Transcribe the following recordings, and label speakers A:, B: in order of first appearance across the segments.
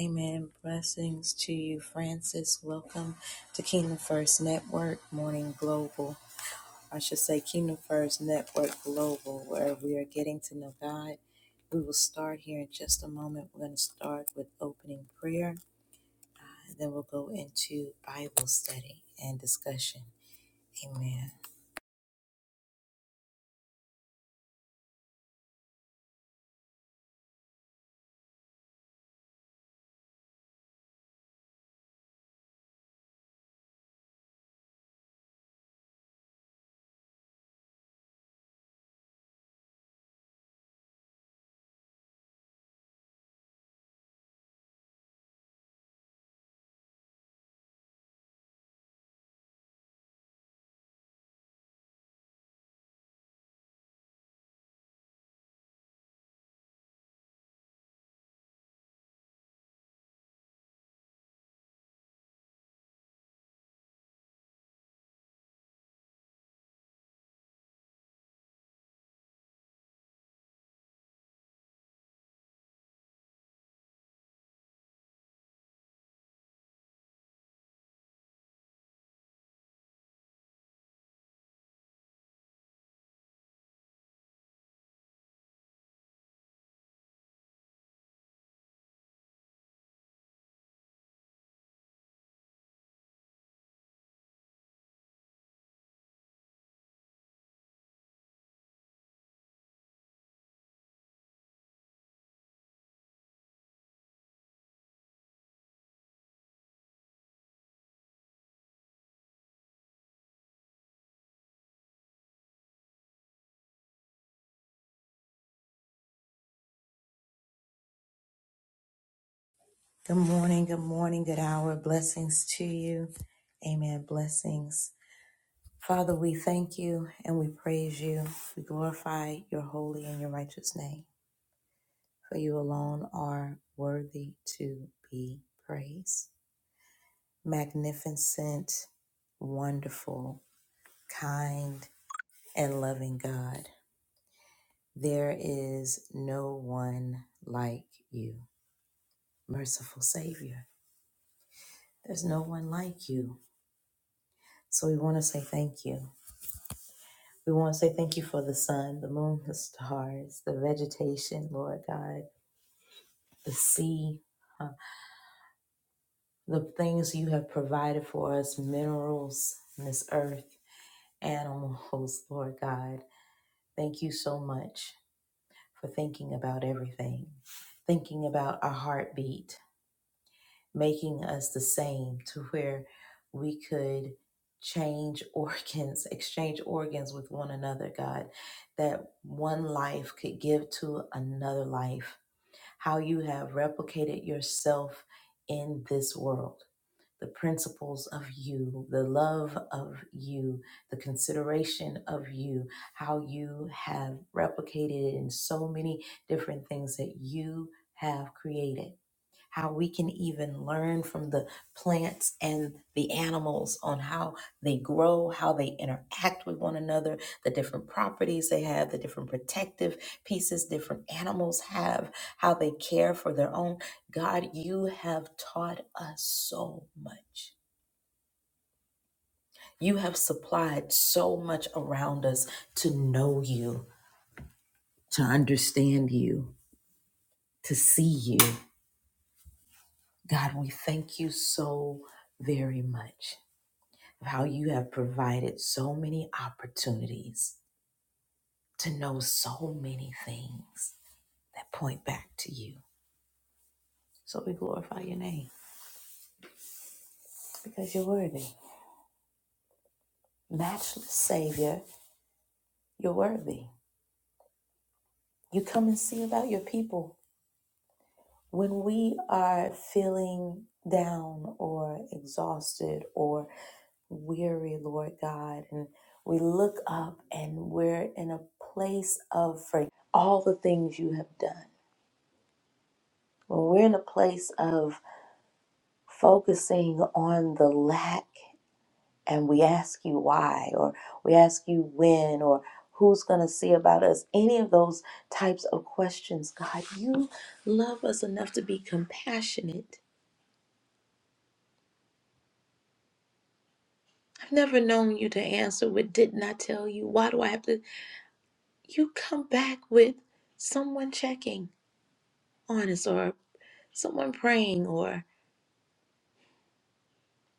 A: Amen. Blessings to you, Francis. Welcome to Kingdom First Network Morning Global. I should say Kingdom First Network Global, where we are getting to know God. We will start here in just a moment. We're going to start with opening prayer, and then we'll go into Bible study and discussion. Amen. Good morning, good morning, good hour. Blessings to you. Amen. Blessings. Father, we thank you and we praise you. We glorify your holy and your righteous name, for you alone are worthy to be praised. Magnificent, wonderful, kind, and loving God, there is no one like you. Merciful Savior, there's no one like you. So we want to say thank you. We want to say thank you for the sun, the moon, the stars, the vegetation, Lord God the sea, uh, the things you have provided for us, minerals on this earth, animals, Lord God. Thank you so much for thinking about everything, thinking about our heartbeat, making us the same to where we could change organs, exchange organs with one another, God, that one life could give to another life. How you have replicated yourself in this world the principles of you, the love of you, the consideration of you, how you have replicated it in so many different things that you have created how we can even learn from the plants and the animals on how they grow, how they interact with one another, the different properties they have, the different protective pieces different animals have, how they care for their own. God, you have taught us so much. You have supplied so much around us to know you, to understand you, to see you. God, we thank you so very much. of how you have provided so many opportunities to know so many things that point back to you. So we glorify your name because you're worthy. Matchless Savior, you're worthy. You come and see about your people. When we are feeling down or exhausted or weary, Lord God, and we look up and we're in a place of for all the things you have done. When we're in a place of focusing on the lack and we ask you why or we ask you when or who's going to see about us any of those types of questions god you love us enough to be compassionate i've never known you to answer with didn't i tell you why do i have to you come back with someone checking on us or someone praying or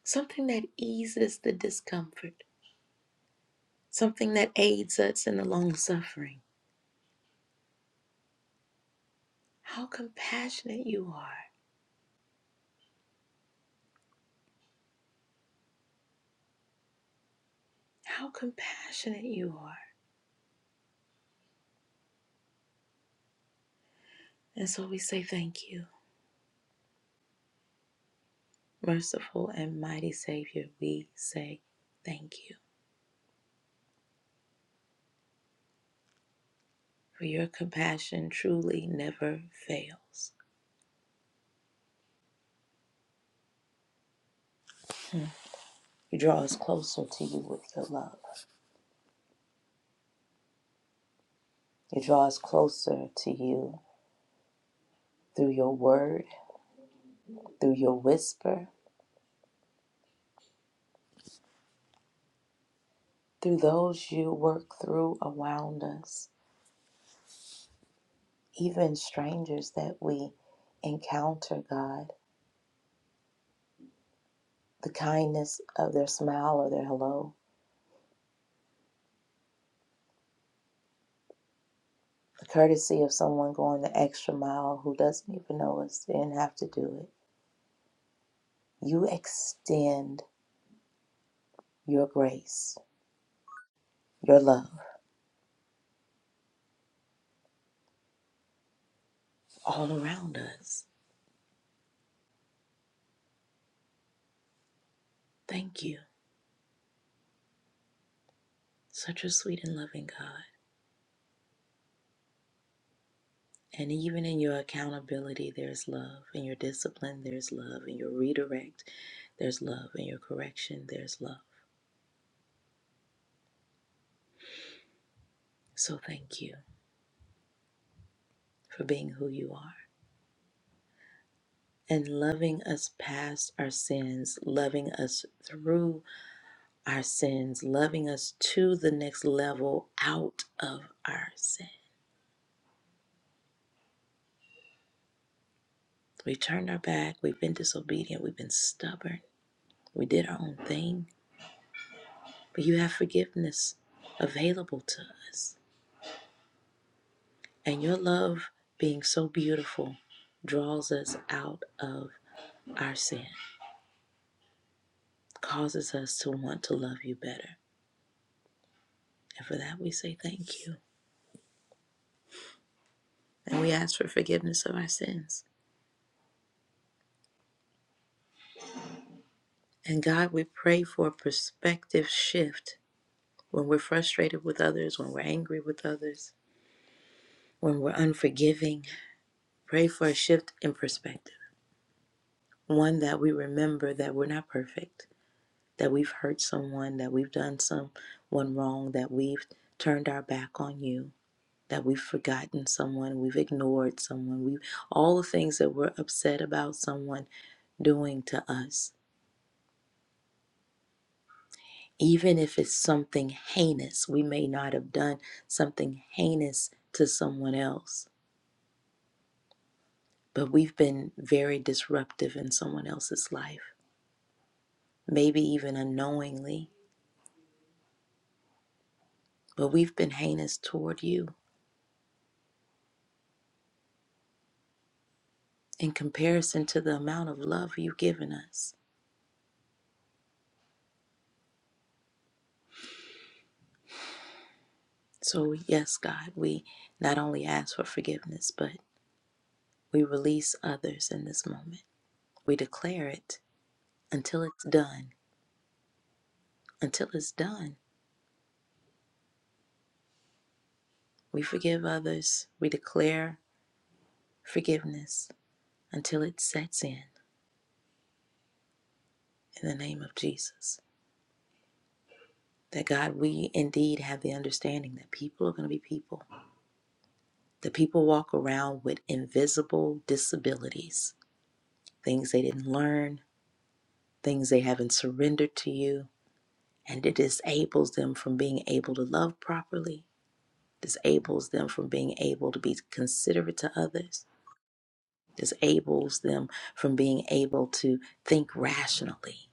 A: something that eases the discomfort something that aids us in the long suffering How compassionate you are. How compassionate you are. And so we say thank you. Merciful and mighty Savior, we say thank you. For your compassion truly never fails. You draw us closer to you with your love. You draw us closer to you through your word, through your whisper, through those you work through around us, even strangers that we encounter, God. the kindness of their smile or their hello, the courtesy of someone going the extra mile who doesn't even know us, and have to do it. You extend your grace, your love all around us. Thank you. Such a sweet and loving God. And even in your accountability, there's love. In your discipline, there's love. In your redirect, there's love. In your correction, there's love. So thank you for being who you are. and loving us past our sins, loving us through our sins, loving us to the next level out of our sin. We turned our back, we've been disobedient, we've been stubborn, we did our own thing, but you have forgiveness available to us. And your love, being so beautiful, draws us out of our sin, causes us to want to love you better. And for that, we say thank you. And we ask for forgiveness of our sins. And God, we pray for a perspective shift when we're frustrated with others, when we're angry with others, when we're unforgiving. Pray for a shift in perspective. One that we remember that we're not perfect, that we've hurt someone, that we've done someone wrong, that we've turned our back on you, that we've forgotten someone, we've ignored someone, we all the things that we're upset about someone doing to us even if it's something heinous, we may not have done something heinous to someone else, but we've been very disruptive in someone else's life, maybe even unknowingly, but we've been heinous toward you in comparison to the amount of love you've given us. So, yes, God, we not only ask for forgiveness, but we release others in this moment. We declare it until it's done. Until it's done, we forgive others. We declare forgiveness until it sets in in the name of Jesus. That God, we indeed have the understanding that people are going to be people. That people walk around with invisible disabilities, things they didn't learn, things they haven't surrendered to you, and it disables them from being able to love properly, disables them from being able to be considerate to others, disables them from being able to think rationally.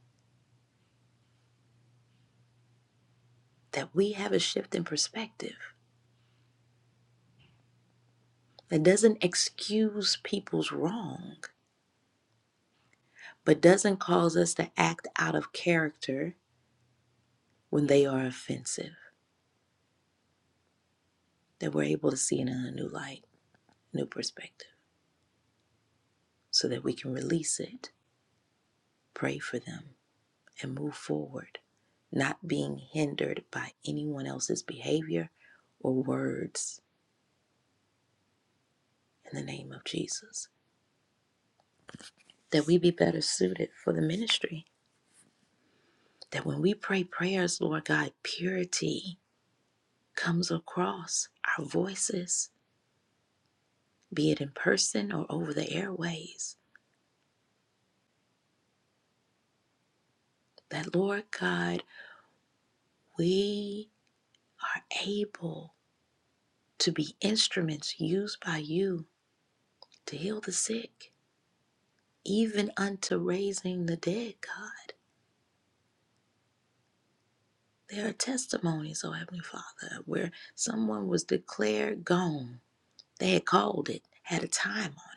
A: That we have a shift in perspective That doesn't excuse people's wrong, but doesn't cause us to act out of character when they are offensive. That we're able to see it in a new light, new perspective, so that we can release it, pray for them, and move forward, not being hindered by anyone else's behavior or words in the name of Jesus. That we be better suited for the ministry. That when we pray prayers, Lord God, purity comes across our voices be it in person or over the airways, that Lord God, we are able to be instruments used by you to heal the sick, even unto raising the dead, God. There are testimonies, oh Heavenly Father, where someone was declared gone. They had called it, had a time on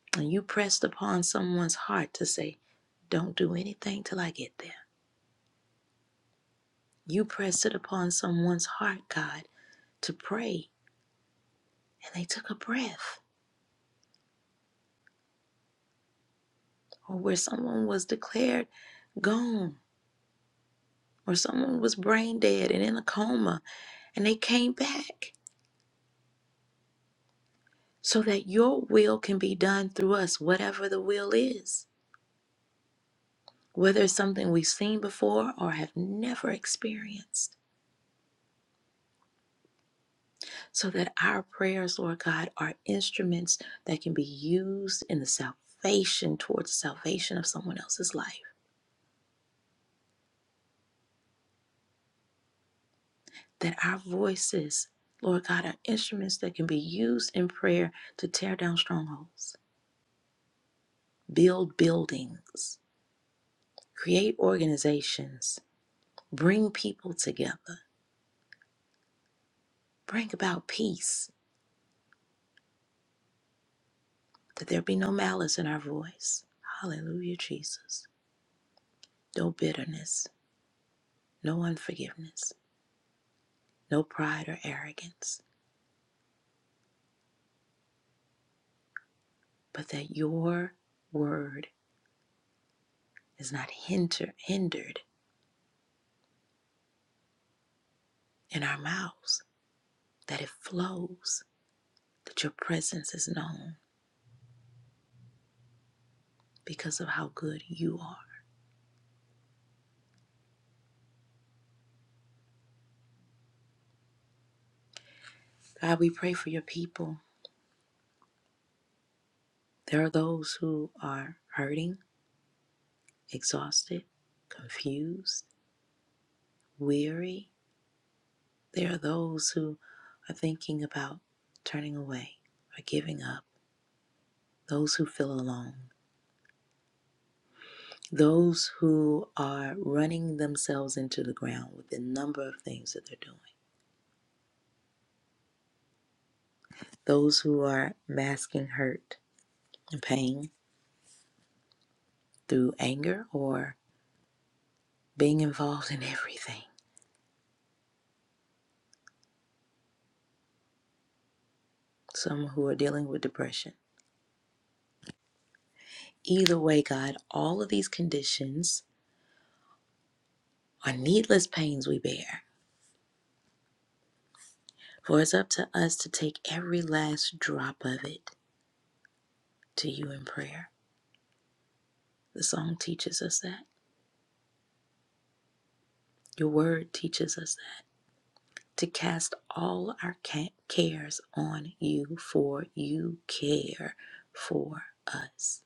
A: it. And you pressed upon someone's heart to say, Don't do anything till I get there. You pressed it upon someone's heart, God, to pray and they took a breath, or where someone was declared gone, or someone was brain dead and in a coma, and they came back so that your will can be done through us, whatever the will is, whether it's something we've seen before or have never experienced, so that our prayers, Lord God, are instruments that can be used in the salvation towards the salvation of someone else's life. that our voices, Lord God, are instruments that can be used in prayer to tear down strongholds, build buildings, create organizations, bring people together, bring about peace, that there be no malice in our voice. Hallelujah, Jesus. No bitterness, no unforgiveness, no pride or arrogance, but that your word is not hinder, hindered in our mouths, that it flows that your presence is known because of how good you are. God, we pray for your people. There are those who are hurting, exhausted, confused, weary. There are those who are thinking about turning away or giving up, those who feel alone. Those who are running themselves into the ground with the number of things that they're doing. Those who are masking hurt and pain through anger or being involved in everything, some who are dealing with depression. Either way, God, all of these conditions are needless pains we bear, for it's up to us to take every last drop of it to you in prayer. The song teaches us that. Your word teaches us that. To cast all our cares on you, for you care for us.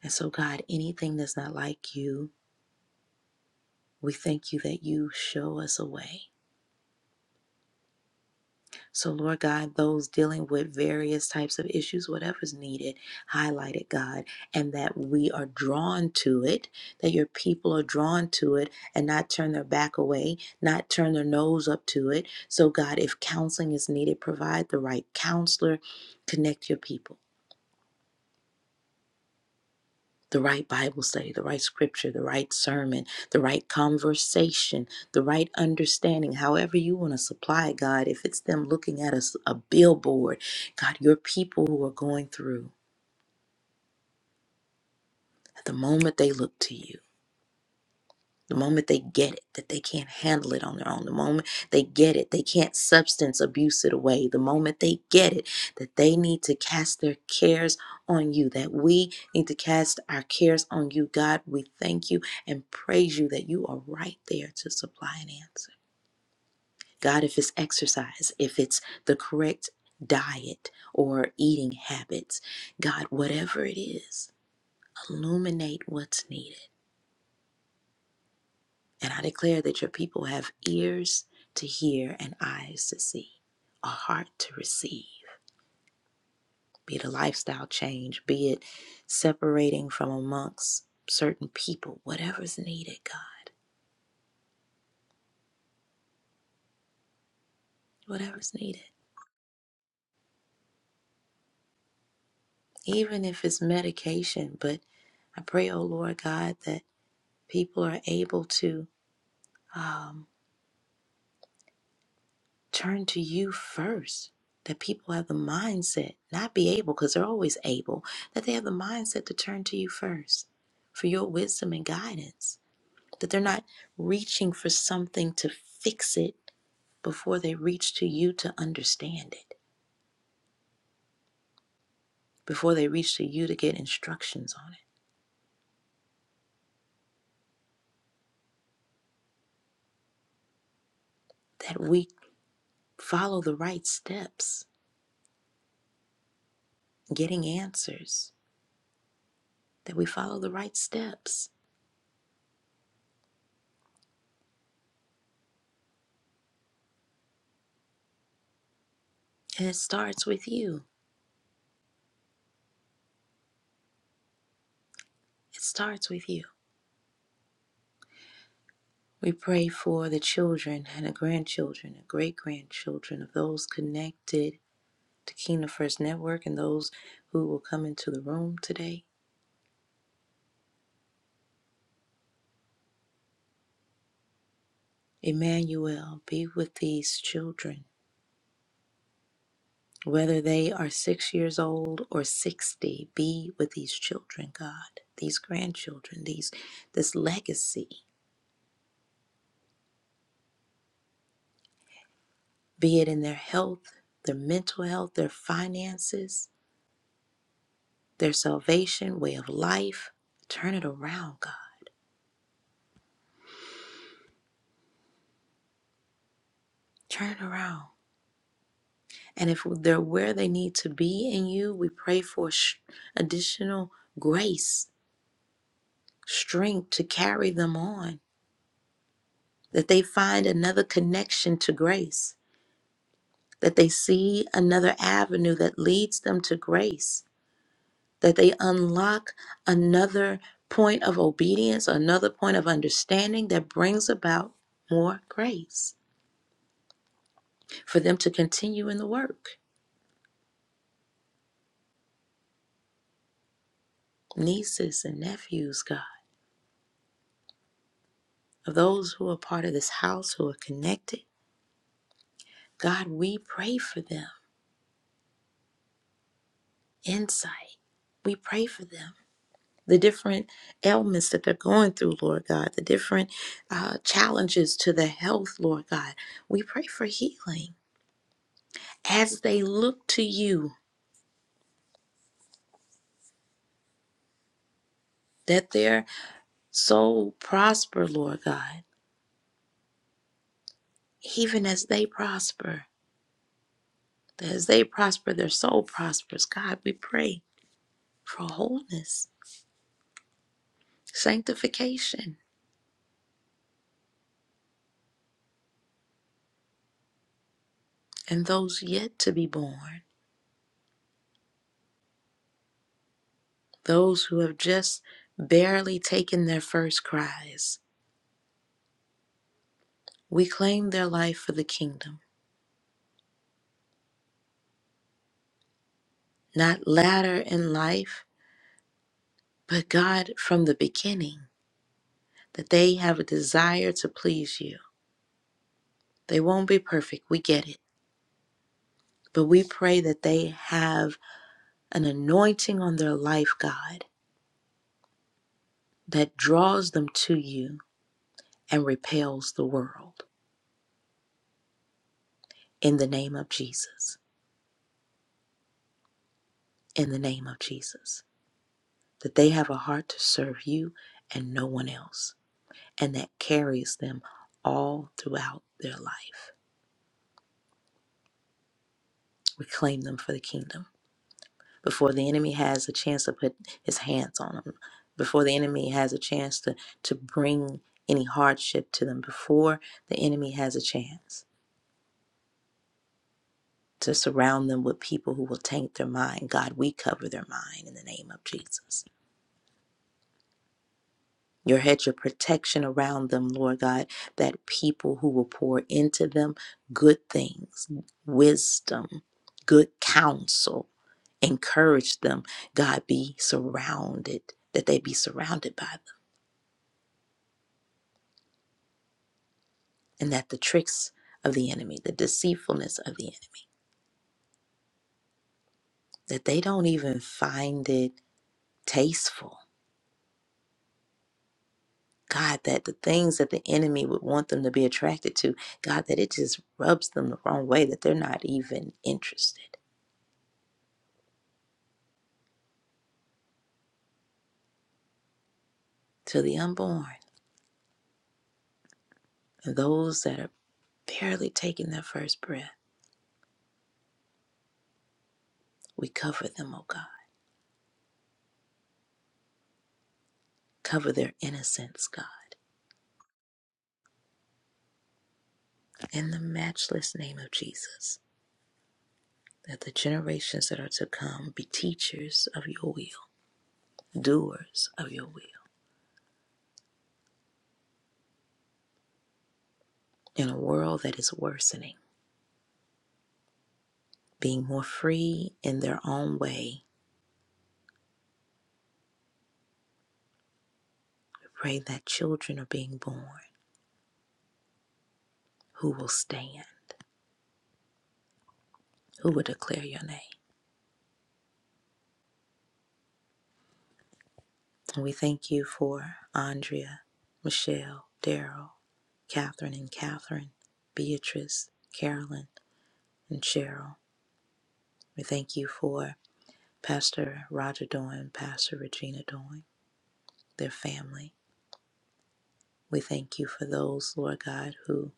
A: And so, God, anything that's not like you, we thank you that you show us a way So, Lord God, those dealing with various types of issues, whatever's needed, highlight it, God, and that we are drawn to it, that your people are drawn to it and not turn their back away, not turn their nose up to it. So, God, if counseling is needed, provide the right counselor, connect your people. the right Bible study, the right scripture, the right sermon, the right conversation, the right understanding, however you want to supply it, God. If it's them looking at us a billboard, God, your people who are going through, at the moment they look to you. The moment they get it, that they can't handle it on their own. The moment they get it, they can't substance abuse it away. The moment they get it, that they need to cast their cares on you, that we need to cast our cares on you. God, we thank you and praise you that you are right there to supply an answer. God, if it's exercise, if it's the correct diet or eating habits, God, whatever it is, illuminate what's needed And I declare that your people have ears to hear and eyes to see, a heart to receive. Be it a lifestyle change, be it separating from amongst certain people, whatever's needed, God, whatever's needed. Even if it's medication, but I pray, oh Lord God, that people are able to. um, turn to you first. That people have the mindset, not be able, because they're always able, that they have the mindset to turn to you first for your wisdom and guidance. That they're not reaching for something to fix it before they reach to you to understand it, before they reach to you to get instructions on it. That we follow the right steps, getting answers, that we follow the right steps. And it starts with you. It starts with you. We pray for the children and the grandchildren the great grandchildren of those connected to Kingdom First Network and those who will come into the room today. Emmanuel, be with these children. Whether they are six years old or 60, be with these children, God, these grandchildren, these this legacy, be it in their health, their mental health, their finances, their salvation, way of life. Turn it around, God. Turn it around. And if they're where they need to be in you, we pray for sh- additional grace, strength to carry them on, that they find another connection to grace, that they see another avenue that leads them to grace, that they unlock another point of obedience, another point of understanding that brings about more grace for them to continue in the work. Nieces and nephews, God, of those who are part of this house who are connected God, we pray for them insight. We pray for them. The different ailments that they're going through, Lord God, the different uh, challenges to their health, Lord God. We pray for healing as they look to you, that their soul prosper, Lord God, even as they prosper. that As they prosper, their soul prospers. God, we pray for wholeness, sanctification, and those yet to be born. those who have just barely taken their first cries. We claim their life for the kingdom, not latter in life, but God from the beginning, that they have a desire to please you. They won't be perfect, we get it, but we pray that they have an anointing on their life, God, that draws them to you and repels the world. In the name of Jesus, in the name of Jesus, that they have a heart to serve you and no one else. and that carries them all throughout their life. We claim them for the kingdom before the enemy has a chance to put his hands on them, before the enemy has a chance to, to bring any hardship to them, before the enemy has a chance to surround them with people who will taint their mind. God, we cover their mind in the name of Jesus. your hedge of protection around them, Lord God, that people who will pour into them good things, wisdom, good counsel, encourage them, God, be surrounded, that they be surrounded by them, and that the tricks of the enemy, the deceitfulness of the enemy, that they don't even find it tasteful. God, that the things that the enemy would want them to be attracted to, God, that it just rubs them the wrong way, that they're not even interested. to the unborn and those that are barely taking their first breath. We cover them, O God. Cover their innocence, God. In the matchless name of Jesus, that the generations that are to come be teachers of your will, doers of your will, in a world that is worsening, being more free in their own way. We pray that children are being born who will stand, who will declare your name. And we thank you for Andrea, Michelle, Daryl, Catherine and Catherine, Beatrice, Carolyn, and Cheryl. We thank you for Pastor Roger Doyne, Pastor Regina Doyne, their family. We thank you for those, Lord God, who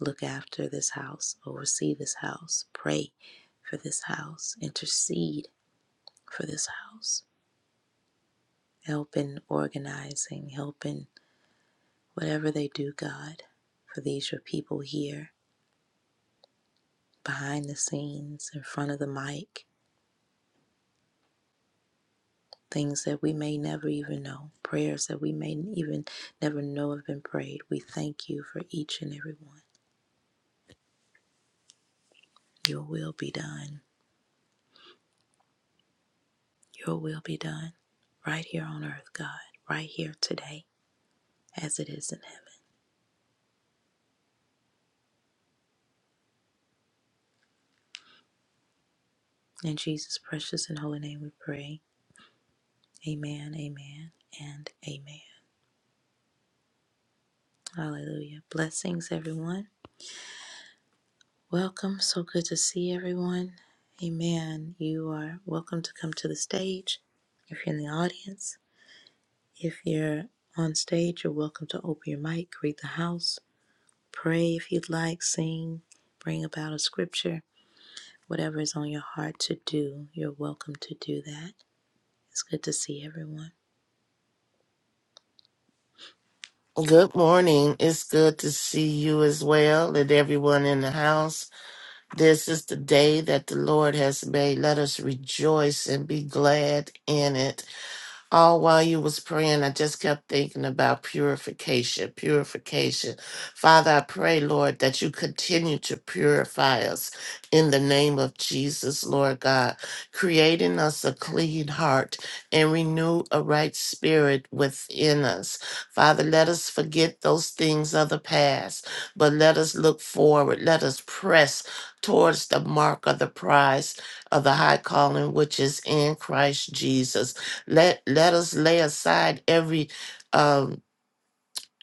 A: look after this house, oversee this house, pray for this house, intercede for this house, help in organizing, help in whatever they do, God. For these, your people here behind the scenes, in front of the mic, things that we may never even know, prayers that we may even never know have been prayed. We thank you for each and every one. Your will be done. Your will be done right here on earth, God, right here today, as it is in heaven. In Jesus' precious and holy name we pray. Amen, amen, and amen. Hallelujah. Blessings, everyone. Welcome. So good to see everyone. Amen. You are welcome to come to the stage. If you're in the audience, if you're on stage, you're welcome to open your mic, read the house, pray if you'd like, sing, bring about a scripture, whatever is on your heart to do, you're welcome to do that. It's good to see everyone.
B: Good morning. It's good to see you as well and everyone in the house. This is the day that the Lord has made. Let us rejoice and be glad in it all while you was praying, I just kept thinking about purification, purification. Father, I pray, Lord, that you continue to purify us in the name of Jesus, Lord God, creating us a clean heart and renew a right spirit within us. Father, let us forget those things of the past, but let us look forward. Let us press towards the mark of the prize of the high calling which is in Christ Jesus. Let let us lay aside every um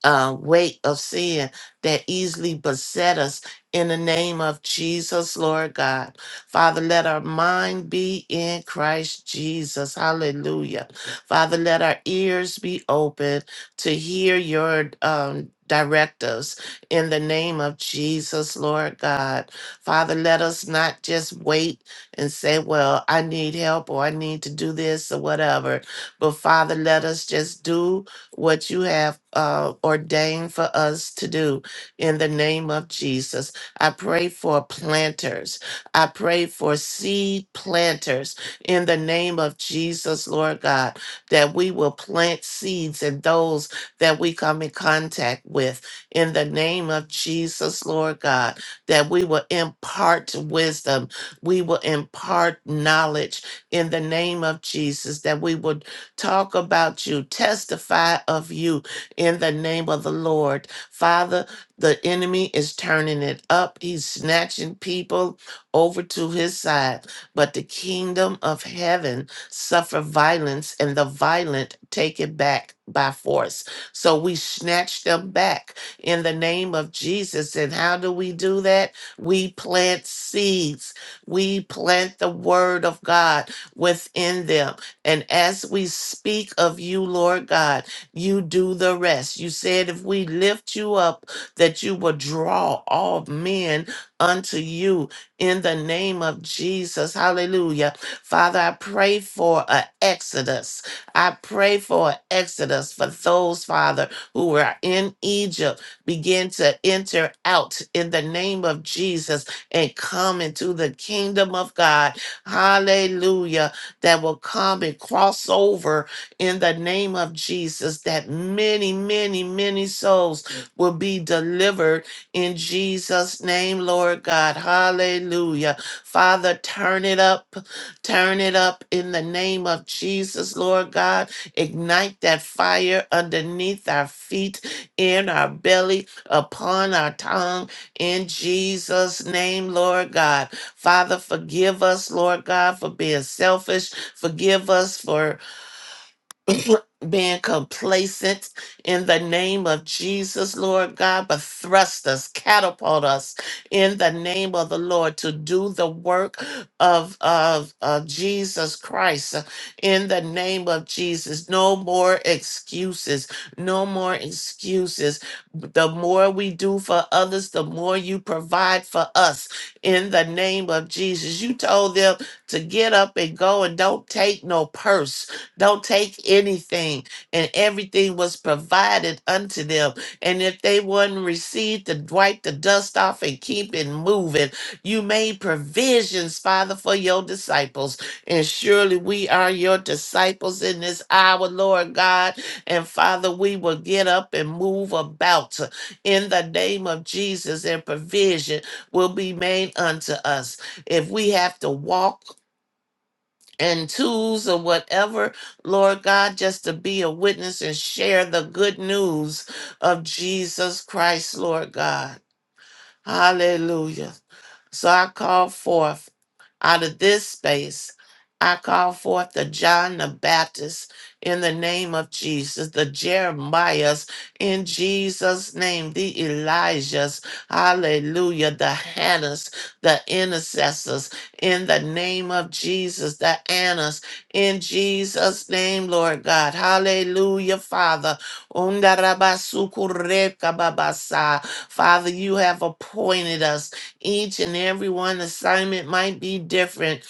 B: uh, weight of sin that easily beset us in the name of Jesus, Lord God. Father, let our mind be in Christ Jesus. Hallelujah. Father, let our ears be open to hear your um, directives in the name of Jesus, Lord God. Father, let us not just wait and say, well, I need help or I need to do this or whatever. But Father, let us just do what you have uh, ordained for us to do in the name of Jesus. I pray for planters. I pray for seed planters in the name of Jesus, Lord God, that we will plant seeds in those that we come in contact with in the name of Jesus, Lord God, that we will impart wisdom. We will impart knowledge in the name of Jesus, that we will talk about you, testify of you in the name of the Lord. Father, the enemy is turning it up. He's snatching people over to his side. But the kingdom of heaven suffer violence, and the violent take it back by force. So we snatch them back in the name of Jesus. And how do we do that? We plant seeds. We plant the word of God within them. And as we speak of you, Lord God, you do the rest. You said if we lift you up, that you will draw all men unto you in the name of Jesus. Hallelujah. Father, I pray for an exodus. I pray for an exodus for those, Father, who were in Egypt, begin to enter out in the name of Jesus and come into the kingdom of God. Hallelujah that will come and cross over in the name of Jesus, that many, many, many souls will be delivered in Jesus' name, Lord God. Hallelujah. Father, turn it up, turn it up in the name of Jesus, Lord God. Ignite that fire underneath our feet, in our belly, upon our tongue, in Jesus' name, Lord God. Father, forgive us, Lord God, for being selfish Forgive us for compl- being complacent in the name of Jesus, Lord God, but thrust us, catapult us in the name of the Lord to do the work of, of, of Jesus Christ uh, in the name of Jesus. No more excuses. No more excuses. The more we do for others, the more you provide for us in the name of Jesus. You told them to get up and go and don't take no purse don't take anything. And everything was provided unto them. And if they wouldn't receive to wipe the dust off and keep it moving, you made provisions, Father, for your disciples. And surely we are your disciples in this hour, Lord God. And Father, we will get up and move about in the name of Jesus, and provision will be made unto us. If we have to walk, and tools or whatever, Lord God, just to be a witness and share the good news of Jesus Christ, Lord God. Hallelujah. So I call forth. Out of this space, I call forth the John the Baptist in the name of Jesus, the Jeremiahs in Jesus' name, the Elijahs, hallelujah, the Hannahs, the intercessors in the name of Jesus, the Annas in Jesus' name, Lord God, hallelujah, Father. Undarabasukurekababasa. Father, you have appointed us. Each and every one assignment might be different,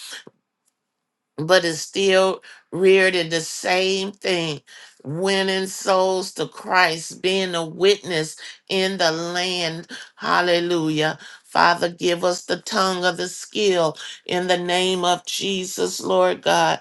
B: but it's still reared in the same thing winning souls to Christ, being a witness in the land. Hallelujah. Father, give us the tongue of the skill in the name of Jesus, Lord God.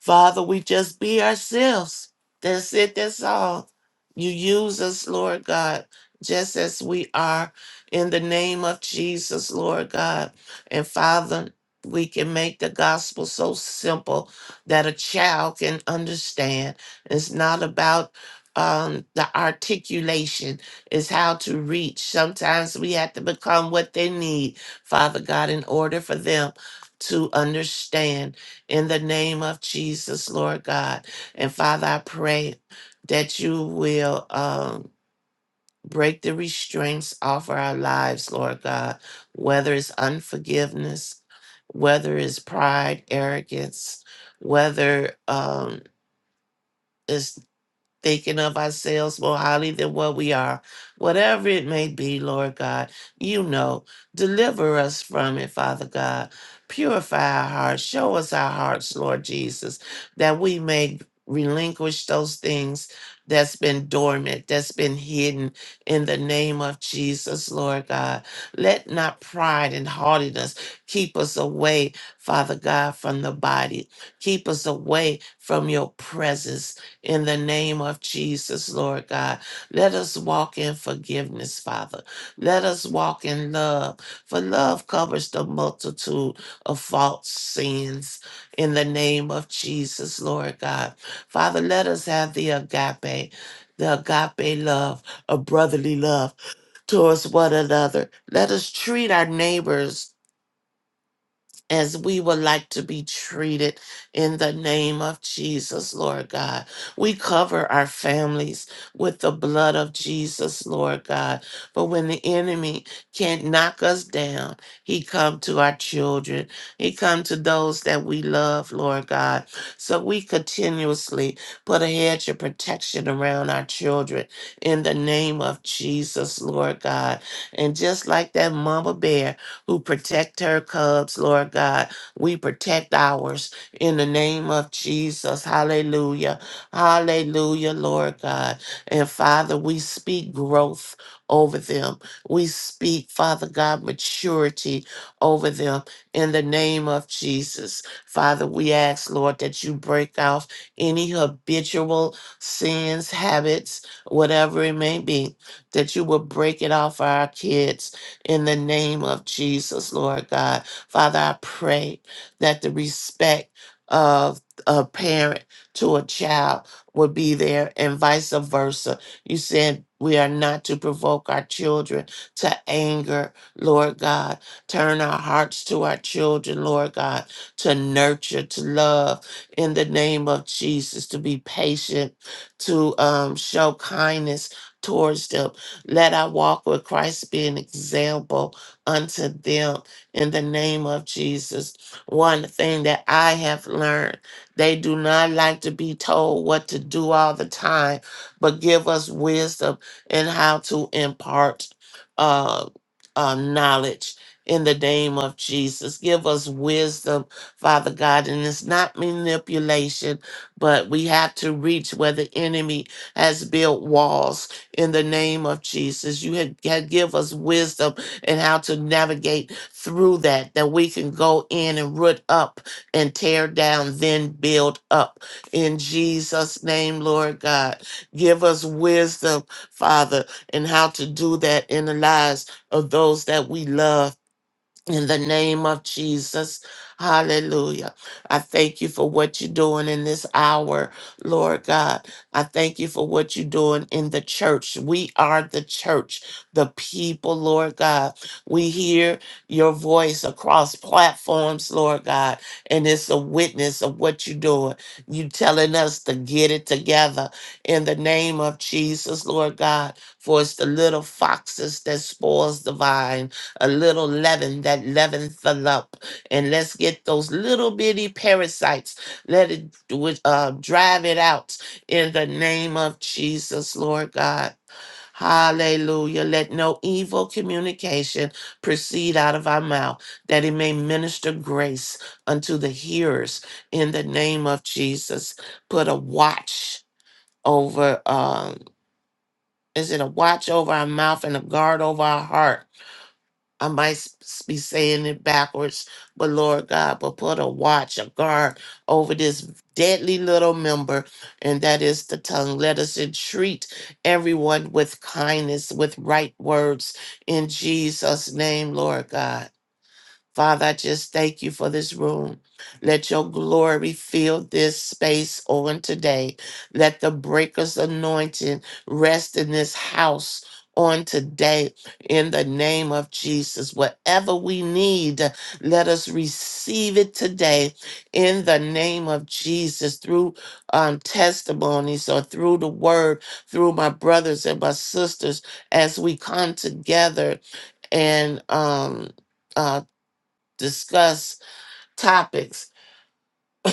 B: Father, we just be ourselves. That's it, that's all. You use us, Lord God, just as we are in the name of Jesus, Lord God. And Father, we can make the gospel so simple that a child can understand. It's not about um, the articulation, it's how to reach. Sometimes we have to become what they need, Father God, in order for them to understand in the name of Jesus, Lord God. And Father, I pray that you will um, break the restraints off of our lives, Lord God, whether it's unforgiveness, whether it's pride, arrogance, whether um, it's thinking of ourselves more highly than what we are. Whatever it may be, Lord God, you know. Deliver us from it, Father God. Purify our hearts. Show us our hearts, Lord Jesus, that we may relinquish those things that's been dormant, that's been hidden in the name of Jesus, Lord God. Let not pride and haughtiness keep us away, Father God, from the body. Keep us away from your presence in the name of Jesus, Lord God. Let us walk in forgiveness, Father. Let us walk in love, for love covers the multitude of false sins in the name of Jesus, Lord God. Father, let us have the agape, the agape love, a brotherly love towards one another. Let us treat our neighbors as we would like to be treated in the name of Jesus, Lord God. We cover our families with the blood of Jesus, Lord God. But when the enemy can't knock us down, he come to our children. He come to those that we love, Lord God. So we continuously put a hedge of protection around our children in the name of Jesus, Lord God. And just like that mama bear, who protect her cubs, Lord God. We protect ours in the name of Jesus. Hallelujah. Hallelujah, Lord God. And Father, we speak growth over them. We speak, Father God, maturity over them in the name of Jesus. Father, we ask, Lord, that you break off any habitual sins, habits, whatever it may be, that you will break it off for our kids in the name of Jesus, Lord God. Father, I pray that the respect of a parent to a child would be there and vice versa. You said we are not to provoke our children to anger, Lord God. Turn our hearts to our children, Lord God, to nurture, to love in the name of Jesus, to be patient, to um, show kindness towards them let our walk with Christ be an example unto them in the name of Jesus. One thing that I have learned they do not like to be told what to do all the time, but give us wisdom in how to impart uh, uh, knowledge. In the name of Jesus, give us wisdom, Father God. And it's not manipulation, but we have to reach where the enemy has built walls in the name of Jesus. You had, had give us wisdom and how to navigate through that, that we can go in and root up and tear down, then build up. In Jesus' name, Lord God, give us wisdom, Father, and how to do that in the lives of those that we love in the name of Jesus, hallelujah. I thank you for what you're doing in this hour, Lord God. I thank you for what you're doing in the church. We are the church, the people, Lord God. We hear your voice across platforms, Lord God, and it's a witness of what you're doing. You telling us to get it together in the name of Jesus, Lord God, for it's the little foxes that spoils the vine a little leaven that leavens the lump. And let's get those little bitty parasites. Let it with- uh, drive it out in the name of Jesus, Lord God. Hallelujah. Let no evil communication proceed out of our mouth, that it may minister grace unto the hearers in the name of Jesus. Put a watch over, um, is it a watch over our mouth and a guard over our heart? I might s- be saying it backwards, but Lord God, but put a watch, a guard over this deadly little member, and that is the tongue. Let us entreat everyone with kindness, with right words in Jesus' name, Lord God. Father, I just thank you for this room. Let your glory fill this space on today. Let the breaker's anointing rest in this house on today in the name of Jesus. Whatever we need, let us receive it today in the name of Jesus through um, testimonies or through the word, through my brothers and my sisters as we come together and um, uh, discuss topics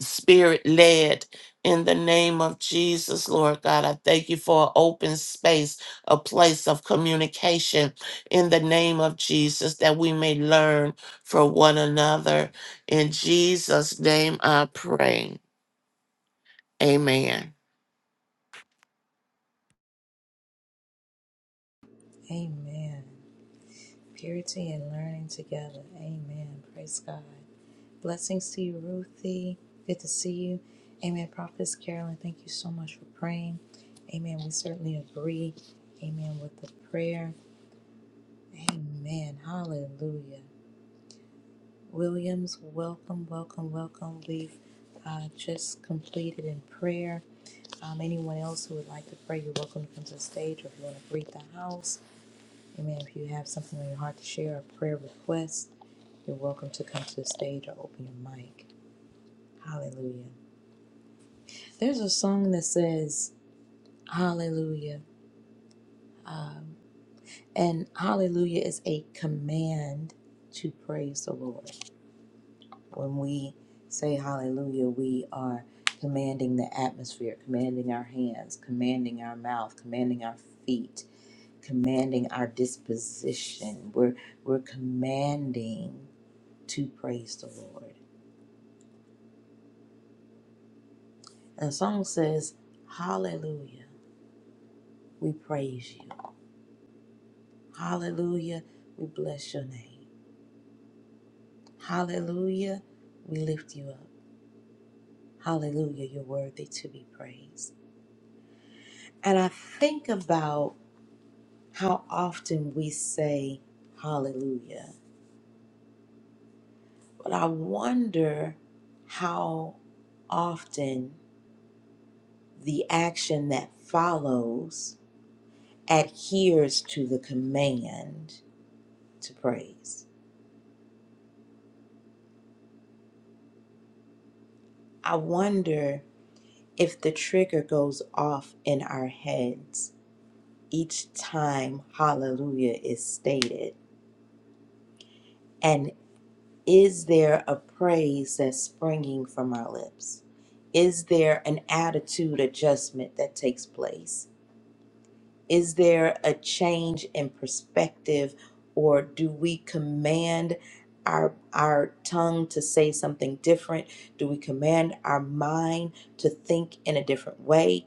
B: spirit led in the name of Jesus, Lord God. I thank you for an open space, a place of communication in the name of Jesus that we may learn from one another. In Jesus' name I pray. Amen.
A: Amen. Purity and learning together. Amen. Praise God. Blessings to you, Ruthie. Good to see you. Amen. Prophetess Carolyn, thank you so much for praying. Amen. We certainly agree. Amen with the prayer. Amen. Hallelujah. Williams, welcome, welcome, welcome. We've uh, just completed in prayer. Um, anyone else who would like to pray, you're welcome to come to the stage or if you want to greet the house. Amen. If you have something on your heart to share, a prayer request, you're welcome to come to the stage or open your mic. Hallelujah. There's a song that says Hallelujah. Um, and Hallelujah is a command to praise the Lord. When we say Hallelujah, we are commanding the atmosphere, commanding our hands, commanding our mouth, commanding our feet, commanding our disposition. We're, we're commanding to praise the Lord. And the song says, Hallelujah, we praise you. Hallelujah, we bless your name. Hallelujah. We lift you up. Hallelujah. You're worthy to be praised. And I think about how often we say hallelujah, but I wonder how often the action that follows adheres to the command to praise. I wonder if the trigger goes off in our heads each time hallelujah is stated And is there a praise that's springing from our lips? Is there an attitude adjustment that takes place? Is there a change in perspective, or do we command our, our tongue to say something different? Do we command our mind to think in a different way?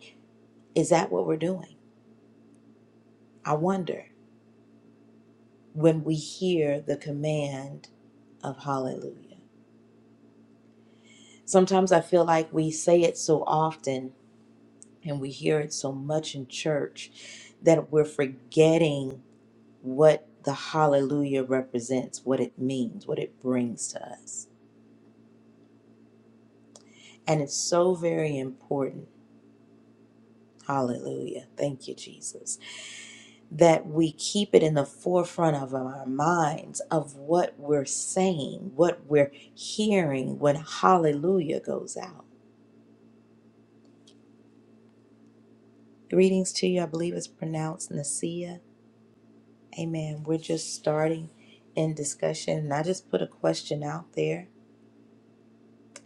A: Is that what we're doing? I wonder when we hear the command of hallelujah. Sometimes I feel like we say it so often and we hear it so much in church that we're forgetting what the hallelujah represents, what it means, what it brings to us. And it's so very important. Hallelujah. Thank you, Jesus. That we keep it in the forefront of our minds of what we're saying, what we're hearing when hallelujah goes out. Greetings to you. I believe it's pronounced Nasia. Amen. We're just starting in discussion, and I just put a question out there.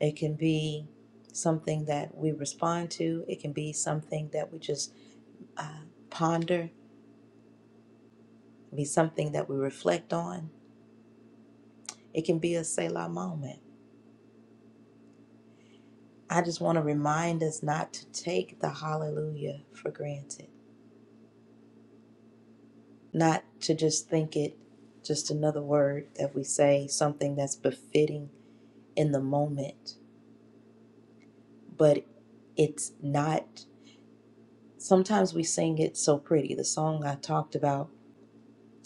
A: It can be something that we respond to, it can be something that we just uh, ponder, it can be something that we reflect on, it can be a Selah moment. I just want to remind us not to take the hallelujah for granted, not to just think it just another word that we say, something that's befitting in the moment, but it's not Sometimes we sing it so pretty. The song I talked about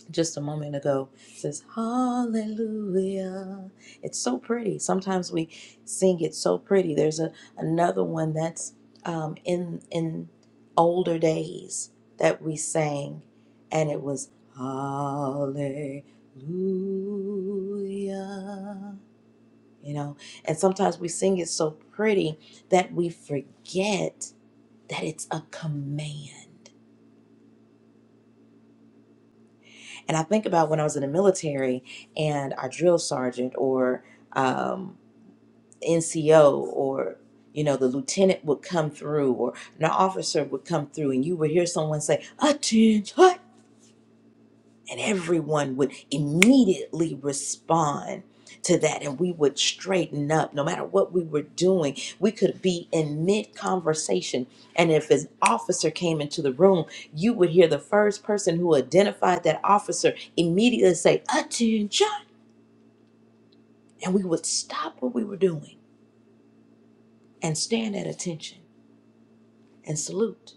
A: just a moment ago says, Hallelujah. It's so pretty. Sometimes we sing it so pretty. There's a, another one that's um, in, in older days that we sang, and it was, Hallelujah. You know, and sometimes we sing it so pretty that we forget that it's a command And I think about when I was in the military and our drill sergeant or um, NCO or you know the lieutenant would come through or an officer would come through and you would hear someone say attention and everyone would immediately respond to that and we would straighten up no matter what we were doing we could be in mid conversation and if an officer came into the room you would hear the first person who identified that officer immediately say attention and we would stop what we were doing and stand at attention and salute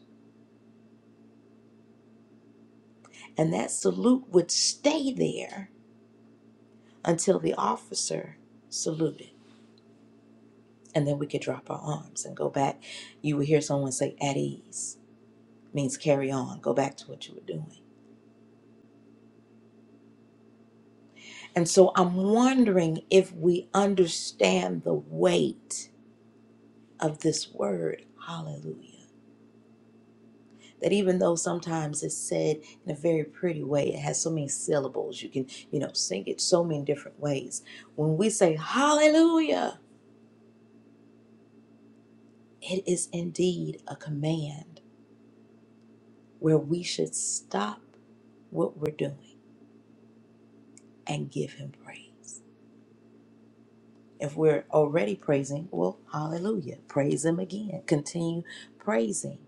A: and that salute would stay there until the officer saluted and then we could drop our arms and go back. You would hear someone say, at ease, means carry on, go back to what you were doing. And so I'm wondering if we understand the weight of this word, hallelujah. That even though sometimes it's said in a very pretty way, it has so many syllables, you can, you know, sing it so many different ways. When we say hallelujah, it is indeed a command where we should stop what we're doing and give him praise. If we're already praising, well, hallelujah. Praise him again. Continue praising.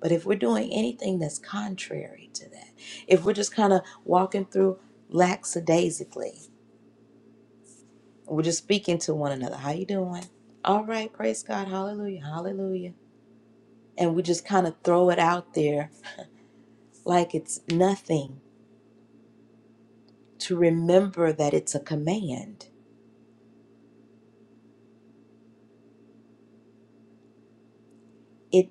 A: But if we're doing anything that's contrary to that, if we're just kind of walking through lackadaisically, we're just speaking to one another, how you doing? All right, praise God, hallelujah, hallelujah. And we just kind of throw it out there like it's nothing to remember that it's a command. It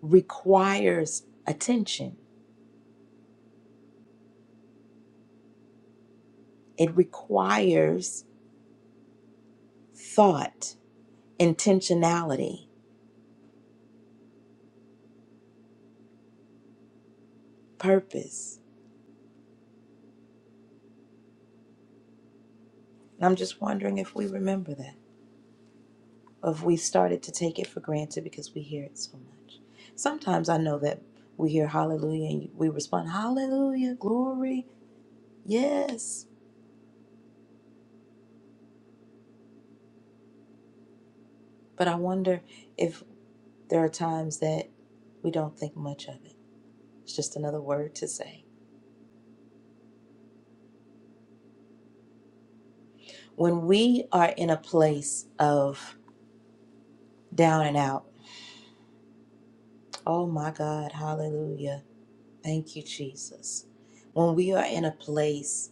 A: requires attention It requires thought, intentionality, purpose. And I'm just wondering if we remember that, or if we started to take it for granted because we hear it so much. Sometimes I know that we hear hallelujah and we respond, hallelujah, glory, yes. But I wonder if there are times that we don't think much of it. It's just another word to say. When we are in a place of down and out, oh my God, hallelujah Thank you, Jesus. When we are in a place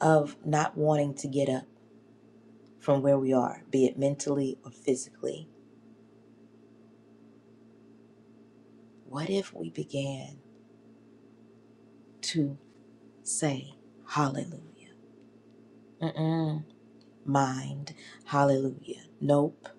A: of not wanting to get up from where we are, be it mentally or physically, what if we began to say, Hallelujah? Mm-mm. mind. Hallelujah. Nope.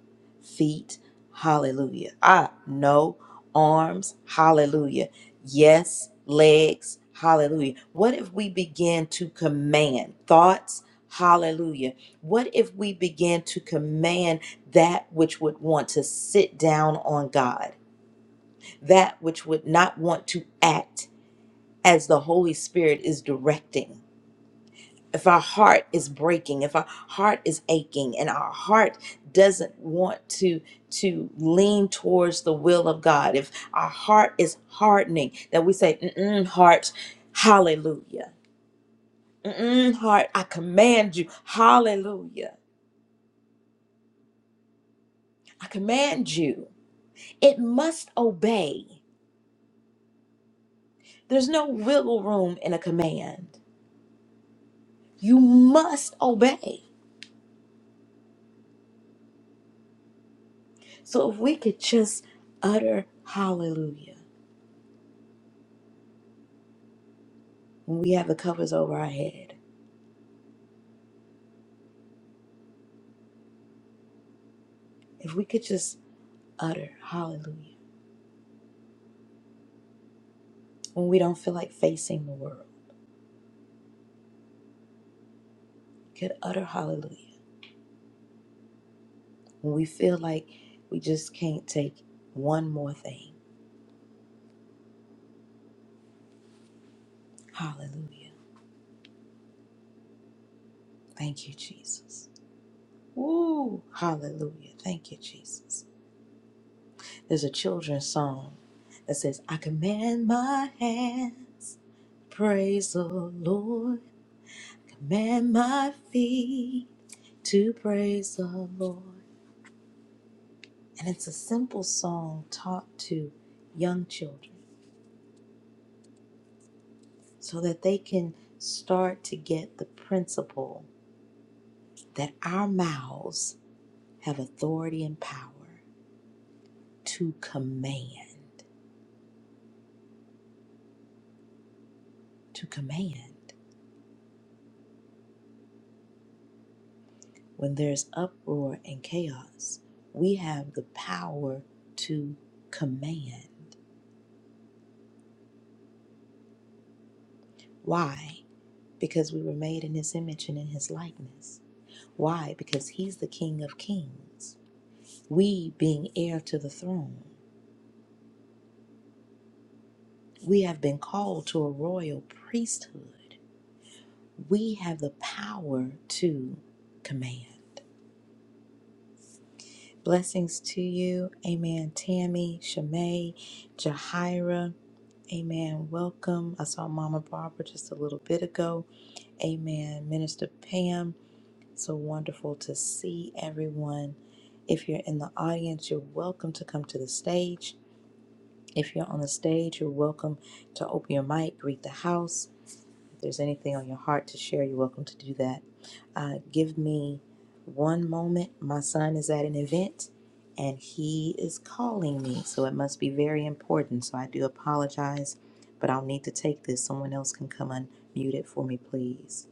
A: Feet. Hallelujah. Ah, no. Arms. Hallelujah. Yes. Legs. Hallelujah. What if we begin to command thoughts? Hallelujah. What if we begin to command that which would want to sit down on God, that which would not want to act as the Holy Spirit is directing? if our heart is breaking if our heart is aching and our heart doesn't want to to lean towards the will of god if our heart is hardening that we say mm heart hallelujah mm heart i command you hallelujah i command you it must obey there's no wiggle room in a command you must obey so if we could just utter hallelujah when we have the covers over our head, if we could just utter hallelujah when we don't feel like facing the world, could utter hallelujah when we feel like we just can't take one more thing. Hallelujah. Thank you, Jesus. Woo! Hallelujah. Thank you, Jesus. There's a children's song that says, I command my hands, praise the Lord, command my feet to praise the Lord. And it's a simple song taught to young children so that they can start to get the principle that our mouths have authority and power to command. To command. When there's uproar and chaos, we have the power to command. Why? Because we were made in his image and in his likeness. Why? Because he's the King of Kings. We, being heir to the throne, we have been called to a royal priesthood. We have the power to command. Blessings to you. Amen. Tammy, Shimei, Jahira. Amen. Welcome. I saw Mama Barbara just a little bit ago. Amen. Minister Pam. So wonderful to see everyone. If you're in the audience, you're welcome to come to the stage. If you're on the stage, you're welcome to open your mic, greet the house. If there's anything on your heart to share, you're welcome to do that. Uh, give me one moment. My son is at an event and he is calling me, so it must be very important. So I do apologize, but I'll need to take this. Someone else can come unmute it for me, please.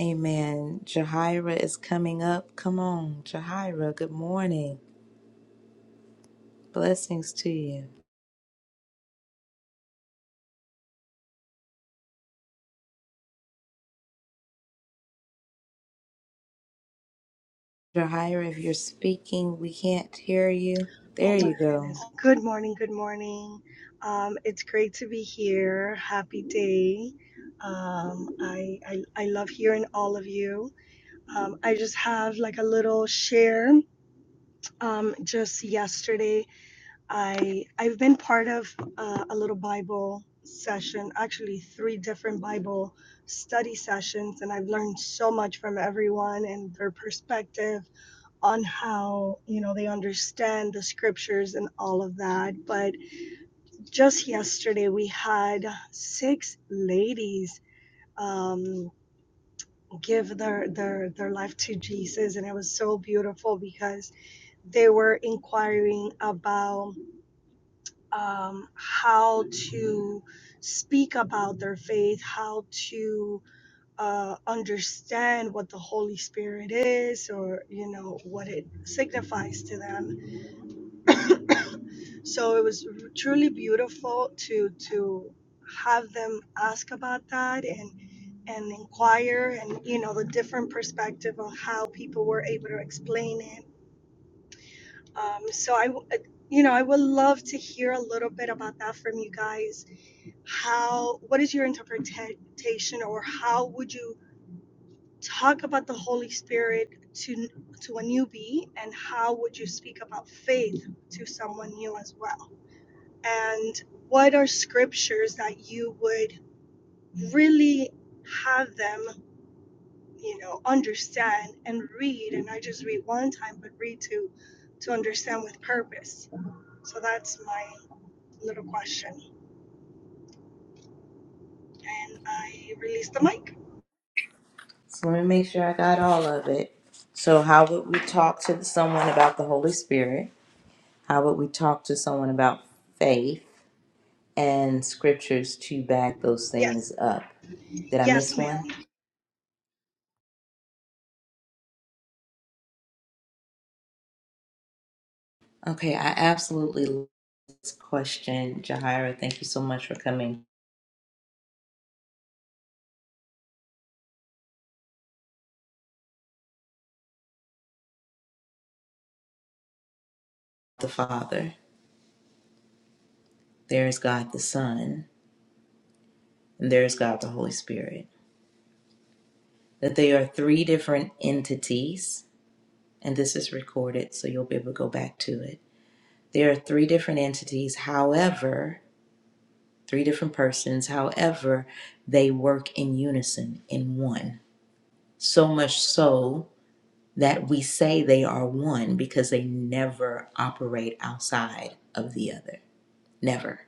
A: Amen. Jahira is coming up. Come on, Jahira, good morning. Blessings to you. Jahira, if you're speaking, we can't hear you.
C: Oh
A: There
C: my
A: you go.
C: goodness. Good morning. Good morning. Um, it's great to be here. Happy day. Um, I, I I love hearing all of you. Um, I just have like a little share. Um, just yesterday, I I've been part of uh, a little Bible session, actually three different Bible study sessions, and I've learned so much from everyone and their perspective on how you know they understand the scriptures and all of that but just yesterday we had six ladies um, give their, their their life to jesus and it was so beautiful because they were inquiring about um, how to speak about their faith how to uh, understand what the holy spirit is or you know what it signifies to them So it was truly beautiful to to have them ask about that and and inquire and you know the different perspective on how people were able to explain it. Um, so I, w- uh, you know, I would love to hear a little bit about that from you guys. How what is your interpretation or how would you talk about the Holy Spirit to to a newbie and how would you speak about faith to someone new as well? and what are scriptures that you would really have them you know understand and read and i just read one time but read to to understand with purpose so that's my little question and i release the mic
A: So let me make sure I got all of it. So, how would we talk to someone about the Holy Spirit? How would we talk to someone about faith and scriptures to back those
C: yes
A: things up? Did I
C: yes
A: miss one?
C: ma'am
A: Okay, I absolutely love this question, Jahira. Thank you so much for coming. The Father, there is God the Son, and there is God the Holy Spirit. That they are three different entities and this is recorded, so you'll be able to go back to it. There are three different entities, however, three different persons, however, they work in unison, in one. So much so that we say they are one because they never operate outside of the other. Never.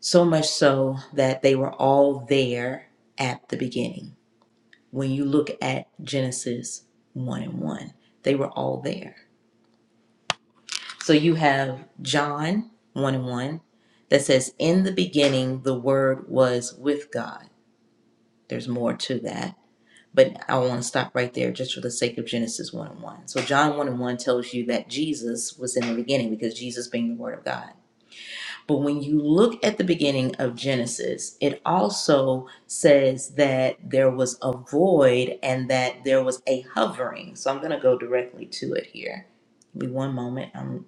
A: So much so that they were all there at the beginning. When you look at Genesis 1 and 1, they were all there So you have John 1 and 1 that says, In the beginning, the Word was with God. There's more to that. But I want to stop right there just for the sake of Genesis 1 and 1. So John 1 and 1 tells you that Jesus was in the beginning because Jesus being the Word of God. But when you look at the beginning of Genesis, it also says that there was a void and that there was a hovering. So I'm going to go directly to it here. Give me one moment. I'm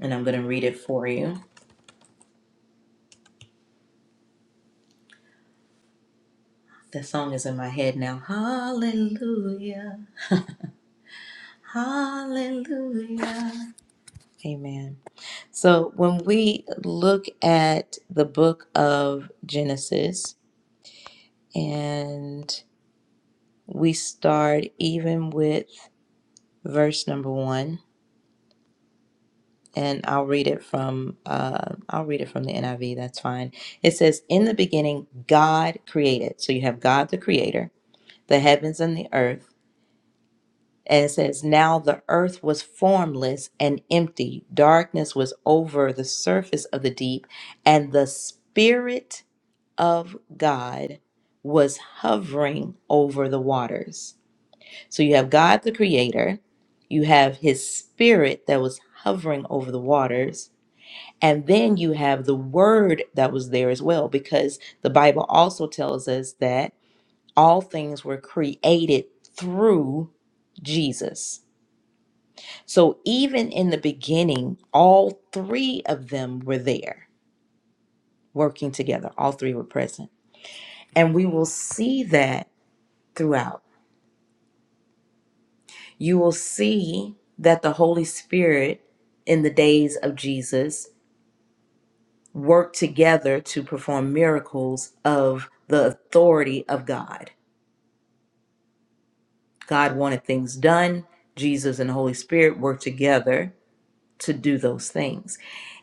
A: and I'm going to read it for you. The song is in my head now. Hallelujah. Hallelujah. Amen. So when we look at the book of Genesis and we start even with verse number 1 and I'll read it from uh I'll read it from the NIV, that's fine. It says in the beginning God created. So you have God the creator, the heavens and the earth And it says, Now the earth was formless and empty. Darkness was over the surface of the deep, and the Spirit of God was hovering over the waters. So you have God the Creator, you have His Spirit that was hovering over the waters, and then you have the Word that was there as well, because the Bible also tells us that all things were created through Jesus. So even in the beginning, all three of them were there working together. All three were present. And we will see that throughout. You will see that the Holy Spirit in the days of Jesus worked together to perform miracles of the authority of God. God wanted things done. Jesus and the Holy Spirit worked together to do those things.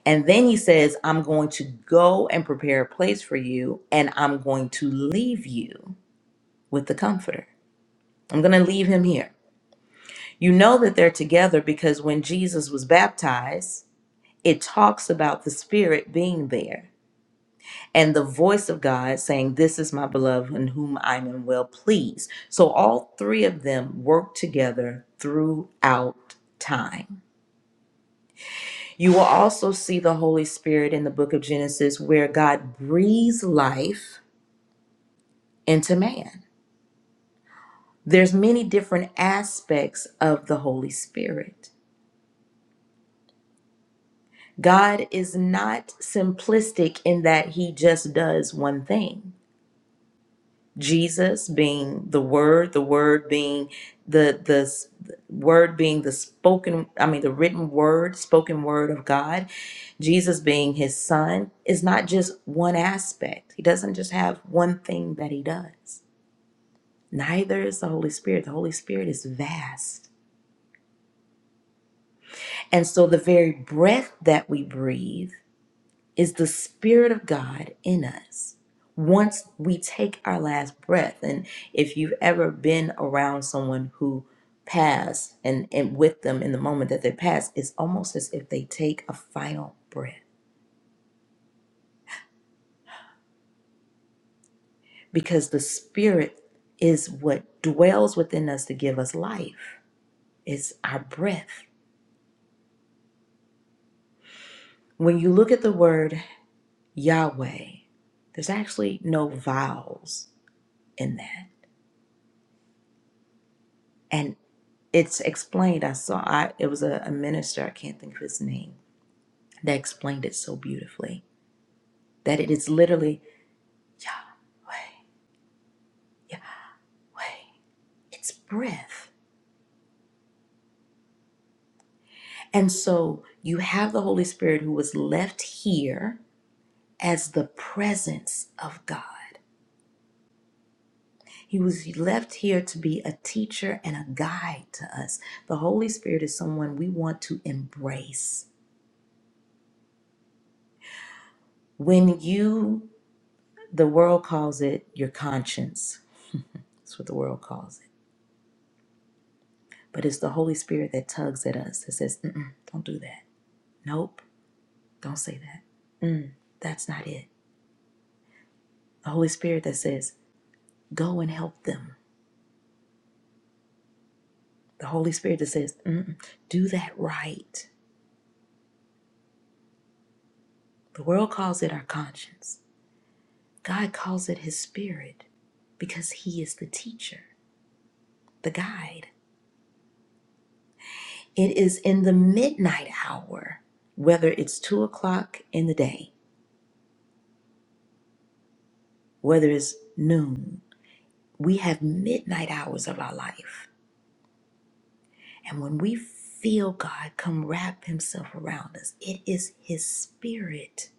A: And then he says, I'm going to go and prepare a place for you, and I'm going to leave you with the Comforter. I'm going to leave him here. You know that they're together because when Jesus was baptized, it talks about the Spirit being there and the voice of God saying, This is my beloved in whom I am well pleased. So all three of them work together throughout time. You will also see the Holy Spirit in the book of Genesis where God breathes life into man. There's many different aspects of the Holy Spirit. God is not simplistic in that he just does one thing. Jesus being the word, the word being the the s- word being the spoken I mean the written word, spoken word of God, Jesus being his son is not just one aspect. He doesn't just have one thing that he does. Neither is the Holy Spirit. The Holy Spirit is vast. And so the very breath that we breathe is the Spirit of God in us. Once we take our last breath, and if you've ever been around someone who passed and, and with them in the moment that they pass, it's almost as if they take a final breath because the Spirit is what dwells within us to give us life, it's our breath. When you look at the word Yahweh, there's actually no vowels in that. and. it's explained. I saw I it was a, a minister, I can't think of his name, that explained it so beautifully. That it is literally way, yeah, way. It's breath. And so you have the Holy Spirit who was left here as the presence of God. He was left here to be a teacher and a guide to us. The Holy Spirit is someone we want to embrace. When you, the world calls it your conscience. That's what the world calls it But it's the Holy Spirit that tugs at us that says, Mm-mm, don't do that. Nope, don't say that. Mm, that's not it. The Holy Spirit that says, go and help them. The Holy Spirit that says, Mm-mm, do that right. The world calls it our conscience. God calls it his spirit because he is the teacher, the guide. It is in the midnight hour, whether it's two o'clock in the day, whether it's noon, we have midnight hours of our life And when we feel God come wrap himself around us, it is his spirit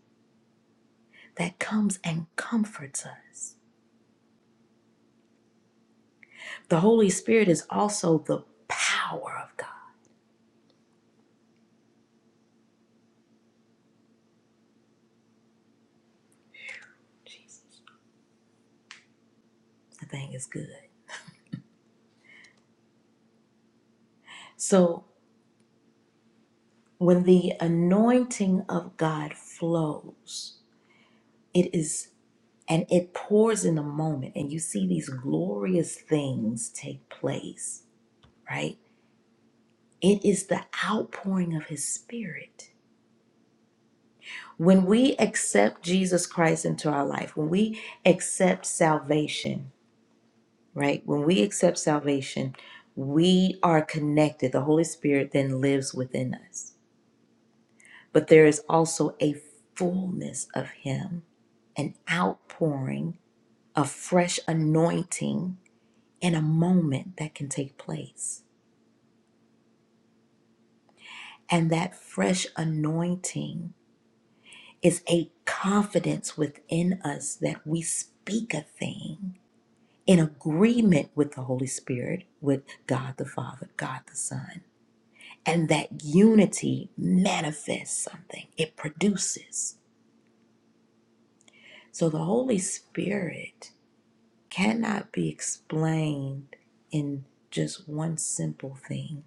A: that comes and comforts us. The Holy Spirit is also the power of God. Jesus, the thing is good. So when the anointing of God flows, it is and it pours in a moment, and you see these glorious things take place, right? It is the outpouring of his spirit When we accept Jesus Christ into our life, when we accept salvation, right? When we accept salvation, we are connected. The Holy Spirit then lives within us. But there is also a fullness of Him, an outpouring, a fresh anointing in a moment that can take place. And that fresh anointing is a confidence within us that we speak a thing in agreement with the Holy Spirit, with God the Father, God the Son. And that unity manifests something, it produces. So the Holy Spirit cannot be explained in just one simple thing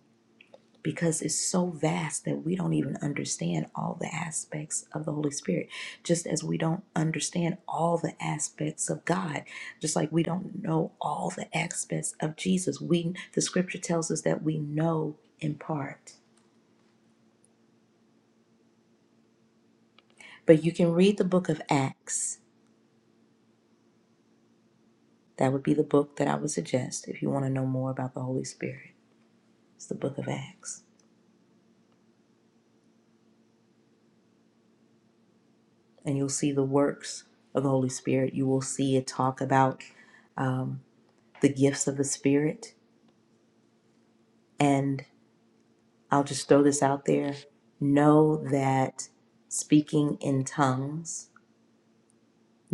A: because it's so vast that we don't even understand all the aspects of the Holy Spirit, just as we don't understand all the aspects of God, just like we don't know all the aspects of Jesus. We the scripture tells us that we know in part. But you can read the book of Acts. That would be the book that I would suggest if you want to know more about the Holy Spirit. It's the book of Acts. And you'll see the works of the Holy Spirit. You will see it talk about um, the gifts of the Spirit And I'll just throw this out there. Know that speaking in tongues,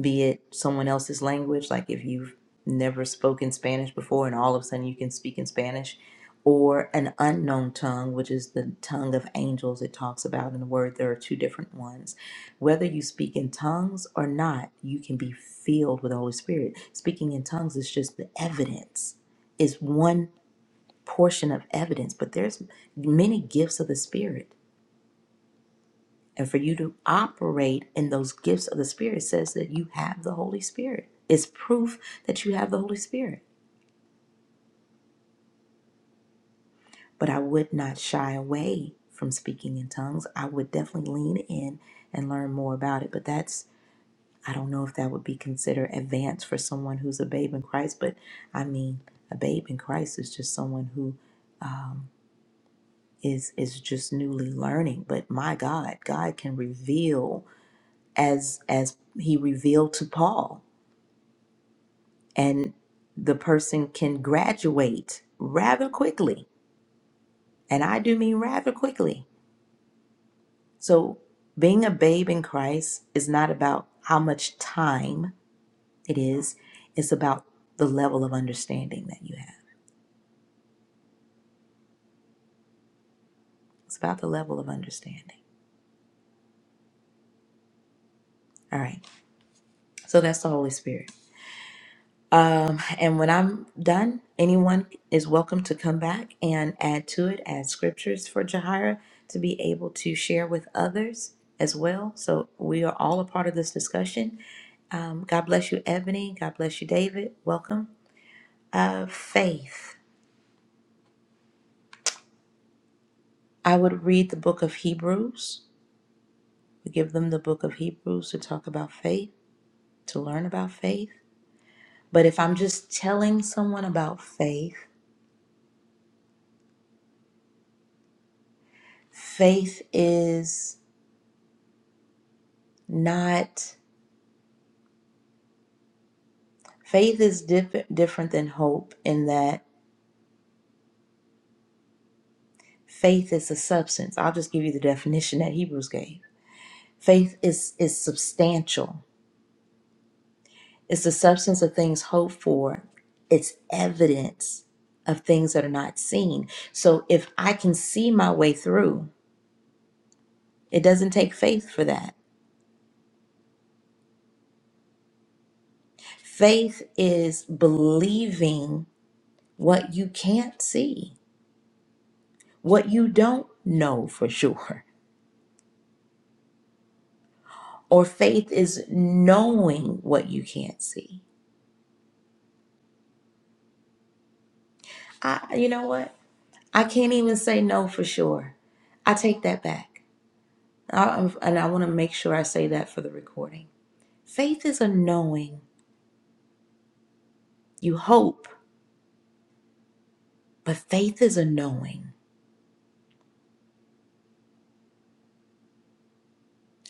A: be it someone else's language, like if you've never spoken Spanish before and all of a sudden you can speak in Spanish, or an unknown tongue, which is the tongue of angels it talks about in the word, there are two different ones. Whether you speak in tongues or not, you can be filled with the Holy Spirit. Speaking in tongues is just the evidence. It's one portion of evidence, but there's many gifts of the Spirit. And for you to operate in those gifts of the Spirit says that you have the Holy Spirit. It's proof that you have the Holy Spirit. But I would not shy away from speaking in tongues. I would definitely lean in and learn more about it. But that's, I don't know if that would be considered advanced for someone who's a babe in Christ. But I mean, a babe in Christ is just someone who um, is is just newly learning. But my God, God can reveal as as he revealed to Paul and the person can graduate rather quickly and I do mean rather quickly so being a babe in Christ is not about how much time it is it's about the level of understanding that you have it's about the level of understanding all right so that's the holy spirit Um, and when I'm done, anyone is welcome to come back and add to it, add scriptures for Jahira to be able to share with others as well. So we are all a part of this discussion. Um, God bless you, Ebony. God bless you, David. Welcome. Uh, faith. I would read the book of Hebrews. We give them the book of Hebrews to talk about faith, to learn about faith. But if I'm just telling someone about faith, faith is. not faith is diff- different than hope in that faith is a substance i'll just give you the definition that hebrews gave faith is is substantial it's the substance of things hoped for it's evidence of things that are not seen so if i can see my way through it doesn't take faith for that faith is believing what you can't see what you don't know for sure or faith is knowing what you can't see. I, you know what? I can't even say no for sure. I take that back. I, and I want to make sure I say that for the recording. Faith is a knowing. You hope, but faith is a knowing.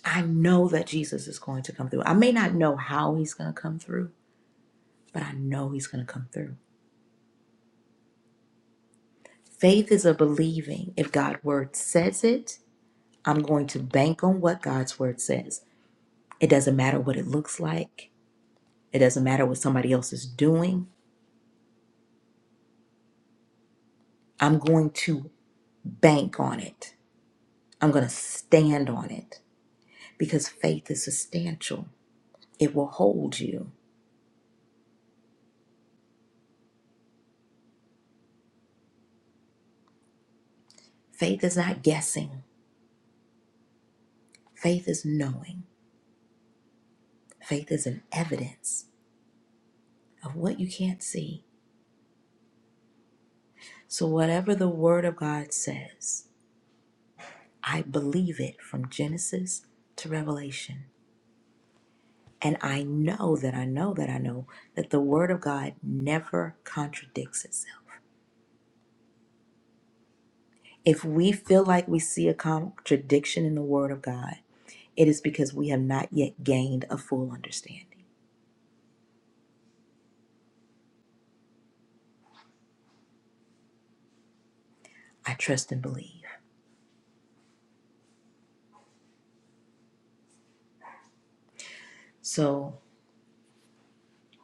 A: I know that Jesus is going to come through. I may not know how he's going to come through, but I know he's going to come through. Faith is a believing. If God's word says it, I'm going to bank on what God's word says. It doesn't matter what it looks like. It doesn't matter what somebody else is doing. I'm going to bank on it. I'm going to stand on it because faith is substantial. It will hold you. Faith is not guessing, faith is knowing. Faith is an evidence of what you can't see. So, whatever the Word of God says, I believe it from Genesis to Revelation. And I know that I know that I know that the Word of God never contradicts itself. If we feel like we see a contradiction in the Word of God, it is because we have not yet gained a full understanding. I trust and believe. So,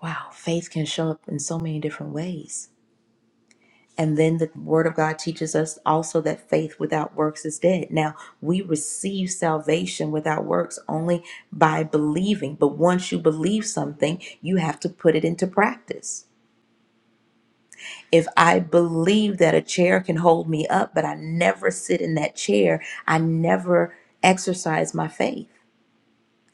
A: wow, faith can show up in so many different ways. And then the word of God teaches us also that faith without works is dead. Now, we receive salvation without works only by believing. But once you believe something, you have to put it into practice. If I believe that a chair can hold me up, but I never sit in that chair, I never exercise my faith.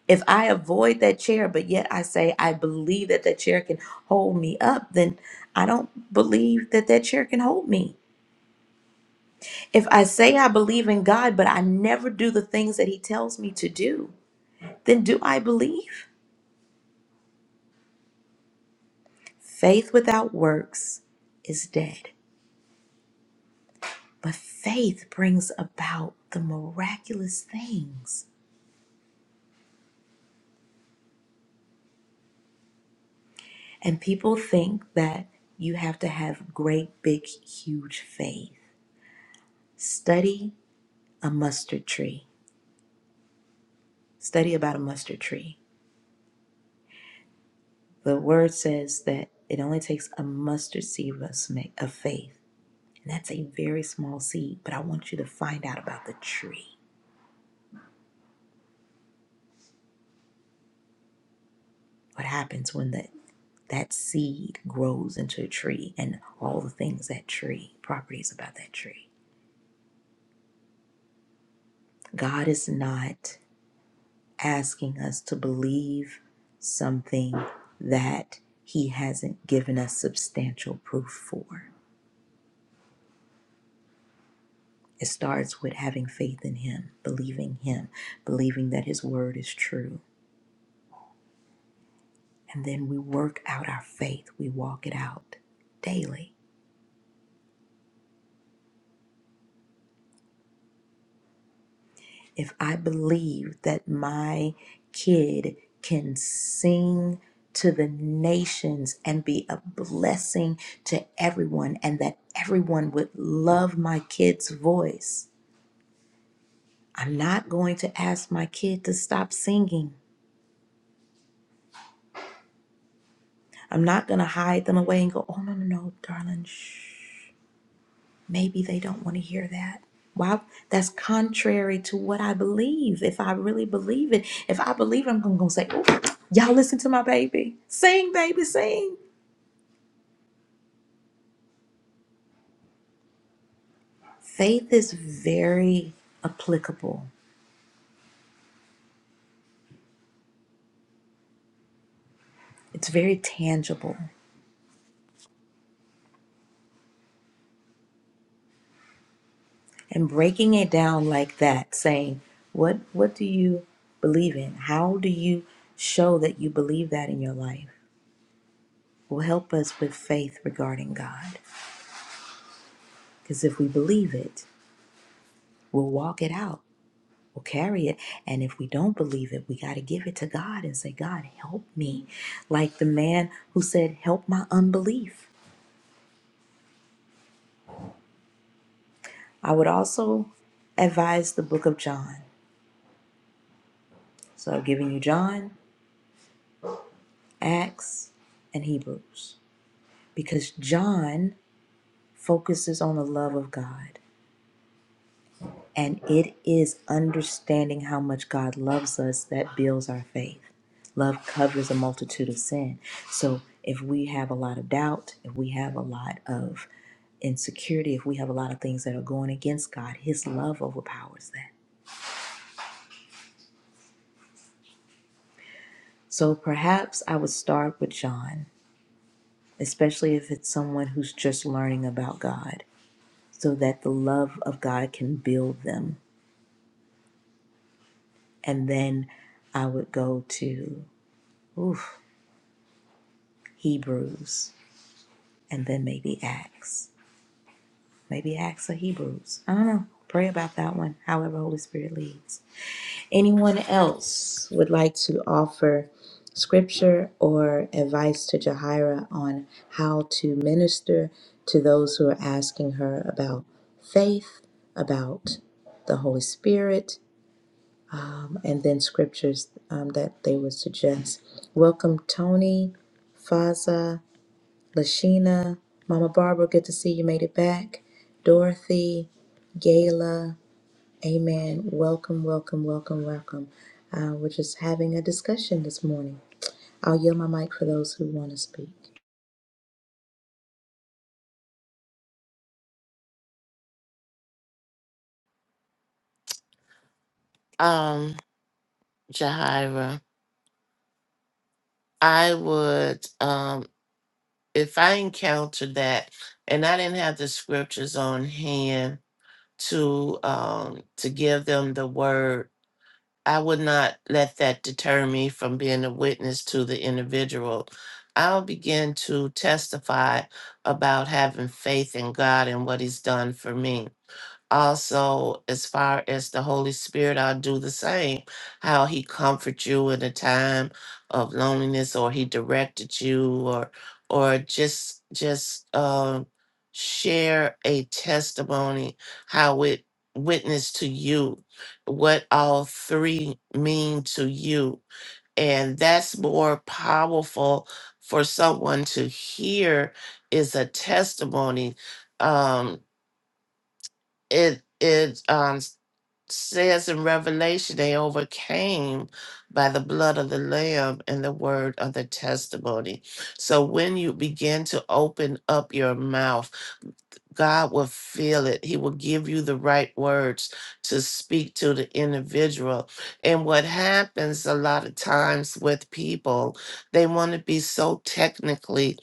A: If I avoid that chair, but yet I say, I believe that that chair can hold me up, then I don't believe that that chair can hold me If I say I believe in God, but I never do the things that He tells me to do, then do I believe? Faith without works is dead. But faith brings about the miraculous things. And people think that you have to have great, big, huge faith. Study a mustard tree. Study about a mustard tree. The word says that it only takes a mustard seed of sma- of faith And that's a very small seed, but I want you to find out about the tree. What happens when that that seed grows into a tree and all the things that tree, properties about that tree. God is not asking us to believe something that he hasn't given us substantial proof for. It starts with having faith in him, believing him, believing that his word is true. And then we work out our faith, we walk it out daily. if I believe that my kid can sing to the nations and be a blessing to everyone, and that everyone would love my kid's voice, I'm not going to ask my kid to stop singing. I'm not going to hide them away and go, oh, no, no, no, darling, shh. Maybe they don't want to hear that. Wow, that's contrary to what I believe. If I really believe it, if I believe it, I'm gonna say, "Ooh, y'all listen to my baby. Sing, baby, sing. Faith is very applicable, it's very tangible. And breaking it down like that, saying, What what do you believe in? How do you show that you believe that in your life? Will help us with faith regarding God. Because if we believe it, we'll walk it out. We'll carry it. And if we don't believe it, we got to give it to God and say, God, help me. Like the man who said, Help my unbelief. I would also advise the book of John. So I've given you John, Acts, and Hebrews. Because John focuses on the love of God. And it is understanding how much God loves us that builds our faith. Love covers a multitude of sin. So if we have a lot of doubt, if we have a lot of insecurity, if we have a lot of things that are going against God, His love overpowers that. So perhaps I would start with John, especially if it's someone who's just learning about God, so that the love of God can build them. And then I would go to oof, Hebrews and then maybe Acts. Maybe Acts or Hebrews. I don't know. Pray about that one, however, Holy Spirit leads. Anyone else would like to offer scripture or advice to Jahira on how to minister to those who are asking her about faith, about the Holy Spirit, and then scriptures um, that they would suggest? Welcome, Tony, Faza. Lashina, Mama Barbara, good to see you made it back. Dorothy, Gayla, Amen. Welcome, welcome, welcome, welcome. Uh, we're just having a discussion this morning. I'll yield my mic for those who want to speak.
B: Um, Jahira, I would um if I encountered that and I didn't have the scriptures on hand, to um to give them the word i would not let that deter me from being a witness to the individual i'll begin to testify about having faith in god and what he's done for me also as far as the holy spirit i'll do the same how he comforts you in a time of loneliness or he directed you or or just just um share a testimony how it witnessed to you what all three mean to you and that's more powerful for someone to hear is a testimony um it it um says in Revelation, they overcame by the blood of the Lamb and the word of the testimony. So when you begin to open up your mouth, God will feel it. He will give you the right words to speak to the individual. And what happens a lot of times with people, they want to be so technically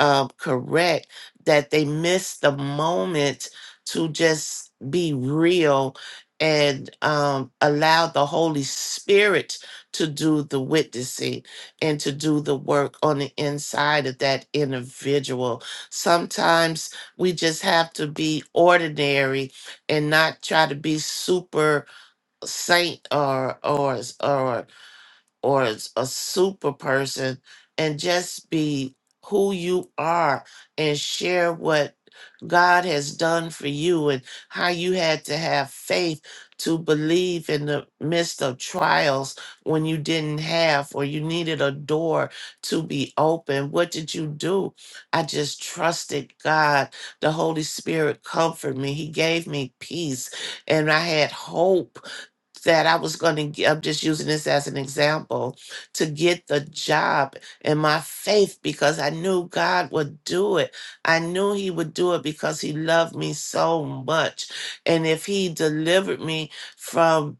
B: um, correct that they miss the moment to just be real and um, allow the Holy Spirit to do the witnessing and to do the work on the inside of that individual. Sometimes we just have to be ordinary and not try to be super saint or or or or as a super person and just be who you are and share what God has done for you and how you had to have faith to believe in the midst of trials when you didn't have or you needed a door to be open. What did you do? I just trusted God. The Holy Spirit comforted me. He gave me peace and I had hope that I was going to, I'm just using this as an example, to get the job in my faith because I knew God would do it. I knew He would do it because He loved me so much. And if He delivered me from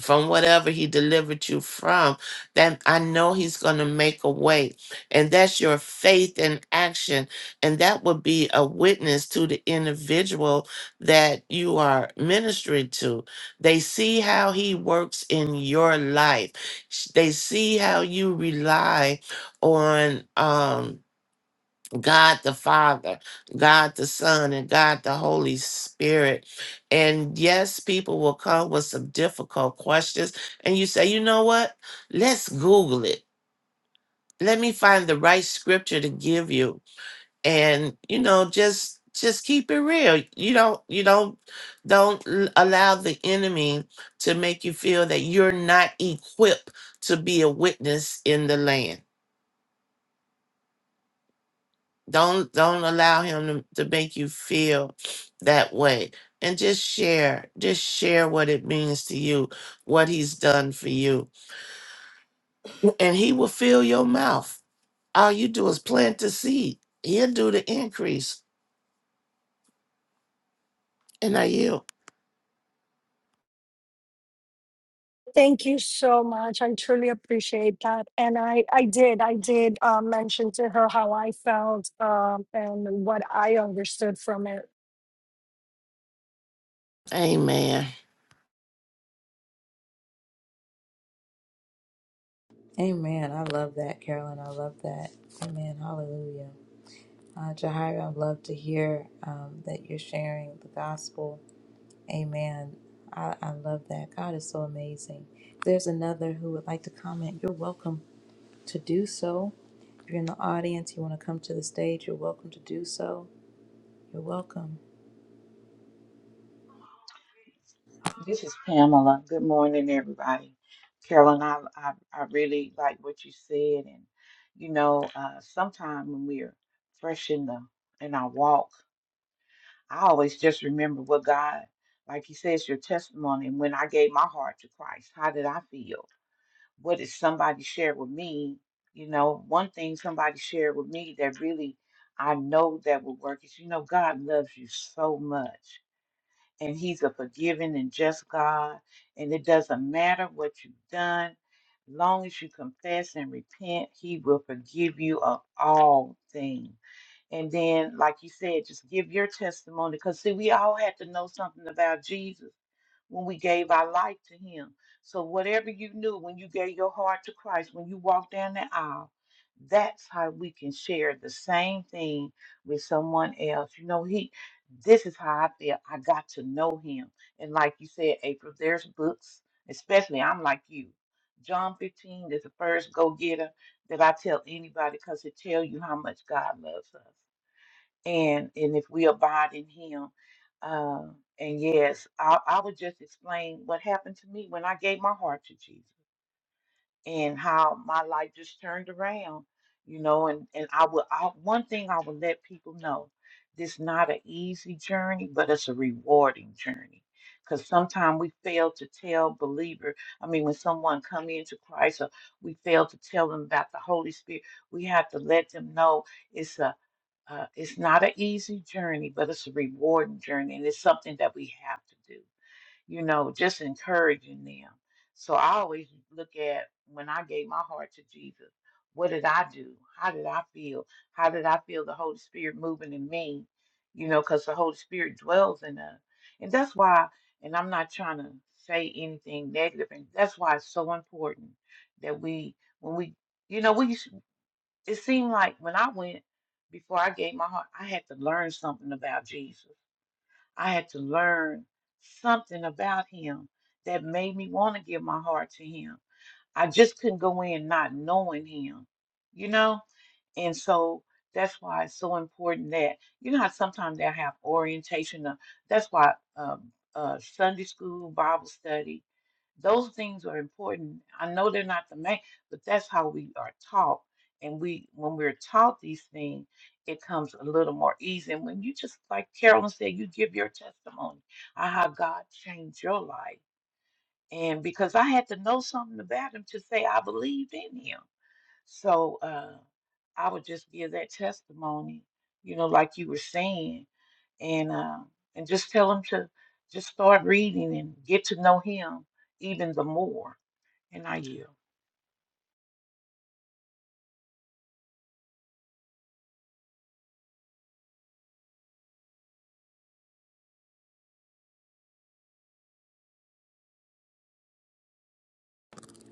B: from whatever he delivered you from that i know he's going to make a way and that's your faith in action and that would be a witness to the individual that you are ministering to they see how he works in your life Sh- they see how you rely on um God the Father, God the Son, and God the Holy Spirit. And yes, people will come with some difficult questions, and you say, you know what? Let's Google it. Let me find the right scripture to give you. And you know, just just keep it real. You don't you don't don't l- allow the enemy to make you feel that you're not equipped to be a witness in the land Don't don't allow him to, to make you feel that way. And just share, just share what it means to you, what he's done for you. And he will fill your mouth. All you do is plant the seed. He'll do the increase. And I yield.
C: Thank you so much. I truly appreciate that. And I, I did, I did uh, mention to her how I felt um, and what I understood from it.
B: Amen.
A: Amen. I love that, Carolyn. I love that. Amen. Hallelujah. Uh, Jahira, I'd love to hear um, that you're sharing the gospel. Amen. I, I love that. God is so amazing. If there's another who would like to comment, you're welcome to do so. If you're in the audience, you want to come to the stage, you're welcome to do so. You're welcome.
D: This is Pamela. Good morning, everybody. Carolyn, I, I, I really like what you said. And, you know, uh, sometimes when we're fresh in, the, in our walk, I always just remember what God, like you said, it's your testimony. And when I gave my heart to Christ, how did I feel? What did somebody share with me? You know, one thing somebody shared with me that really I know that will work is, you know, God loves you so much and he's a forgiving and just God. And it doesn't matter what you've done, long as you confess and repent, he will forgive you of all things. And then, like you said, just give your testimony because see, we all have to know something about Jesus when we gave our life to Him. So, whatever you knew when you gave your heart to Christ, when you walked down the aisle, that's how we can share the same thing with someone else. You know, He, this is how I feel. I got to know Him. And like you said, April, there's books, especially I'm like you. John 15 is the first go getter that I tell anybody because it tells you how much God loves us and and if we abide in him uh, and yes I, I would just explain what happened to me when i gave my heart to jesus and how my life just turned around you know and and i would I, one thing i would let people know this not an easy journey but it's a rewarding journey because sometimes we fail to tell believer i mean when someone come into christ or we fail to tell them about the holy spirit we have to let them know uh, it's not an easy journey, but it's a rewarding journey, and it's something that we have to do. You know, just encouraging them. So I always look at when I gave my heart to Jesus, what did I do? How did I feel? How did I feel the Holy Spirit moving in me? You know, because the Holy Spirit dwells in us. And that's why, and I'm not trying to say anything negative, and that's why it's so important that we, when we, you know, we it seemed like when I went, before I gave my heart, I had to learn something about Jesus. I had to learn something about him that made me want to give my heart to him. I just couldn't go in not knowing him, you know? And so that's why it's so important that, you know, how sometimes they have orientation. uh, That's why um, uh, Sunday school, Bible study, those things are important. I know they're not the main, but that's how we are taught. And we, when we're taught these things, it comes a little more easy. And when you just, like Carolyn said, you give your testimony of how God changed your life and because I had to know something about him to say I believed in him. So uh, I would just give that testimony, you know, like you were saying, and uh, and just tell him to just start reading and get to know him even the more. And I yield.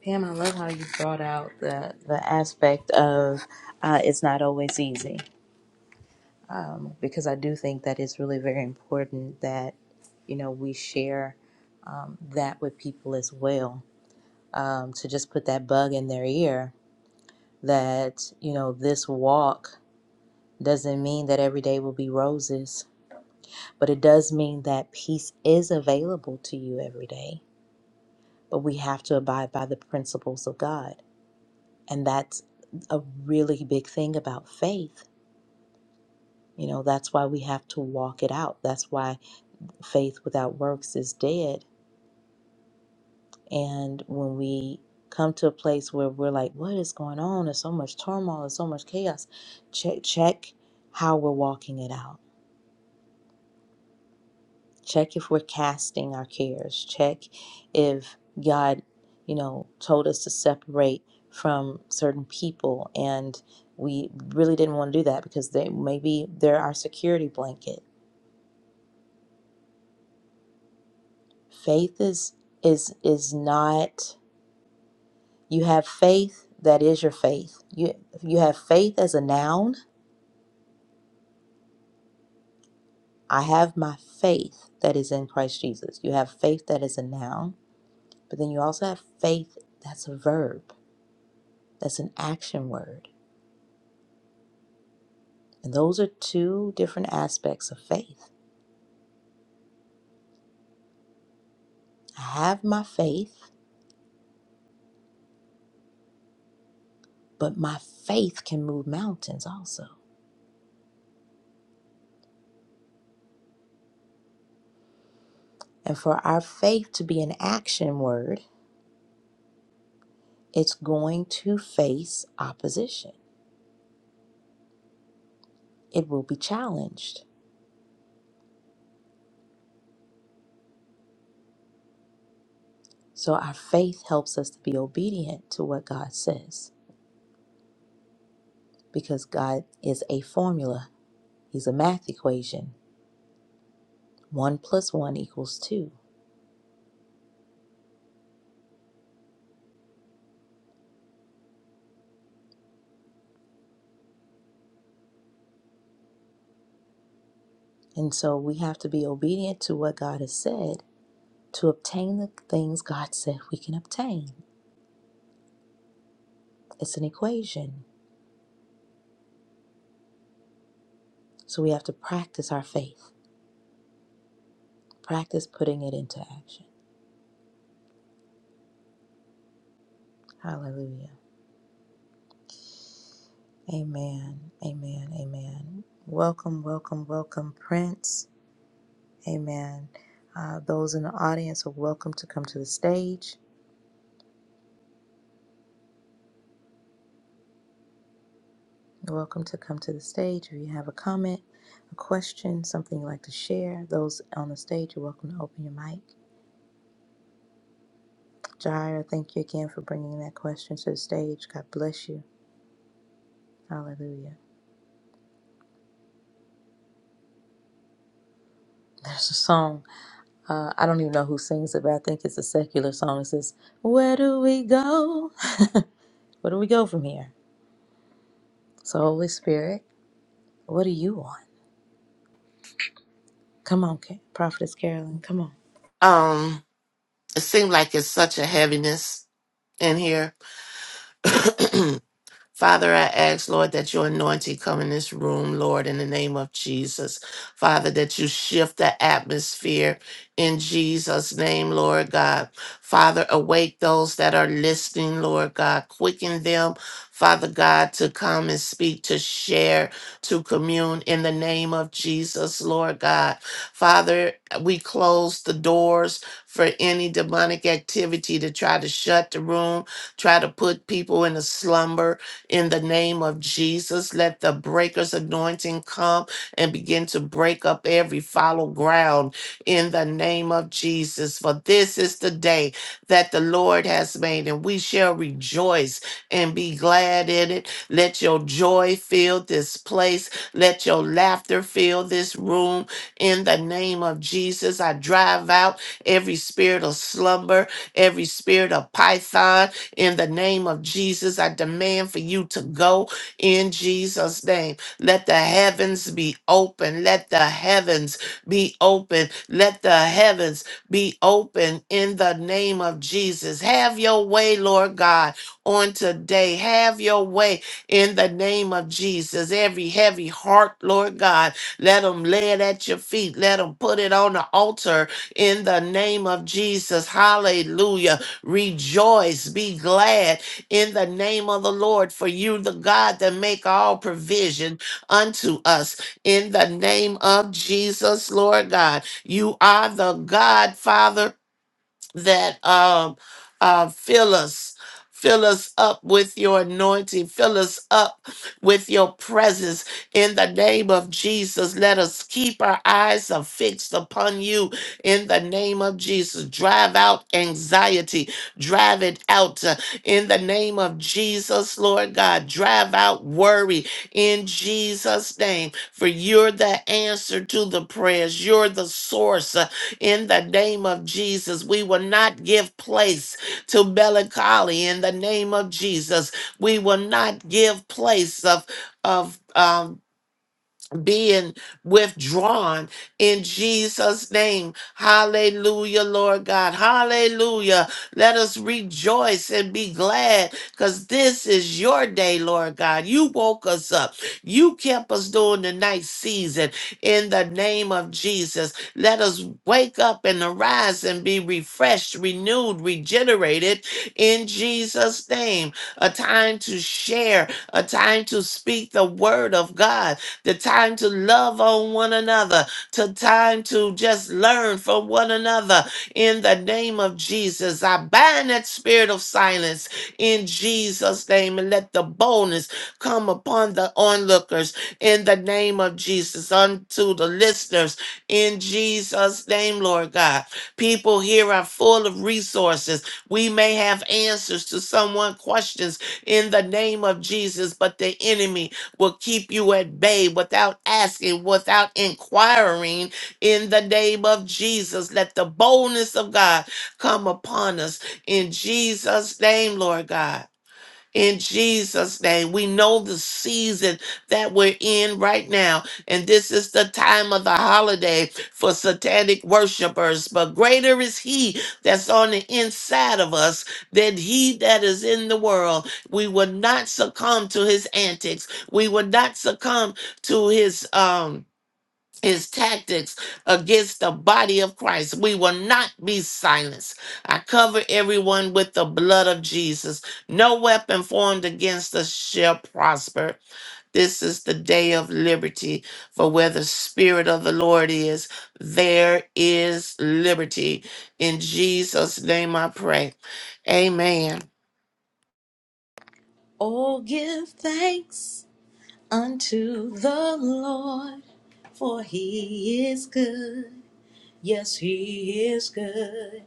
A: Pam, I love how you brought out the, the aspect of uh, it's not always easy because I do think that it's really very important that, you know, we share um, that with people as well. Um, to just put that bug in their ear that, you know, this walk doesn't mean that every day will be roses, but it does mean that peace is available to you every day but we have to abide by the principles of God. And that's a really big thing about faith. You know, that's why we have to walk it out. That's why faith without works is dead. And when we come to a place where we're like, what is going on? There's so much turmoil, there's so much chaos. Check, check how we're walking it out Check if we're casting our cares. Check if God, you know, told us to separate from certain people and we really didn't want to do that because they maybe they're our security blanket. Faith is is is not you have faith that is your faith. You you have faith as a noun. I have my faith that is in Christ Jesus. You have faith that is a noun, but then you also have faith that's a verb. That's an action word. And those are two different aspects of faith. I have my faith, but my faith can move mountains also. And for our faith to be an action word, it's going to face opposition, it will be challenged. So our faith helps us to be obedient to what God says because God is a formula, He's a math equation. One plus one equals two. And so we have to be obedient to what God has said to obtain the things God said we can obtain. It's an equation. So we have to practice our faith, practice putting it into action. Hallelujah. Amen. Amen. Amen. Welcome, welcome, welcome, Prince. Amen. Uh, those in the audience are welcome to come to the stage. You're welcome to come to the stage. If you have a comment, a question, something you'd like to share, those on the stage, you're welcome to open your mic. Jair, thank you again for bringing that question to the stage. God bless you. Hallelujah. There's a song. Uh, I don't even know who sings it, but I think it's a secular song. It says, Where do we go? Where do we go from here? So, Holy Spirit, what do you want? Come on, Ca- Prophetess Carolyn, come on.
B: Um, it seemed like it's such a heaviness in here. Father, I ask, Lord, that your anointing come in this room, Lord, in the name of Jesus. Father, that you shift the atmosphere in Jesus' name, Lord God. Father, awake those that are listening, Lord God. Quicken them, Father God, to come and speak, to share, to commune in the name of Jesus, Lord God. Father, we close the doors for any demonic activity to try to shut the room, try to put people in a slumber in the name of Jesus. Let the breaker's anointing come and begin to break up every fallow ground in the name of Jesus. For this is the day that the Lord has made, and we shall rejoice and be glad in it. Let your joy fill this place, let your laughter fill this room in the name of Jesus. I drive out every spirit of slumber, every spirit of python. In the name of Jesus, I demand for you to go in Jesus' name. Let the heavens be open. Let the heavens be open. Let the heavens be open in the name of Jesus. Have your way, Lord God, on today. Have your way in the name of Jesus. Every heavy heart, Lord God, let them lay it at your feet. Let them put it on the altar in the name of Jesus. Hallelujah. Rejoice, be glad in the name of the Lord, for you, the God that make all provision unto us. In the name of Jesus, Lord God, you are the God, Father that um uh fill us fill us up with your anointing fill us up with your presence in the name of jesus let us keep our eyes are fixed upon you in the name of jesus drive out anxiety drive it out uh, in the name of jesus lord god drive out worry in jesus name for you're the answer to the prayers you're the source in the name of Jesus. We will not give place to melancholy in the name of Jesus. We will not give place of of um being withdrawn in Jesus' name. Hallelujah, Lord God. Hallelujah. Let us rejoice and be glad because this is your day, Lord God. You woke us up, you kept us during the night season in the name of Jesus. Let us wake up and arise and be refreshed, renewed, regenerated in Jesus' name. A time to share, a time to speak the word of God the time to love on one another, to time to just learn from one another. In the name of Jesus, I bind that spirit of silence in Jesus' name and let the boldness come upon the onlookers in the name of Jesus, unto the listeners in Jesus' name, Lord God. People here are full of resources. We may have answers to someone questions in the name of Jesus, but the enemy will keep you at bay without asking, without inquiring. In the name of Jesus, let the boldness of God come upon us. In Jesus' name, Lord God in Jesus' name. We know the season that we're in right now, and this is the time of the holiday for satanic worshipers. But greater is He that's on the inside of us than He that is in the world. We will not succumb to His antics. We will not succumb to His um his tactics against the body of Christ. We will not be silenced. I cover everyone with the blood of Jesus. No weapon formed against us shall prosper. This is the day of liberty, for where the Spirit of the Lord is, there is liberty. In Jesus' name I pray. Amen.
A: Oh, give thanks unto the Lord, for he is good. Yes, he is good.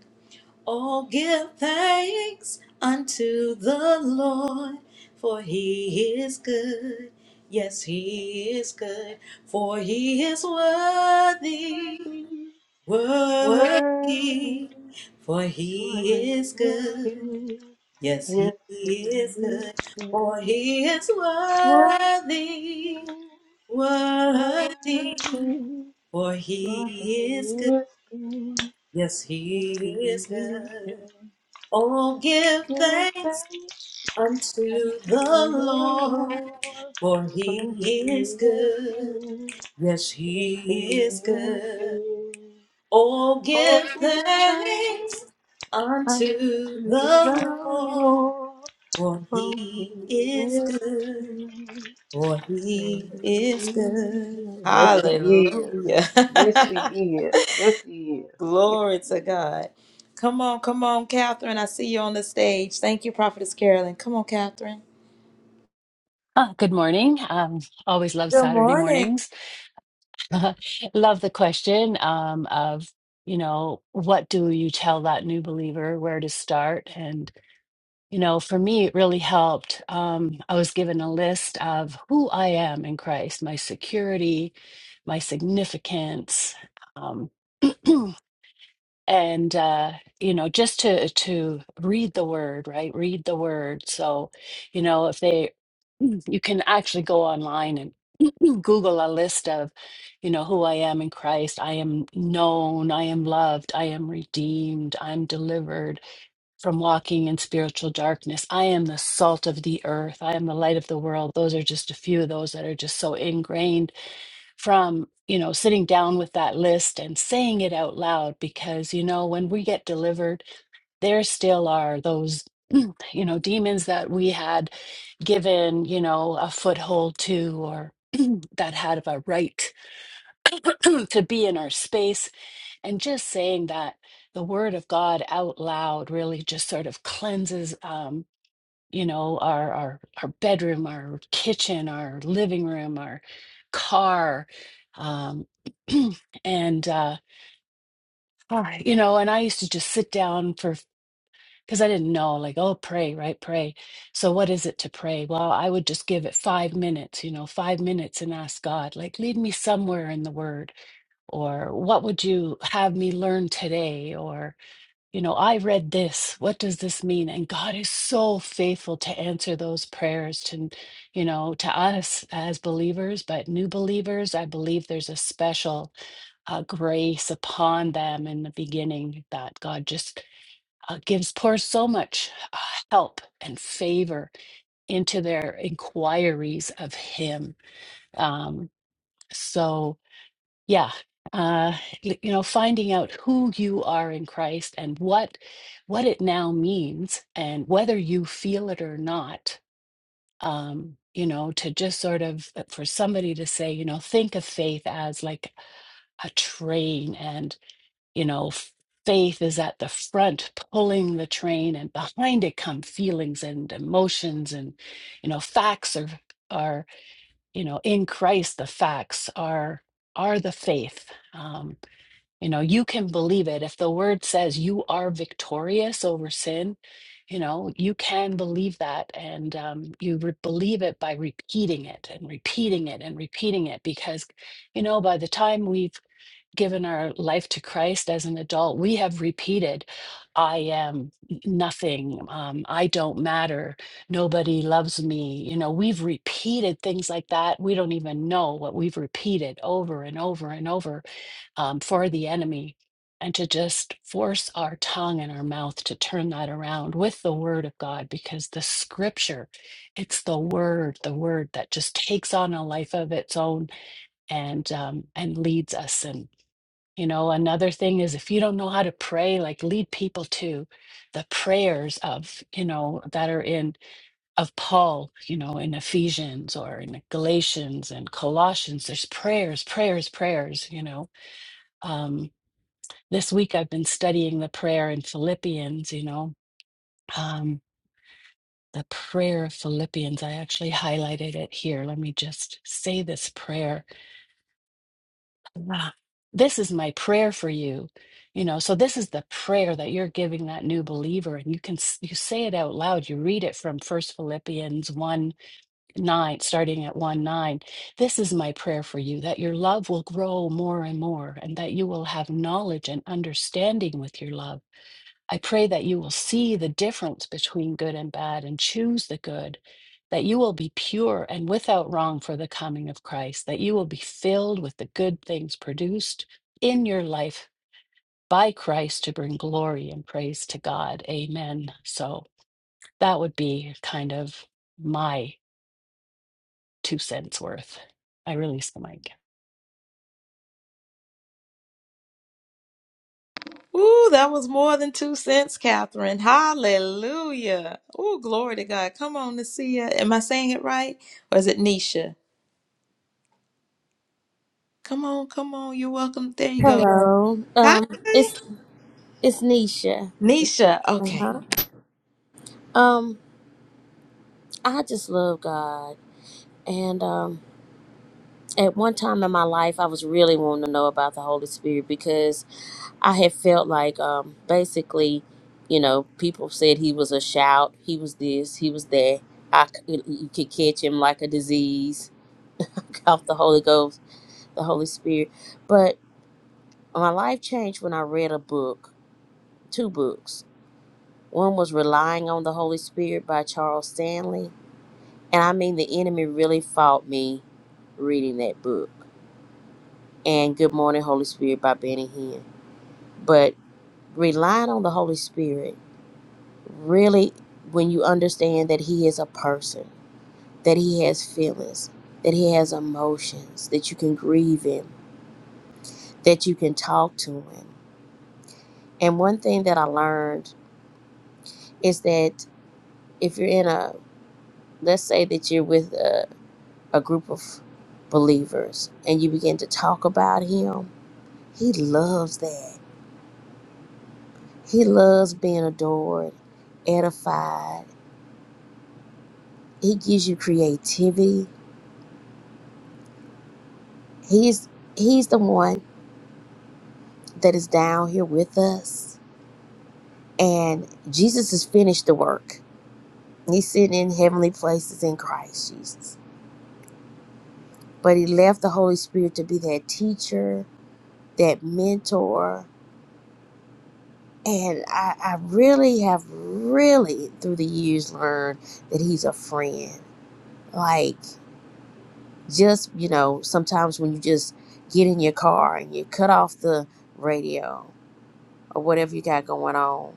A: Oh, give thanks unto the Lord, for he is good. Yes, he is good, for he is worthy,
D: Worthy,
A: worthy, for he
D: worthy,
A: is
D: for he is
A: good.
D: good.
A: Yes,
D: Yes,
A: he
D: he
A: is
D: is
A: good,
D: good.
A: for he is
D: Worthy,
A: worthy, worthy,
D: worthy,
A: for he
D: for
A: is good.
D: he is good.
A: Yes,
D: Oh,
A: he is good. Oh, give thanks.
D: give thanks unto
A: unto the
D: the
A: Lord,
D: Lord,
A: for
D: for he
A: he is
D: is
A: good.
D: good.
A: Yes,
D: Yes,
A: he
D: he
A: is
D: is. Yes,
A: good.
D: he
A: Oh, give thanks unto the Lord, for he is good. For he is good.
D: is.
A: Hallelujah.
D: Yes, he is. Yes,
A: Glory to
D: he is.
A: God. Come on, come on, Catherine. I see you on the stage. Thank you, Prophetess Carolyn. Come on, Catherine.
E: Ah, good morning. Um, always love
A: Good
E: Saturday
A: morning.
E: mornings. love the question um, of, you know, what do you tell that new believer where to start? And, you know, for me, it really helped. Um, I was given a list of who I am in Christ, my security, my significance. Um, and uh, you know, just to to read the word, right? Read the word. So, you know, if they you can actually go online Google a list of, you know, who I am in Christ. I am known, I am loved, I am redeemed, I'm delivered from walking in spiritual darkness. I am the salt of the earth, I am the light of the world. Those are just a few of those that are just so ingrained from, you know, sitting down with that list and saying it out loud because, you know, when we get delivered there still are those you know demons that we had given you know a foothold to or that had a right to be in our space and just saying that the word of god out loud really just sort of cleanses um you know our our our bedroom our kitchen our living room our car um and uh Right. you know and i used to just sit down for because I didn't know, like, oh, pray, right? Pray. So, what is it to pray? Well, I would just give it five minutes, you know, five minutes and ask God, like, lead me somewhere in the word, or what would you have me learn today? Or, you know, I read this. What does this mean? And God is so faithful to answer those prayers to, you know, to us as believers, but new believers, I believe there's a special uh, grace upon them in the beginning that God just uh, gives poor so much uh, help and favor into their inquiries of him um, so yeah uh y- you know finding out who you are in christ and what what it now means and whether you feel it or not um you know to just sort of uh, for somebody to say you know think of faith as like a train and you know faith is at the front pulling the train and behind it come feelings and emotions and you know facts are are you know in christ the facts are are the faith um you know you can believe it if the word says you are victorious over sin you know you can believe that and um, you re- believe it by repeating it and repeating it and repeating it because you know by the time we've given our life to Christ as an adult, we have repeated, I am nothing, um, I don't matter, nobody loves me. You know, we've repeated things like that. We don't even know what we've repeated over and over and over um, for the enemy. And to just force our tongue and our mouth to turn that around with the word of God, because the scripture, it's the word, the word that just takes on a life of its own and um, and leads us and. You know, another thing is if you don't know how to pray, like lead people to the prayers of, you know, that are in of Paul, you know, in Ephesians or in Galatians and Colossians. There's prayers, prayers, prayers, you know. Um, this week I've been studying the prayer in Philippians, you know. Um, the prayer of Philippians. I actually highlighted it here. Let me just say this prayer Ah, This is my prayer for you. You know, so this is the prayer that you're giving that new believer, and you can s- you say it out loud. You read it from First Philippians one nine, starting at one nine. This is my prayer for you that your love will grow more and more, and that you will have knowledge and understanding with your love I pray that you will see the difference between good and bad and choose the good, that you will be pure and without wrong for the coming of Christ, that you will be filled with the good things produced in your life by Christ to bring glory and praise to God. Amen. So that would be kind of my two cents worth. I release the mic.
A: Ooh, that was more than two cents, Catherine. Hallelujah. Ooh, glory to God. Come on, Nasia. Am I saying it right? Or is it Nisha? Come on, come on. You're welcome. There you go.
F: Hello.
A: Hi,
F: Um, it's it's Nisha.
A: Nisha. Okay.
F: Uh-huh. Um, I just love God, and um, at one time in my life, I was really wanting to know about the Holy Spirit because I had felt like, um, basically, you know, people said he was a shout, he was this, he was that. I c- you could catch him like a disease off the Holy Ghost, the Holy Spirit. But my life changed when I read a book, two books. One was Relying on the Holy Spirit by Charles Stanley. And I mean, the enemy really fought me reading that book. And Good Morning, Holy Spirit by Benny Hinn. But relying on the Holy Spirit, really, when you understand that He is a person, that He has feelings, that He has emotions, that you can grieve Him, that you can talk to Him. And one thing that I learned is that if you're in a, let's say that you're with a a group of believers and you begin to talk about him, he loves that. He loves being adored, edified. He gives you creativity. He's he's the one that is down here with us. And Jesus has finished the work. He's sitting in heavenly places in Christ Jesus. But he left the Holy Spirit to be that teacher, that mentor, And I, I really have really through the years learned that he's a friend. Like just, you know, sometimes when you just get in your car and you cut off the radio or whatever you got going on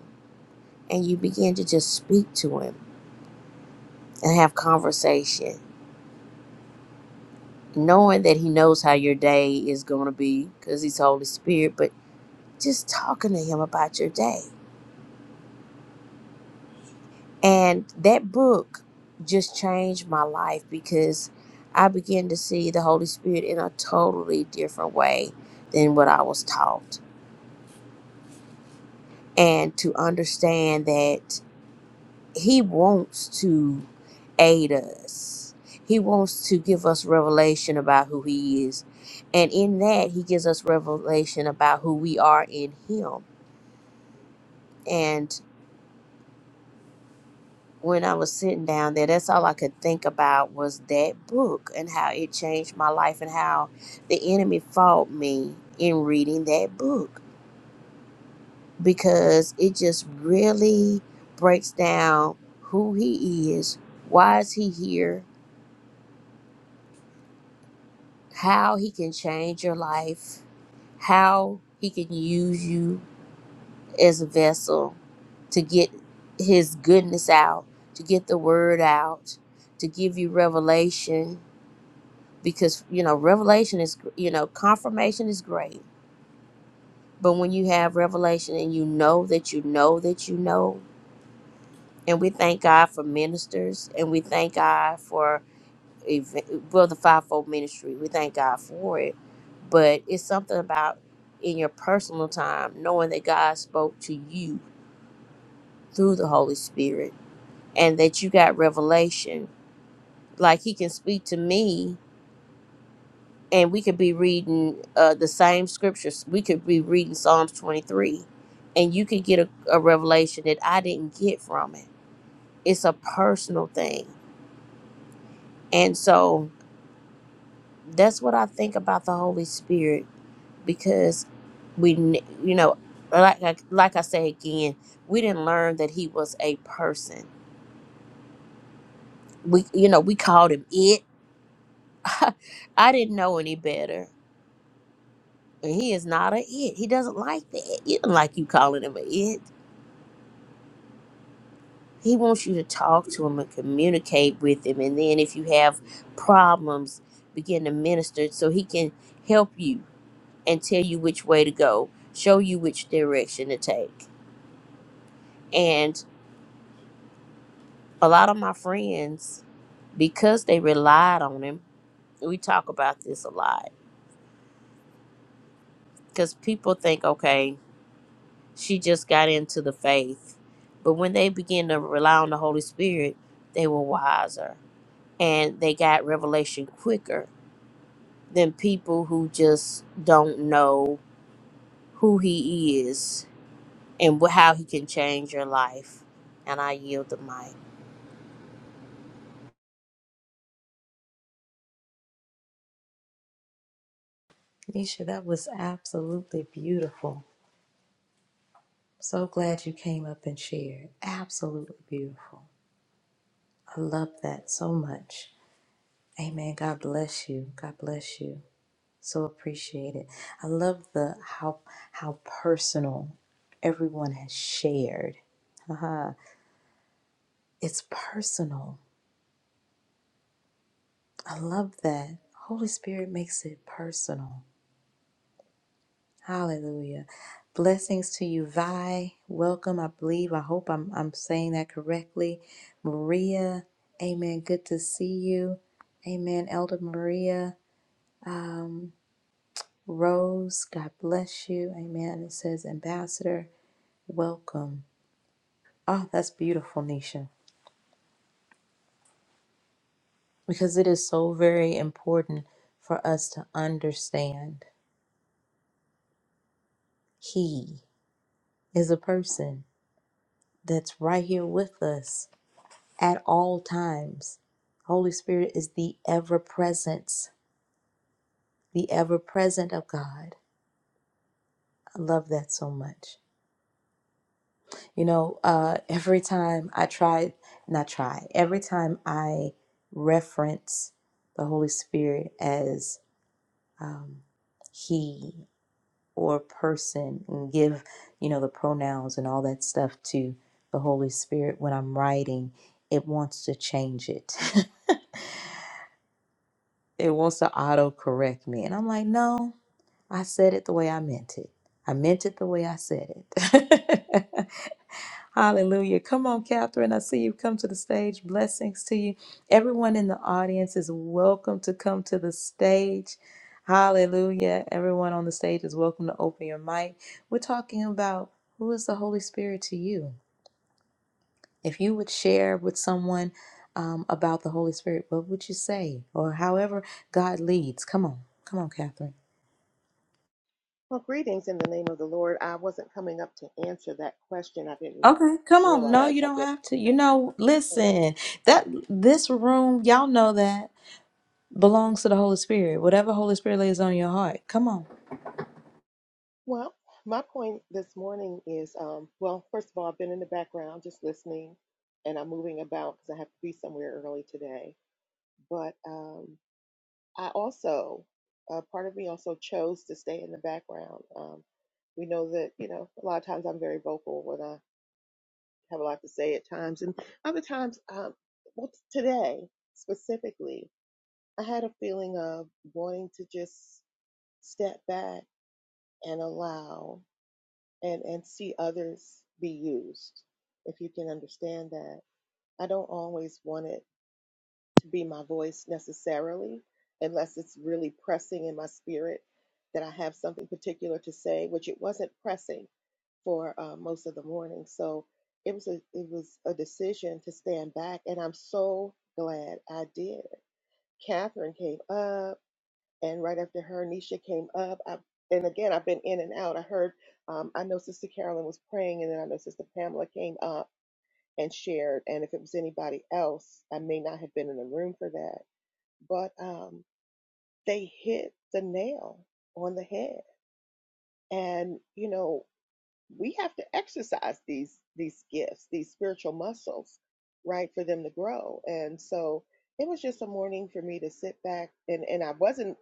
F: and you begin to just speak to him and have conversation, knowing that he knows how your day is going to be because he's Holy Spirit, but just talking to him about your day And that book just changed my life because I began to see the Holy Spirit in a totally different way than what I was taught. And to understand that He wants to aid us, He wants to give us revelation about who He is. And in that, He gives us revelation about who we are in Him. and. when I was sitting down there, that's all I could think about was that book and how it changed my life and how the enemy fought me in reading that book because it just really breaks down who he is, why is he here, how he can change your life, how he can use you as a vessel to get his goodness out, to get the word out, to give you revelation because you know revelation is you know confirmation is great but when you have revelation and you know that you know that you know and we thank god for ministers and we thank god for ev- well the fivefold ministry we thank god for it but it's something about in your personal time knowing that god spoke to you through the holy spirit and that you got revelation like he can speak to me and we could be reading uh, the same scriptures. We could be reading Psalms 23, and you could get a, a revelation that I didn't get from it. It's a personal thing. And so that's what I think about the Holy Spirit because we, ne- you know, like I, like I say again, we didn't learn that he was a person. We, you know, we called him it. I didn't know any better. And he is not a it. He doesn't like that. He doesn't like you calling him a it He wants you to talk to him and communicate with him. And then if you have problems, begin to minister so he can help you and tell you which way to go, show you which direction to take. And a lot of my friends, because they relied on him, we talk about this a lot because people think, okay, she just got into the faith. But when they begin to rely on the Holy Spirit, they were wiser and they got revelation quicker than people who just don't know who he is and wh- how he can change your life. And I yield the mic.
A: Nisha, that was absolutely beautiful. So glad you came up and shared. Absolutely beautiful. I love that so much. Amen. God bless you. God bless you. So appreciate it. I love the how how personal everyone has shared. Haha, it's personal. I love that. Holy Spirit makes it personal. Hallelujah. Blessings to you, Vi. Welcome, I believe. I hope I'm I'm saying that correctly. Maria, amen. Good to see you. Amen. Elder Maria. Um, Rose, God bless you. Amen. It says, Ambassador, welcome. Oh, that's beautiful, Nisha, because it is so very important for us to understand He is a person that's right here with us at all times. Holy Spirit is the ever presence, the ever present of God. I love that so much. You know, uh, every time I try, not try, every time I reference the Holy Spirit as um, He or person and give, you know, the pronouns and all that stuff to the Holy Spirit when I'm writing, it wants to change it. it wants to auto correct me. And I'm like, no, I said it the way I meant it. I meant it the way I said it. Hallelujah. Come on, Catherine. I see you come to the stage. Blessings to you. Everyone in the audience is welcome to come to the stage. Hallelujah. Everyone on the stage is welcome to open your mic. We're talking about who is the Holy Spirit to you. If you would share with someone um, about the Holy Spirit, what would you say? Or however God leads. Come on. Come on, Catherine.
G: Well, greetings in the name of the Lord. I wasn't coming up to answer that question. I didn't
A: Okay, come on. No,
G: realize
A: you
G: I've
A: don't
G: been.
A: have to. You know, listen, that this room, y'all know that. belongs to the Holy Spirit. Whatever Holy Spirit lays on your heart. Come on.
G: Well, my point this morning is um, well, first of all, I've been in the background just listening and I'm moving about because I have to be somewhere early today. But um, I also, uh, part of me also chose to stay in the background. Um, we know that, you know, a lot of times I'm very vocal when I have a lot to say at times, and other times, um, well, today specifically. I had a feeling of wanting to just step back and allow and, and see others be used, if you can understand that. I don't always want it to be my voice necessarily, unless it's really pressing in my spirit that I have something particular to say, which it wasn't pressing for uh, most of the morning. So it was a it was a decision to stand back, and I'm so glad I did. Catherine came up. and right after her, Nisha came up. I, and again, I've been in and out. I heard, um, I know Sister Carolyn was praying, and then I know Sister Pamela came up and shared. And if it was anybody else, I may not have been in the room for that. But um, they hit the nail on the head. And you know, we have to exercise these these gifts, these spiritual muscles, right, for them to grow. And so it was just a morning for me to sit back and and I wasn't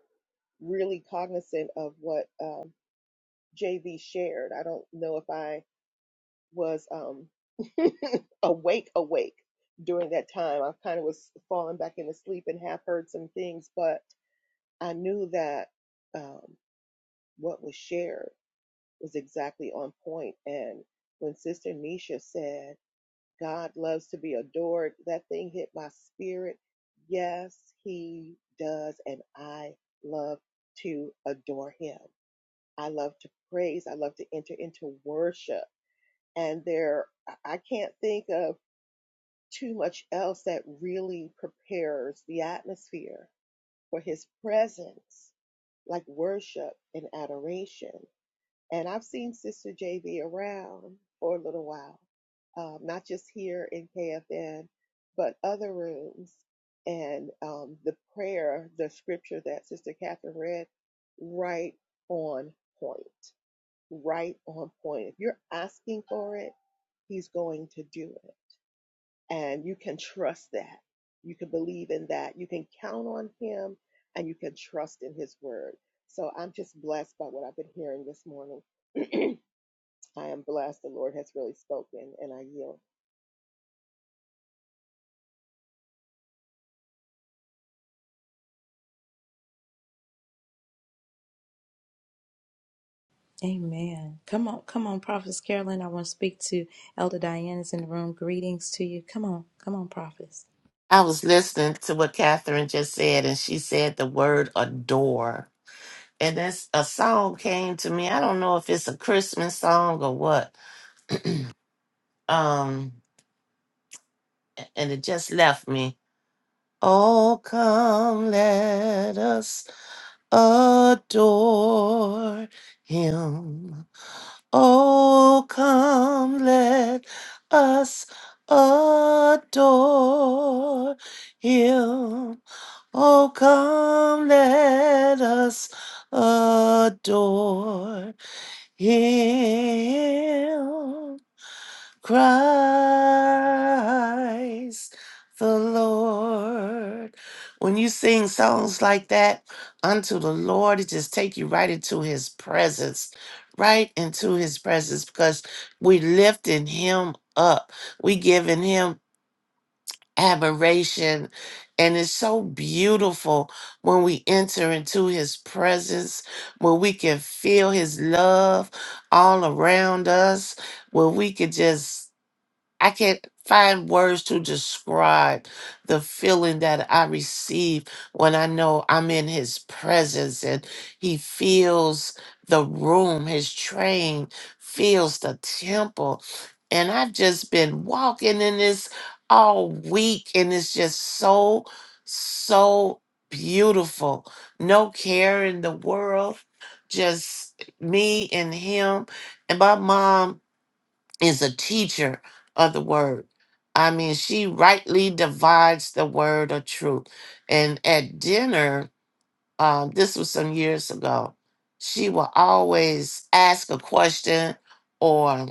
G: really cognizant of what um, JV shared. I don't know if I was um, awake, awake during that time. I kind of was falling back into sleep and half heard some things, but I knew that um, what was shared was exactly on point. And when Sister Nisha said, God loves to be adored, that thing hit my spirit. Yes, He does. And I love to adore Him. I love to praise. I love to enter into worship. and there I can't think of too much else that really prepares the atmosphere for his presence, like worship and adoration. And I've seen Sister JV around for a little while, um, not just here in KFN, but other rooms. And um, the prayer, the scripture that Sister Catherine read, right on point right on point. If you're asking for it, He's going to do it. And you can trust that. You can believe in that. You can count on Him and you can trust in His word. So I'm just blessed by what I've been hearing this morning. I am blessed. The Lord has really spoken and I yield.
A: Amen. Come on, come on, Prophetess Carolyn. I want to speak to Elder Diana's in the room. Greetings to you. Come on, come on, Prophetess.
B: I was listening to what Catherine just said, and she said the word adore. and that's a song came to me. I don't know if it's a Christmas song or what. Um, and it just left me. Oh, come, let us adore him. Oh, come, let us adore him. Oh, come, let us adore Hail Christ the Lord. When you sing songs like that unto the Lord, it just take you right into his presence, right into his presence because we lifting him up. We giving him admiration. And it's so beautiful when we enter into his presence, when we can feel his love all around us, when we can just I can't find words to describe the feeling that I receive when I know I'm in his presence and he feels the room, his train feels the temple. And I've just been walking in this all week, and it's just so, so beautiful. No care in the world, just me and him. And my mom is a teacher of the word. I mean, she rightly divides the word of truth. And at dinner, um, this was some years ago, she will always ask a question or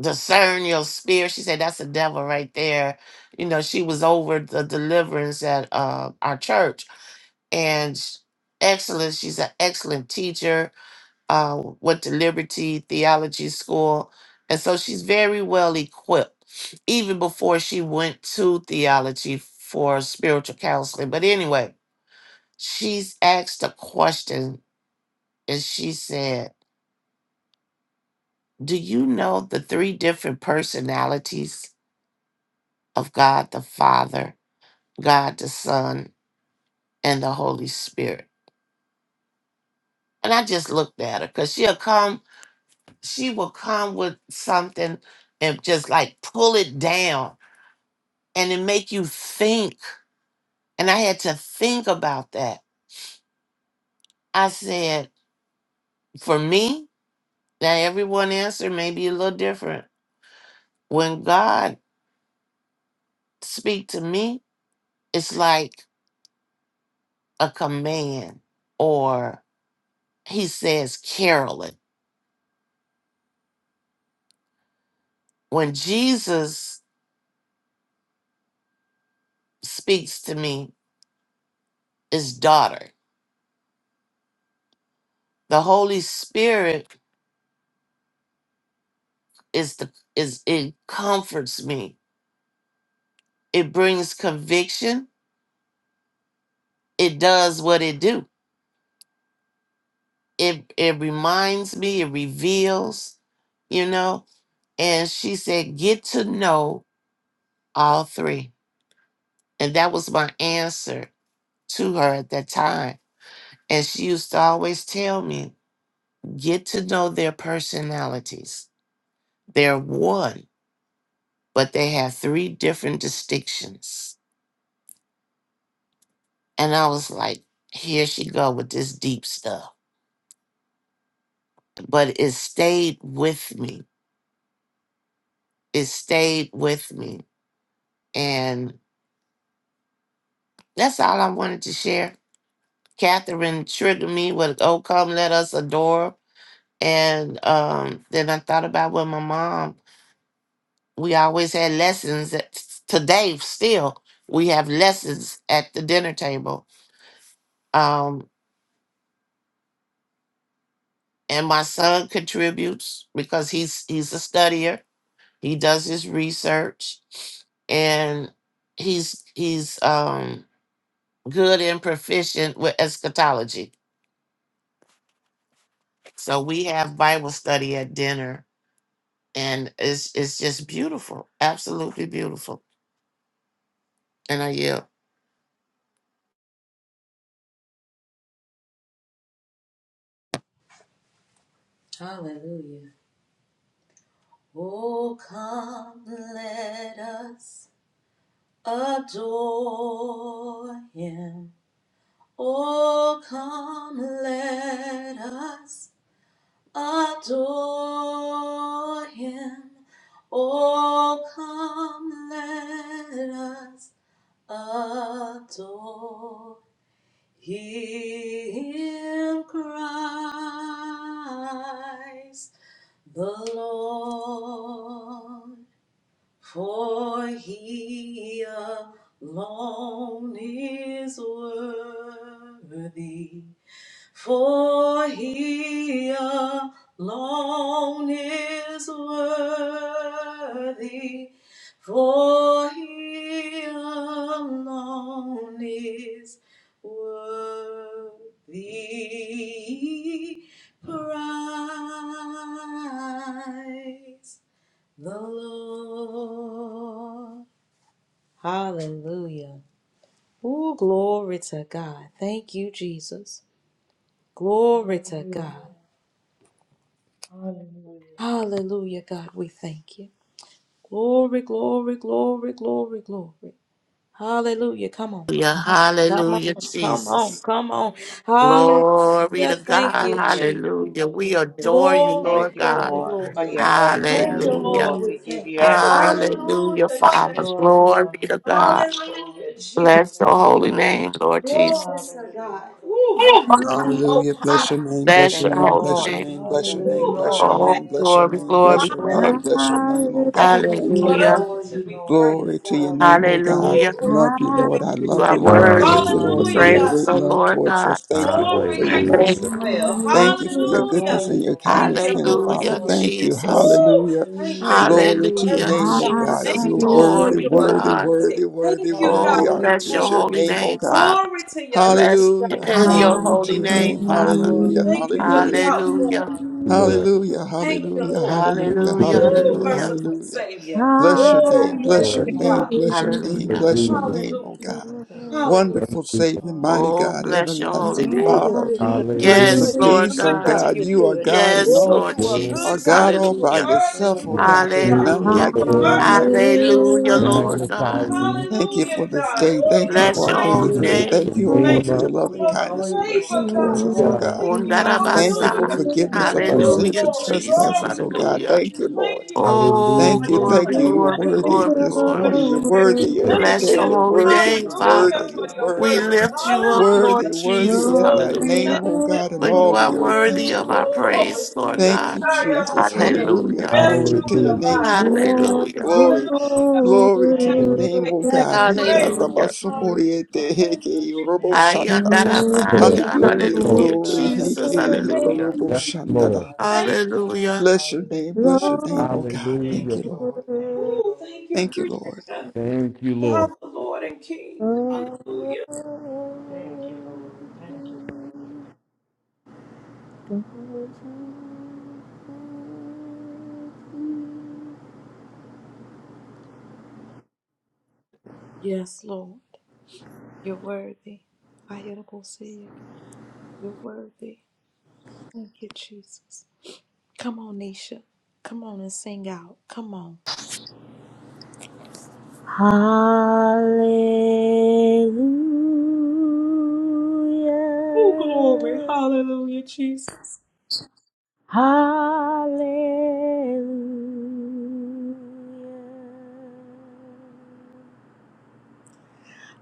B: discern your spirit. She said, That's the devil right there. You know, she was over the deliverance at uh, our church. And sh- excellent, she's an excellent teacher uh, went to Liberty Theology School. And so she's very well equipped, even before she went to theology for spiritual counseling. But anyway, she's asked a question and she said, Do you know the three different personalities of God the Father, God the Son, and the Holy Spirit? And I just looked at her because she'll come, she will come with something and just like pull it down and it make you think. And I had to think about that. I said, for me, now everyone answer may be a little different. When God speak to me, it's like a command or he says Carolyn. When Jesus speaks to me, is daughter. The Holy Spirit is the is it comforts me. It brings conviction. It does what it do it it reminds me it reveals you know and she said get to know all three and that was my answer to her at that time and she used to always tell me get to know their personalities they're one but they have three different distinctions and i was like here she go with this deep stuff but it stayed with me it stayed with me and that's all i wanted to share Catherine triggered me with "Oh, come let us adore," and um, then I thought about when my mom. We always had lessons. At, today, still, we have lessons at the dinner table. Um, and my son contributes because he's he's a studier. He does his research, and he's he's um, good and proficient with eschatology. So we have Bible study at dinner and it's it's just beautiful, absolutely beautiful. And I yield.
A: Hallelujah. Oh, come, let us adore him. Oh, come, let us adore him. Oh, come, let us Adore him, Christ the Lord, for he alone is worthy for he alone is worthy. For he alone is worthy. Praise the Lord. Hallelujah. Oh, glory to God. Thank you, Jesus. Glory to God. Hallelujah, God, we thank you. Glory, glory, glory, glory, glory. Hallelujah. Come on.
B: Hallelujah,
A: Come
B: hallelujah,
A: on. Come on.
B: Jesus.
A: Come on.
B: Glory
A: Hallelujah.
B: to
A: Thank
B: God,
A: you,
D: Hallelujah.
A: Jesus.
B: hallelujah. We adore you,
A: Glory,
D: Thank
B: Lord
D: you,
B: God.
A: glory,
D: Lord, for
A: glory.
D: your
A: Thank you,
D: adoration,
B: Hallelujah,
A: Lord.
D: Lord.
A: We
D: We give
A: thank
D: you
A: you.
D: adoration.
B: hallelujah,
A: Hallelujah,
B: Father.
A: Jesus.
B: Glory to God.
A: Hallelujah, Jesus.
B: Bless your holy name, Lord
A: Glory
B: Jesus.
A: to God. Woo, most high, most
H: Hallelujah. Bless
A: high.
H: your name.
A: Thank
H: Bless
B: Bless
H: your
B: your
D: Thank
A: you.
D: you,
H: name.
B: holy
H: Bless
D: Lord.
H: your
B: name.
H: name. Bless your
D: Thank you,
H: name.
A: Woo,
H: Bless your
D: Lord.
A: perfect.
H: name.
B: Oh,
H: Bless your
B: glory,
H: name. Bless
B: glory,
H: your
A: Hallelujah.
H: name.
B: glory.
H: Bless your name, oh
A: Thank
H: God.
A: you.
H: Thank you,
A: You're
H: Lord.
B: Hallelujah,
A: worthy to be praised,
H: Glory to
A: God.
H: your name, oh
A: Ooh,
H: God.
B: hallelujah.
A: we thank
H: Love you,
A: you,
H: Lord. I
A: Mary's
B: You
H: love
B: are
H: you,
A: baby.
H: Lord.
B: worthy
H: Thank you,
B: to be
H: Lord, for
A: Hallelujah,
H: your
I: Hallelujah.
B: praised,
A: God.
H: great
A: We
B: so
H: love
B: Lord
H: towards
B: God.
H: us. Thank you, Lord,
A: glory
H: for your
A: in
I: Hallelujah.
H: mercy.
B: Hallelujah,
A: Emmanuel.
B: Jesus.
H: Thank you for your
A: Hallelujah.
H: goodness and your
A: Thank
H: kindness,
A: you,
H: then,
A: Holy
H: Father.
B: Hallelujah,
A: Spirit.
H: Thank you.
B: Jesus.
A: Woo!
H: Hallelujah.
A: Thank you for
H: Glory
A: your
H: to your
B: Hallelujah,
A: presence,
H: name,
A: God.
H: oh God.
B: Jesus.
A: Thank
H: You're
A: you for
H: worthy,
B: Glory to
A: your
H: worthy,
B: God.
A: anointing.
H: worthy, worthy,
A: Thank you, God.
H: worthy
B: Oh,
H: are
A: We
B: bless your
H: is
A: thank
H: your
A: you.
B: holy
H: name, oh
B: name,
H: God.
B: Father.
A: Glory to your name,
B: Bless
H: Hallelujah.
A: God. Thank
B: your
A: you,
H: Glory to
B: holy
H: your
A: Father.
B: name,
H: name.
B: Father.
H: Hallelujah.
A: Thank you for the
H: Hallelujah.
B: Hallelujah.
A: outpouring.
I: Lord,
H: Hallelujah,
A: Thank you,
H: hallelujah,
A: Lord.
H: hallelujah,
B: Hallelujah.
A: Woo,
H: hallelujah,
B: Hallelujah.
A: merciful
H: hallelujah.
A: Savior.
H: Bless your name,
A: Woo,
H: bless
A: thank
H: your
I: Lord,
A: you,
H: name,
A: God.
H: bless your name,
B: Hallelujah.
H: bless your
I: hallelujah.
H: name, oh
A: Hallelujah.
H: God.
A: Hallelujah.
H: Wonderful Savior, mighty
B: Oh,
H: God,
B: bless your holy
H: everlasting
A: Ooh,
B: name.
A: you're
H: Father,
A: good, God. You're
H: Prince
I: Hallelujah.
B: Yes,
H: of
A: good. You're
B: Lord
H: Peace,
A: good,
H: oh
B: God.
A: God.
H: God.
A: You're
H: You are
A: good.
H: God and
B: Yes,
A: Ooh,
H: all
B: Lord
A: you are
I: Lord,
A: good,
H: are
B: Jesus.
H: God
A: God.
H: all
A: You are
H: by
B: Hallelujah.
A: worthy.
H: yourself,
A: You
H: oh
I: your
A: are
H: God.
A: good,
H: There's
I: name,
A: God.
H: none
I: O
A: You
B: Hallelujah.
H: like
A: are
H: you, none
I: Lord,
H: like you,
A: merciful.
H: no
A: You are
H: Lord.
B: Hallelujah,
A: kind,
H: Thank you,
B: Lord
A: God.
H: Lord.
I: magnify
B: God.
I: you.
H: Thank you
A: Hallelujah,
H: for this
A: God.
H: day.
A: Ooh,
H: Thank you
A: your
B: Bless
H: for our
B: your
H: daily
B: holy
I: You
H: bread.
I: Lift
A: righteousness.
B: name.
I: your
H: Thank
A: We
H: you, O
A: thank
H: Lord,
I: name
H: for
A: you
H: your
I: up,
H: loving
A: for the
H: kindness and mercy
A: favor, God.
I: my
H: towards us, O
A: We
I: God.
H: God.
A: thank you.
H: Thank you for
A: Hallelujah.
B: Ondarabasa.
H: forgiveness of our
A: Ooh,
I: Please.
B: Hallelujah,
H: sins and
A: glory,
B: Jesus.
A: glory,
H: trespasses, oh God.
A: glory.
B: Hallelujah.
H: Thank you,
A: Thank
H: Lord.
A: you, Jesus,
B: Oh,
A: for
H: Thank you,
A: your
I: Hallelujah.
H: thank
B: glory,
H: you. You're
B: glory,
A: touch
H: worthy
B: glory,
H: this
A: for
B: glory.
H: morning.
A: your
H: You're
A: direction.
H: worthy
I: Lord,
H: every
A: Thank
B: Bless
H: day.
B: your
A: you.
H: You're
B: holy
H: worthy,
B: name,
H: you're
A: Hallelujah
B: Father.
H: worthy, you're
A: for your
B: We
H: worthy.
A: word.
B: lift you up, Lord
A: Hallelujah.
H: Worthy, worthy
B: Jesus.
H: is
A: Woo,
H: thy
A: we
H: name,
B: Hallelujah.
A: thank
H: O
A: you.
H: God, in
B: For you
H: all
B: are
H: the earth.
B: worthy
H: Thank you,
B: of our
A: Woo,
H: Lord.
A: Holy
B: praise, Lord
A: Spirit.
H: Thank
B: God.
H: you, Jesus.
A: Hallelujah.
H: Hallelujah.
B: Hallelujah.
A: Rest,
H: Glory
A: rule,
H: to
A: and
H: your
I: Hallelujah.
H: name.
A: abide in
H: Glory,
A: this
H: glory,
A: place.
B: Hallelujah.
H: glory.
A: Hallelujah.
H: Glory to
A: Have
H: your
I: Oh,
H: name, O
A: your way. Have
H: God.
A: your
H: He
A: way.
H: got
B: Hallelujah.
A: Hallelujah. Thank you, Jesus.
I: Lord,
B: Ayandarabaya.
H: Hallelujah,
I: Lord,
B: Hallelujah,
H: glory.
B: Jesus.
H: Heke,
A: Thank you.
B: Hallelujah.
H: Heborobo,
I: yes, Lord.
A: Thank
H: Shandadabase.
A: you.
B: Hallelujah.
H: Bless your name, bless
A: Thank you,
H: your name, oh God. Thank
I: Hallelujah.
H: you, Lord.
A: Ooh, thank you
H: Thank you, Lord.
A: Creator.
I: Thank you, Lord.
A: God, the Lord and King. Hallelujah. Yes, Lord. You're worthy. I hear the Lord say, You're worthy. Thank you, Jesus. Come on, Nisha. Come on and sing out. Come on.
F: Hallelujah.
A: Oh, glory. Hallelujah, Jesus.
F: Hallelujah.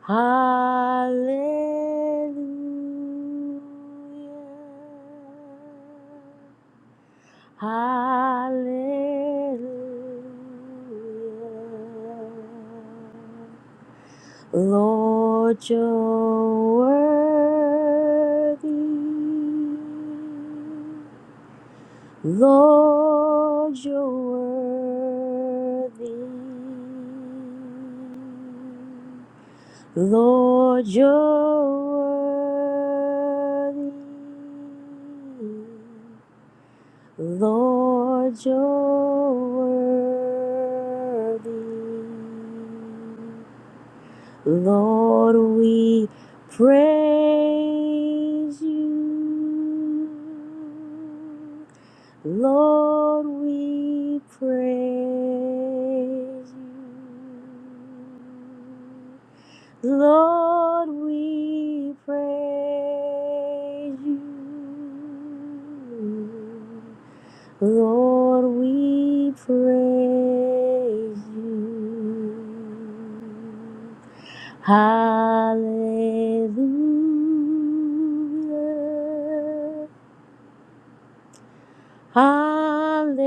F: Hallelujah. Hallelujah. Lord, you're worthy. Lord, you're worthy. Lord, you're worthy. Lord, you're worthy. Lord, we praise you. Lord, we praise you. Lord, we praise you. Lord, we praise you. Hallelujah. Hallelujah.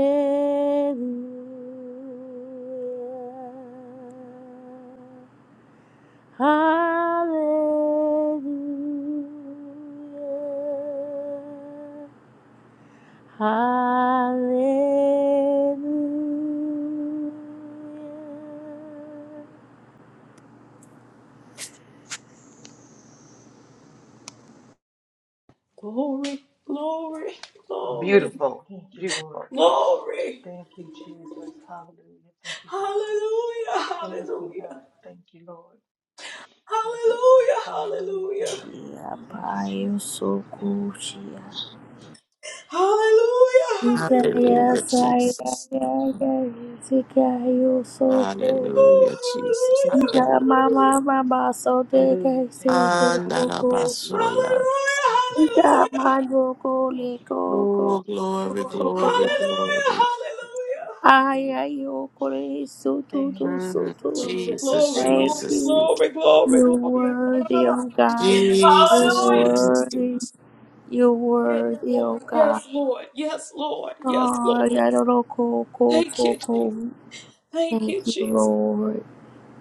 F: Hallelujah. Hallelujah.
A: Glory, glory, glory,
D: Beautiful, beautiful.
A: glory. Hallelujah, hallelujah. Hallelujah, hallelujah.
F: Shia bayo soku shia.
A: Hallelujah, hallelujah.
F: Sikaya
B: Hallelujah,
F: saya
B: Jesus.
F: gaya sikaya soko.
A: Oh,
B: Hallelujah, Jesus.
A: hallelujah,
B: Hallelujah.
F: Jama
A: hallelujah.
F: mama baso de kaisi ko ko. ko
B: Andarabasoya.
A: Hallelujah,
F: Jama
A: hallelujah.
F: no ko le ko
B: Oh, glory,
F: Koko koko.
B: glory,
A: Hallelujah,
B: glory.
A: hallelujah.
F: Aya yo kore sutu tu
B: Mm,
F: sutu.
A: Glory,
B: Jesus,
A: glory,
F: Thank
A: glory,
B: Jesus,
F: you.
A: glory, glory,
F: You're
A: glory.
F: worthy, oh God. You're
B: Jesus, Jesus,
A: Hallelujah.
F: worthy.
B: Jesus.
F: You're
A: Yes,
F: worthy,
A: Lord.
F: oh God.
A: Yes, Lord. Yes, Lord. Yes,
F: Oh,
A: Lord.
F: I don't know, ko ko
A: Thank
F: ko
A: you,
F: ko.
A: Jesus. Thank
F: Thank
A: you,
F: you,
A: Jesus.
F: Lord.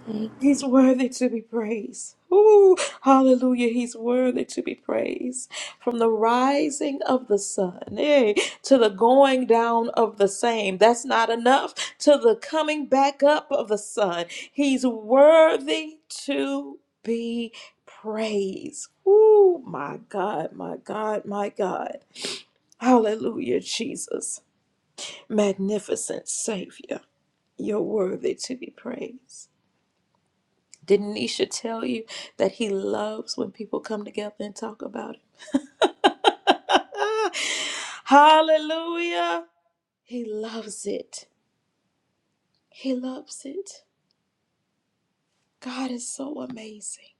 F: Thank you.
A: He's worthy to be praised. Ooh, hallelujah. He's worthy to be praised. From the rising of the sun eh, to the going down of the same. That's not enough. To the coming back up of the sun. He's worthy to be praised. Ooh, my God, my God, my God. Hallelujah, Jesus. Magnificent Savior. You're worthy to be praised did Nisha tell you that he loves when people come together and talk about him? Hallelujah. He loves it. He loves it. God is so amazing.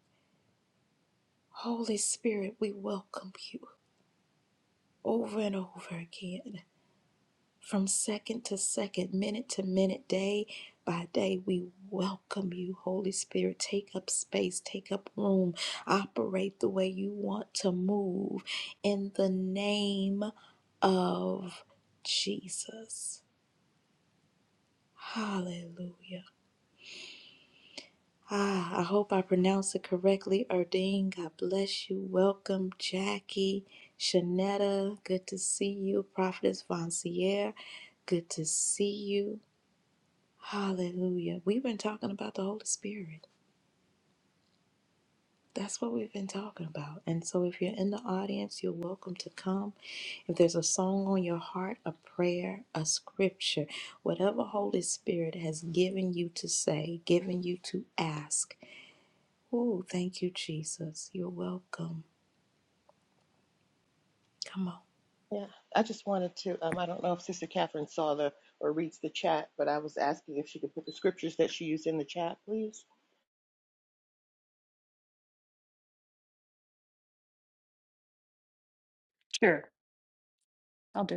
A: Holy Spirit, we welcome you over and over again. From second to second, minute to minute, day by day, we welcome you, Holy Spirit. Take up space, take up room, operate the way you want to move in the name of Jesus. Hallelujah. Ah, I hope I pronounced it correctly. Erdine, God bless you. Welcome, Jackie, Shanetta. Good to see you. Prophetess Vancier, good to see you. Hallelujah. We've been talking about the Holy Spirit. That's what we've been talking about. And so if you're in the audience, you're welcome to come. If there's a song on your heart, a prayer, a scripture, whatever Holy Spirit has given you to say, given you to ask. Oh, thank you, Jesus. You're welcome. Come on.
G: Yeah, I just wanted to. Um, I don't know if Sister Catherine saw the or reads the chat, but I was asking if she could put the scriptures that she used in the chat, please.
E: Sure, I'll do it.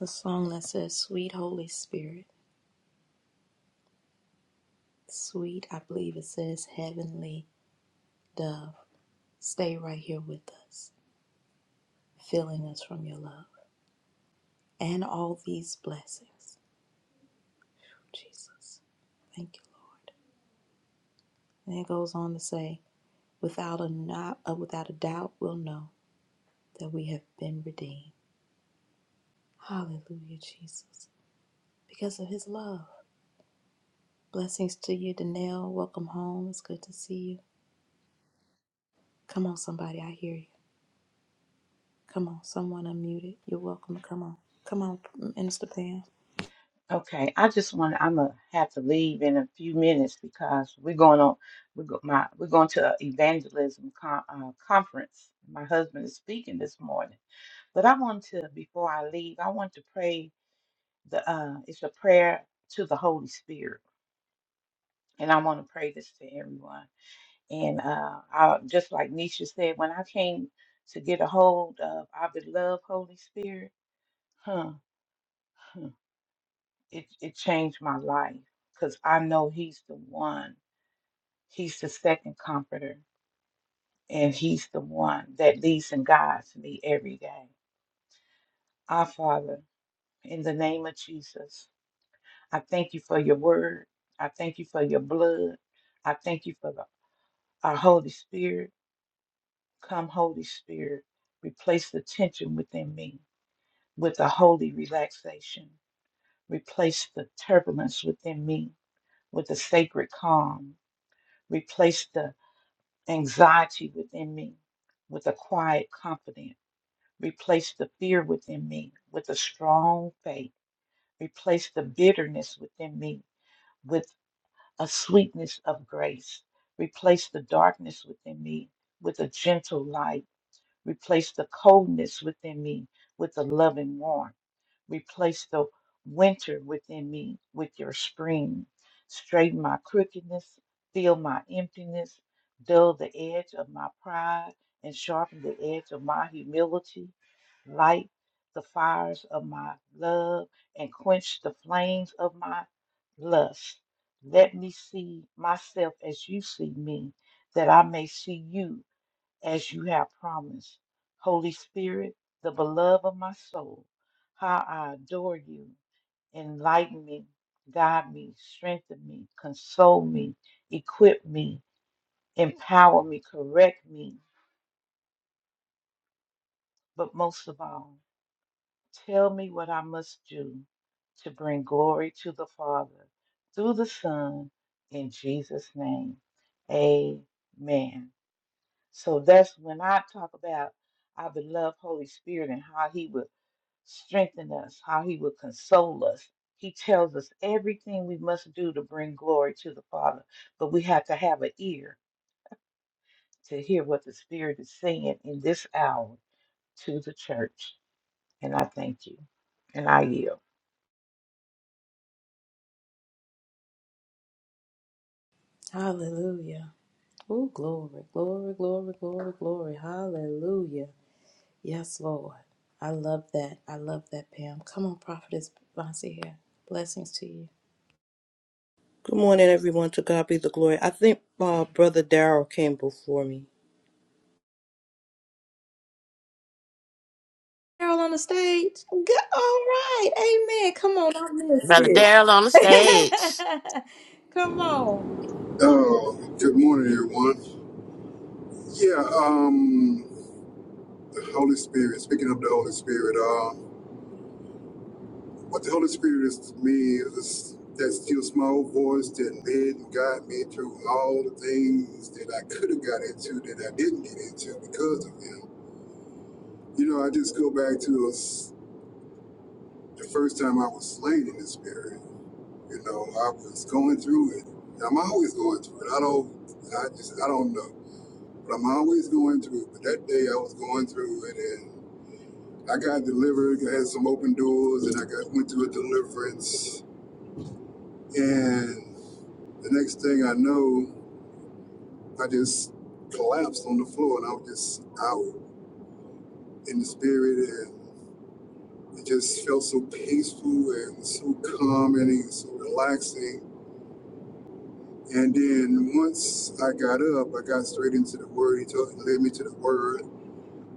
A: The song that says, Sweet Holy Spirit, sweet, I believe it says, Heavenly Dove, stay right here with us, filling us from your love. and all these blessings. Jesus, thank you, Lord. And it goes on to say, without a not, uh, without a doubt, we'll know that we have been redeemed. Hallelujah, Jesus, because of His love. Blessings to you, Danelle. Welcome home. It's good to see you. Come on, somebody, I hear you. Come on, someone unmuted. You're welcome to come on. Come on, Minister Pam.
D: Okay, I just want. I'm gonna have to leave in a few minutes because we're going on. We go, my we're going to an evangelism con, uh, conference. My husband is speaking this morning, but I want to before I leave, I want to pray the. Uh, it's a prayer to the Holy Spirit, and I want to pray this to everyone. And uh, I, just like Nisha said, when I came to get a hold of our beloved Holy Spirit, huh, huh, it, it changed my life because I know He's the one. He's the second comforter, and He's the one that leads and guides me every day. Our Father, in the name of Jesus, I thank you for your word. I thank you for your blood. I thank you for the, our Holy Spirit. Come, Holy Spirit, replace the tension within me with a holy relaxation. Replace the turbulence within me with a sacred calm. Replace the anxiety within me with a quiet confidence. Replace the fear within me with a strong faith. Replace the bitterness within me with a sweetness of grace. Replace the darkness within me with a gentle light. Replace the coldness within me with a loving warmth Replace the winter within me with your spring. Straighten my crookedness, fill my emptiness, dull the edge of my pride, and sharpen the edge of my humility. Light the fires of my love and quench the flames of my lust. Let me see myself as you see me, that I may see you as you have promised. Holy Spirit, the beloved of my soul, how I adore you. Enlighten me, guide me, strengthen me, console me, equip me, empower me, correct me. But most of all, tell me what I must do to bring glory to the Father through the Son in Jesus' name. Amen. So that's when I talk about our beloved Holy Spirit and how He will. strengthen us, how he will console us. He tells us everything we must do to bring glory to the Father, but we have to have an ear to hear what the Spirit is saying in this hour to the church. And I thank you. And I yield.
A: Hallelujah. Oh, glory, glory, glory, glory, glory. Hallelujah. Yes, Lord. I love that. I love that, Pam. Come on, Prophetess Vonsi here. Blessings to you.
J: Good morning, everyone. To God be the glory. I think uh, Brother Darrell came before me.
A: Carol on the stage. Go- All right. Amen. Come on. I missed
B: Brother
A: it.
B: Daryl on the stage.
A: Come on.
K: Oh, good morning, everyone. Yeah, um, the Holy Spirit. Speaking of the Holy Spirit, uh, what the Holy Spirit is to me is that still small voice that led and guided me through all the things that I could have got into that I didn't get into because of Him. You know, I just go back to us, the first time I was slain in the Spirit. You know, I was going through it. I'm always going through it. I don't. I just. I don't know. But I'm always going through. it. But that day I was going through it and I got delivered, I had some open doors and I got went through a deliverance. And the next thing I know, I just collapsed on the floor and I was just out in the spirit and it just felt so peaceful and so calming and so relaxing. And then once I got up, I got straight into the word. He told, led me to the word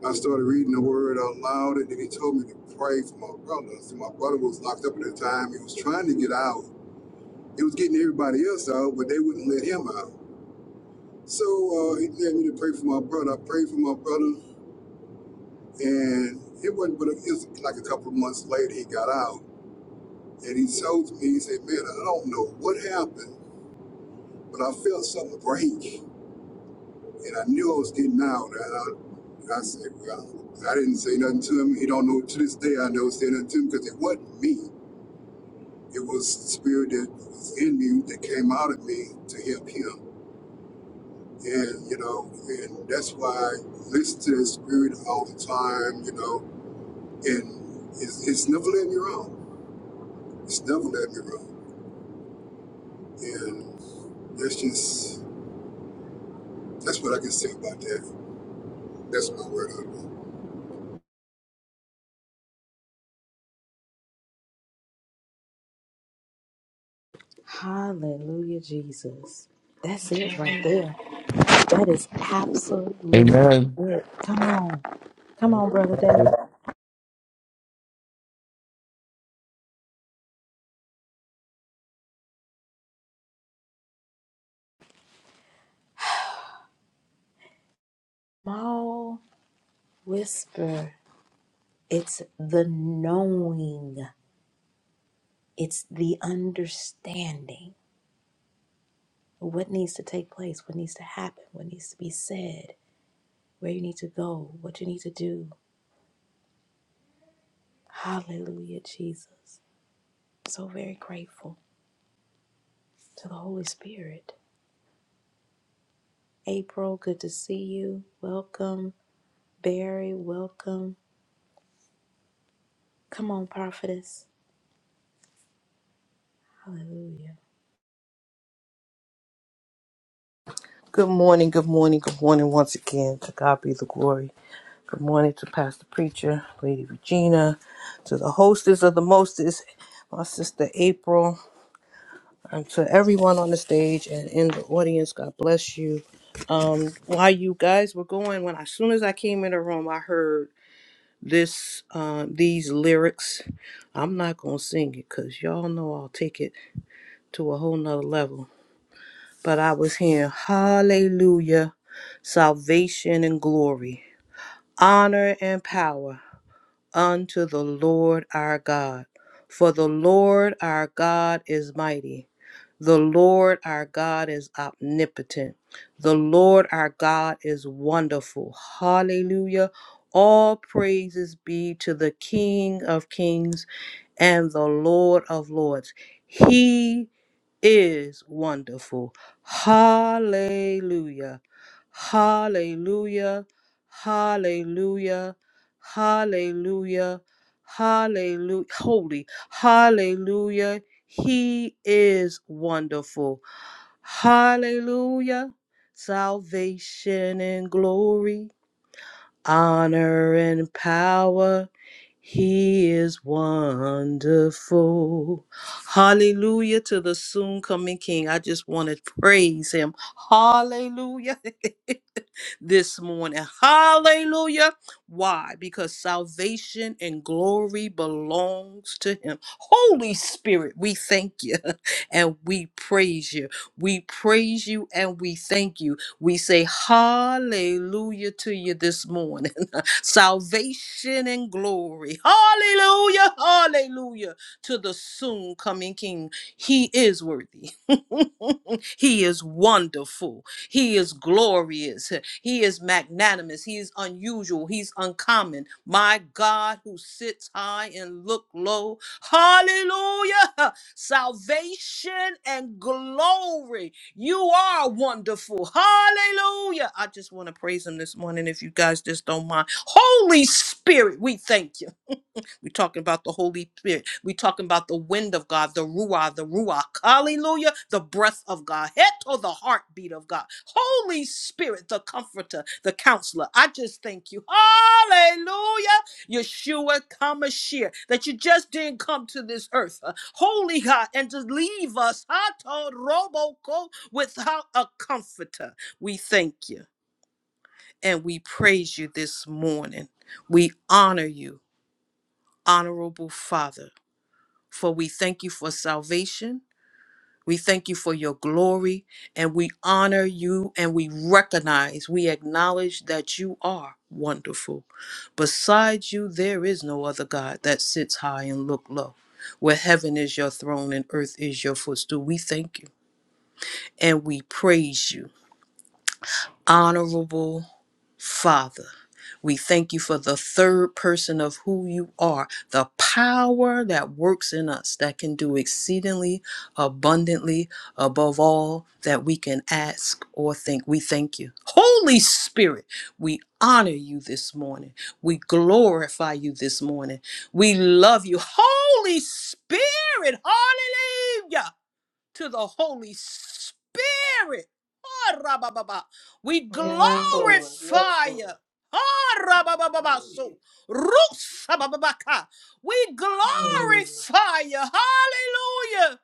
K: I started reading the word out loud, and then he told me to pray for my brother. So my brother was locked up at the time. He was trying to get out. He was getting everybody else out, but they wouldn't let him out. So uh, he led me to pray for my brother. I prayed for my brother, and it wasn't but a, it was like a couple of months later he got out, and he told me, he said, "Man, I don't know what happened, but I felt something break, and I knew I was getting out." And I, I said, well, I didn't say nothing to him. He don't know to this day I never said nothing to him because it wasn't me. It was the spirit that was in me that came out of me to help him. And, you know, and that's why I listen to that spirit all the time, you know, and it's, it's never let me wrong. It's never let me wrong. And that's just, that's what I can say about that. That's my word on
A: Hallelujah, Jesus. That's it right there. That is absolute
I: Amen.
A: it. Come on. Come on, Brother
I: Amen.
A: David. Small whisper. It's the knowing. It's the understanding what needs to take place, what needs to happen, what needs to be said, where you need to go, what you need to do. Hallelujah, Jesus. So very grateful to the Holy Spirit. April, good to see you. Welcome. Barry, welcome. Come on, prophetess. Hallelujah.
J: Good morning, good morning, good morning once again. To God be the glory. Good morning to Pastor Preacher, Lady Regina, to the hostess of the mostest, my sister April, and to everyone on the stage and in the audience. God bless you. Um, while you guys were going, when as soon as I came in the room, I heard this uh, these lyrics. I'm not gonna sing it because y'all know I'll take it to a whole nother level. But I was hearing hallelujah, salvation and glory, honor and power unto the Lord our God. For the Lord our God is mighty. The Lord our God is omnipotent. The Lord our God is wonderful. Hallelujah. All praises be to the King of kings and the Lord of lords. He is wonderful. Hallelujah. Hallelujah. Hallelujah. Hallelujah. Hallelujah. Holy. Hallelujah. He is wonderful. Hallelujah. Salvation and glory, honor and power. He is wonderful. Hallelujah to the soon coming King. I just want to praise him. Hallelujah. this morning. Hallelujah. Why? Because salvation and glory belongs to him. Holy Spirit, we thank you and we praise you. We praise you and we thank you. We say hallelujah to you this morning. Salvation and glory. Hallelujah. Hallelujah to the soon coming King. He is worthy. he is wonderful. He is glorious. He is magnanimous. He is unusual. He's uncommon. My God, who sits high and look low. Hallelujah. Salvation and glory. You are wonderful. Hallelujah. I just want to praise him this morning if you guys just don't mind. Holy Spirit, we thank you. We're talking about the Holy Spirit. We're talking about the wind of God, the Ruah, the Ruach. Hallelujah. The breath of God. Heto, the heartbeat of God. Holy Spirit, the comforter, the counselor. I just thank you. Hallelujah. Yeshua Kamashir, that you just didn't come to this earth, uh, holy God, and just leave us Hato Roboko without a comforter. We thank you and we praise you this morning. We honor you, honorable Father for we thank you for salvation. We thank you for your glory and we honor you and we recognize, we acknowledge that you are wonderful. Besides you, there is no other God that sits high and look low. Where heaven is your throne and earth is your footstool, we thank you and we praise you honorable Father. We thank you for the third person of who you are, the power that works in us that can do exceedingly abundantly above all that we can ask or think. We thank you. Holy Spirit, we honor you this morning. We glorify you this morning. We love you. Holy Spirit, hallelujah to the Holy Spirit. Ah, rabababa. We glorify you. Ah, rabababa. So, rusabababaka. We glorify you. Hallelujah.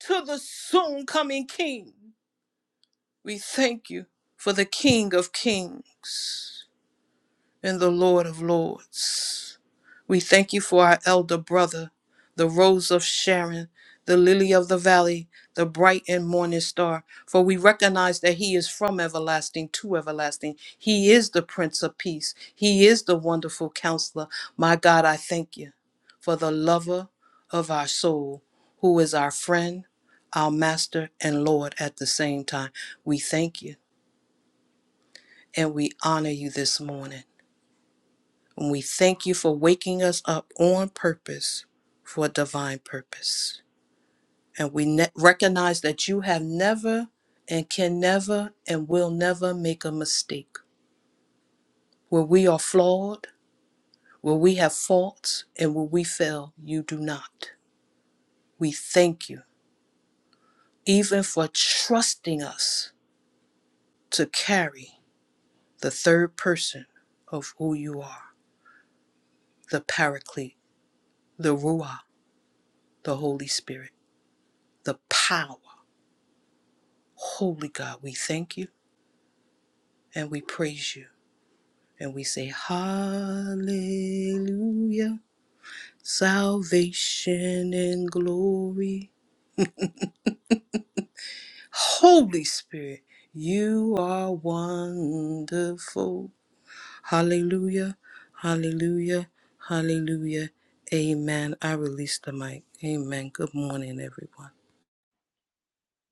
J: To the soon coming King. We thank you for the King of Kings and the Lord of Lords. We thank you for our elder brother, the rose of Sharon, the lily of the valley, the bright and morning star, for we recognize that he is from everlasting to everlasting. He is the Prince of Peace, he is the wonderful counselor. My God, I thank you for the lover of our soul, who is our friend, our master, and Lord at the same time. We thank you and we honor you this morning. And we thank you for waking us up on purpose for a divine purpose. And we ne- recognize that you have never and can never and will never make a mistake. Where we are flawed, where we have faults, and where we fail, you do not. We thank you, even for trusting us to carry the third person of who you are the Paraclete, the Ruah, the Holy Spirit, the power. Holy God, we thank you and we praise you and we say, Hallelujah, salvation and glory. Holy Spirit, you are wonderful. Hallelujah, hallelujah, hallelujah. Amen. I release the mic. Amen. Good morning, everyone.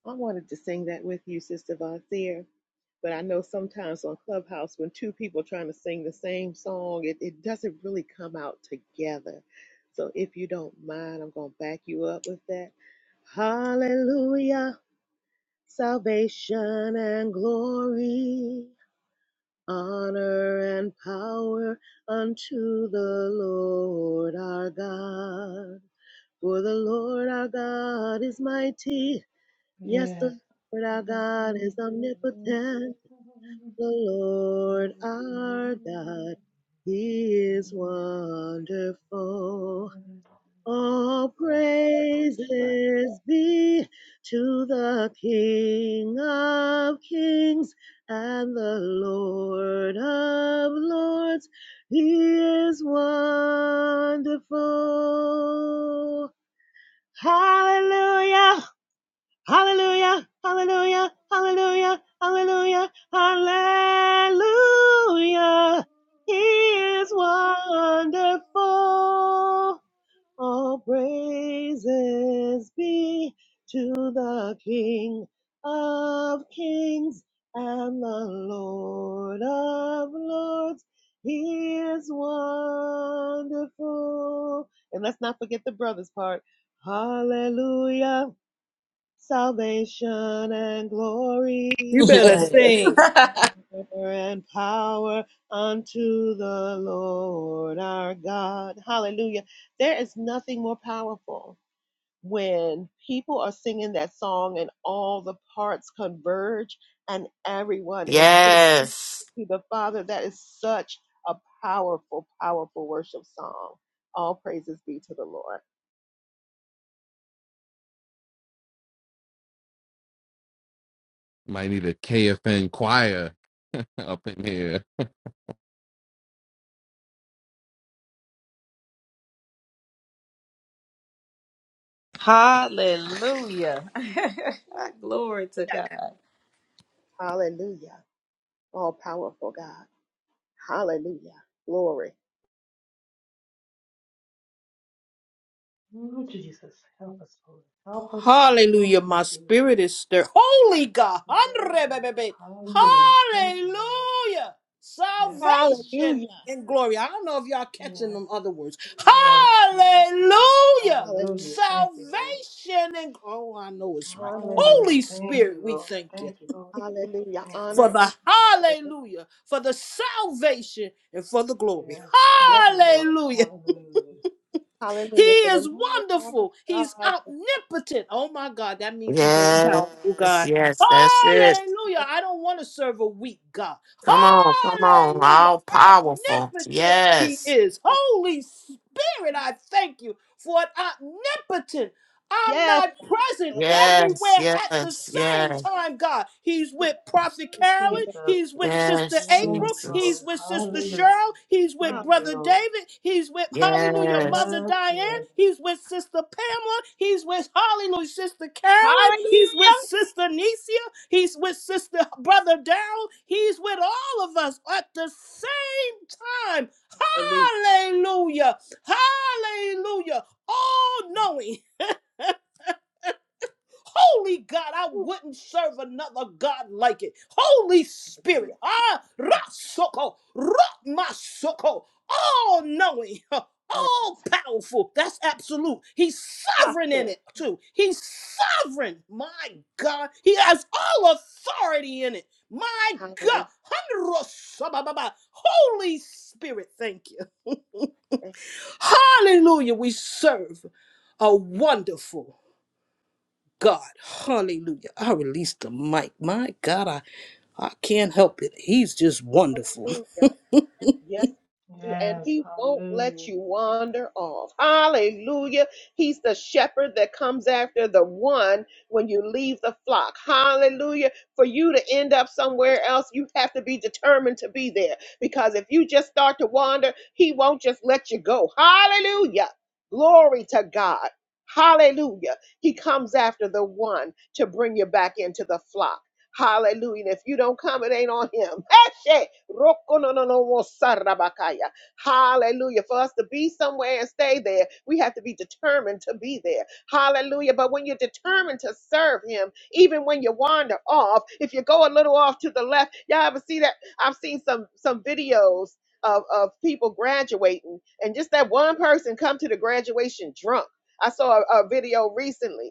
G: I wanted to sing that with you, Sister Von Seer. But I know sometimes on Clubhouse, when two people trying to sing the same song, it, it doesn't really come out together. So if you don't mind, I'm going to back you up with that. Hallelujah, salvation and glory, honor and power unto the Lord our God. For the Lord our God is mighty Yes, the Lord our God is omnipotent. The Lord our God, He is wonderful. All praises be to the King of Kings and the Lord of Lords. He is wonderful. Hallelujah, Hallelujah, hallelujah, hallelujah, hallelujah, hallelujah. He is wonderful. All praises be to the King of kings and the Lord of lords. He is wonderful. And let's not forget the brothers part. Hallelujah salvation and
J: You
G: glory
J: better
A: Yes.
J: sing.
G: and power unto the Lord our God. Hallelujah. There is nothing more powerful when people are singing that song and all the parts converge and everyone is singing
B: Yes.
G: to the Father. That is such a powerful, powerful worship song. All praises be to the Lord.
I: Might need a KFN choir up in here.
A: Hallelujah. Glory to God.
G: Hallelujah. All powerful God. Hallelujah. Glory.
J: Hallelujah. My spirit is stirred. Holy God. Hallelujah. Hallelujah. Salvation
G: Hallelujah.
J: and glory. I don't know if y'all catching them other words. Hallelujah.
G: Hallelujah.
J: Salvation and oh, I know it's right.
G: Honor and
J: Holy Spirit, we thank you
G: hallelujah.
J: for
G: Honor and
J: the hallelujah, for the salvation and for the glory.
G: yes.
J: Hallelujah. He
G: Hallelujah. For the
J: is
G: Lord our
J: wonderful. He's
G: God. is
J: omnipotent. Oh my God, that means he's all powerful,
B: Yes.
J: God.
B: Yes. That's it.
J: Hallelujah. I don't want to serve a weak God.
B: Come on, come on.
J: Hallelujah.
B: All powerful.
J: Omnipotent he
B: Yes.
J: is. Holy Spirit, I thank you for an omnipotent. I'm
G: Yes,
J: not
G: God.
J: present
G: Hallelujah.
B: Yes,
J: everywhere at the
B: yes,
J: same
B: yes,
J: time, God. He's with
G: He's
J: Prophet Carolyn.
G: wonderful.
J: He's with Sister
B: yes,
J: April. He's
B: Jesus.
J: with Sister Cheryl. He's with
G: time.
J: Brother David. He's with Hallelujah
B: Yes.
J: Mother Diane. He's with Sister Pamela. He's with Hallelujah Sister Carolyn.
G: Hallelujah.
J: He's with Sister Nicia. He's with Sister Brother Daryl. He's with all of us at the same time.
G: Hallelujah.
J: Hallelujah. Hallelujah. All knowing. Holy God, I wouldn't serve another God like it. Holy Spirit,
G: Hallelujah.
J: ah, rasoko, masoko, all knowing,
G: Yes.
J: all powerful. That's absolute. He's sovereign in it too. He's sovereign. My God, He has all authority in it. My
G: Hallelujah.
J: God, Handrosabababa. Holy Spirit, thank you. Hallelujah, we serve a wonderful. God. Hallelujah. I released the mic. My God, I, I can't help it. He's just wonderful.
G: Hallelujah. Yes, you- and he won't let you wander off. Hallelujah. He's the shepherd that comes after the one when you leave the flock. Hallelujah. For you to end up somewhere else, you have to be determined to be there because if you just start to wander, he won't just let you go. Hallelujah. Glory to God. Hallelujah. He comes after the one to bring you back into the flock. Hallelujah. And if you don't come, it ain't on him. Eshe, roko no no no wo sarabakaya. Hallelujah. For us to be somewhere and stay there, we have to be determined to be there. Hallelujah. But when you're determined to serve him, even when you wander off, if you go a little off to the left, y'all ever see that? I've seen some some videos of, of people graduating and just that one person come to the graduation drunk. I saw a, a video recently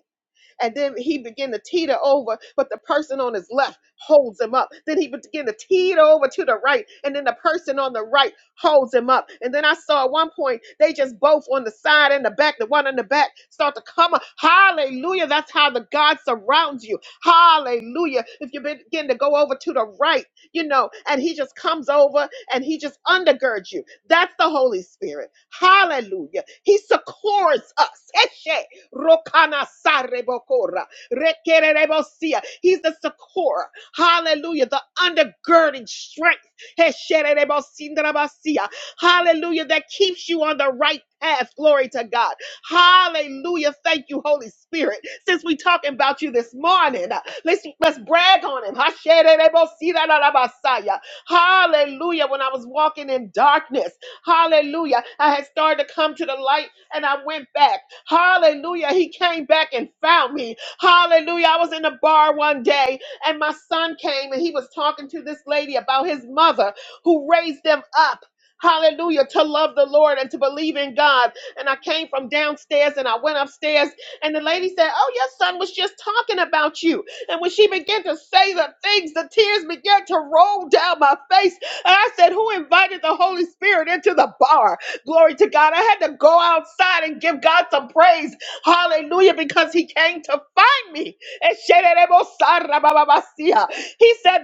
G: and then he began to teeter over, but the person on his left holds him up. Then he began to teeter over to the right, and then the person on the right holds him up. And then I saw at one point they just both on the side and the back, the one in the back start to come up. Hallelujah. That's how the God surrounds you. Hallelujah. If you begin to go over to the right, you know, and he just comes over and he just undergirds you. That's the Holy Spirit. Hallelujah. He succors us. Rokana sarebokora. Rekererebosia. He's the succor. Hallelujah. The undergirding strength. Heshererebosindrabasia. Hallelujah. That keeps you on the right path. Glory to God. Hallelujah. Thank you, Holy Spirit. Since we talking about you this morning, uh, let's, let's brag on him. Hashererebosidadadabasaya. Hallelujah. When I was walking in darkness. Hallelujah. I had started to come to the light and I went back. Hallelujah. He came back and found me. Hallelujah. I was in a bar one day and my son came and he was talking to this lady about his mother who raised them up. Hallelujah, to love the Lord and to believe in God. And I came from downstairs and I went upstairs, and the lady said, Oh, your son was just talking about you. And when she began to say the things, the tears began to roll down my face I said, Who invited the Holy Spirit into the bar? Glory to God. I had to go outside and give God some praise. Hallelujah, because He came to find me. He said,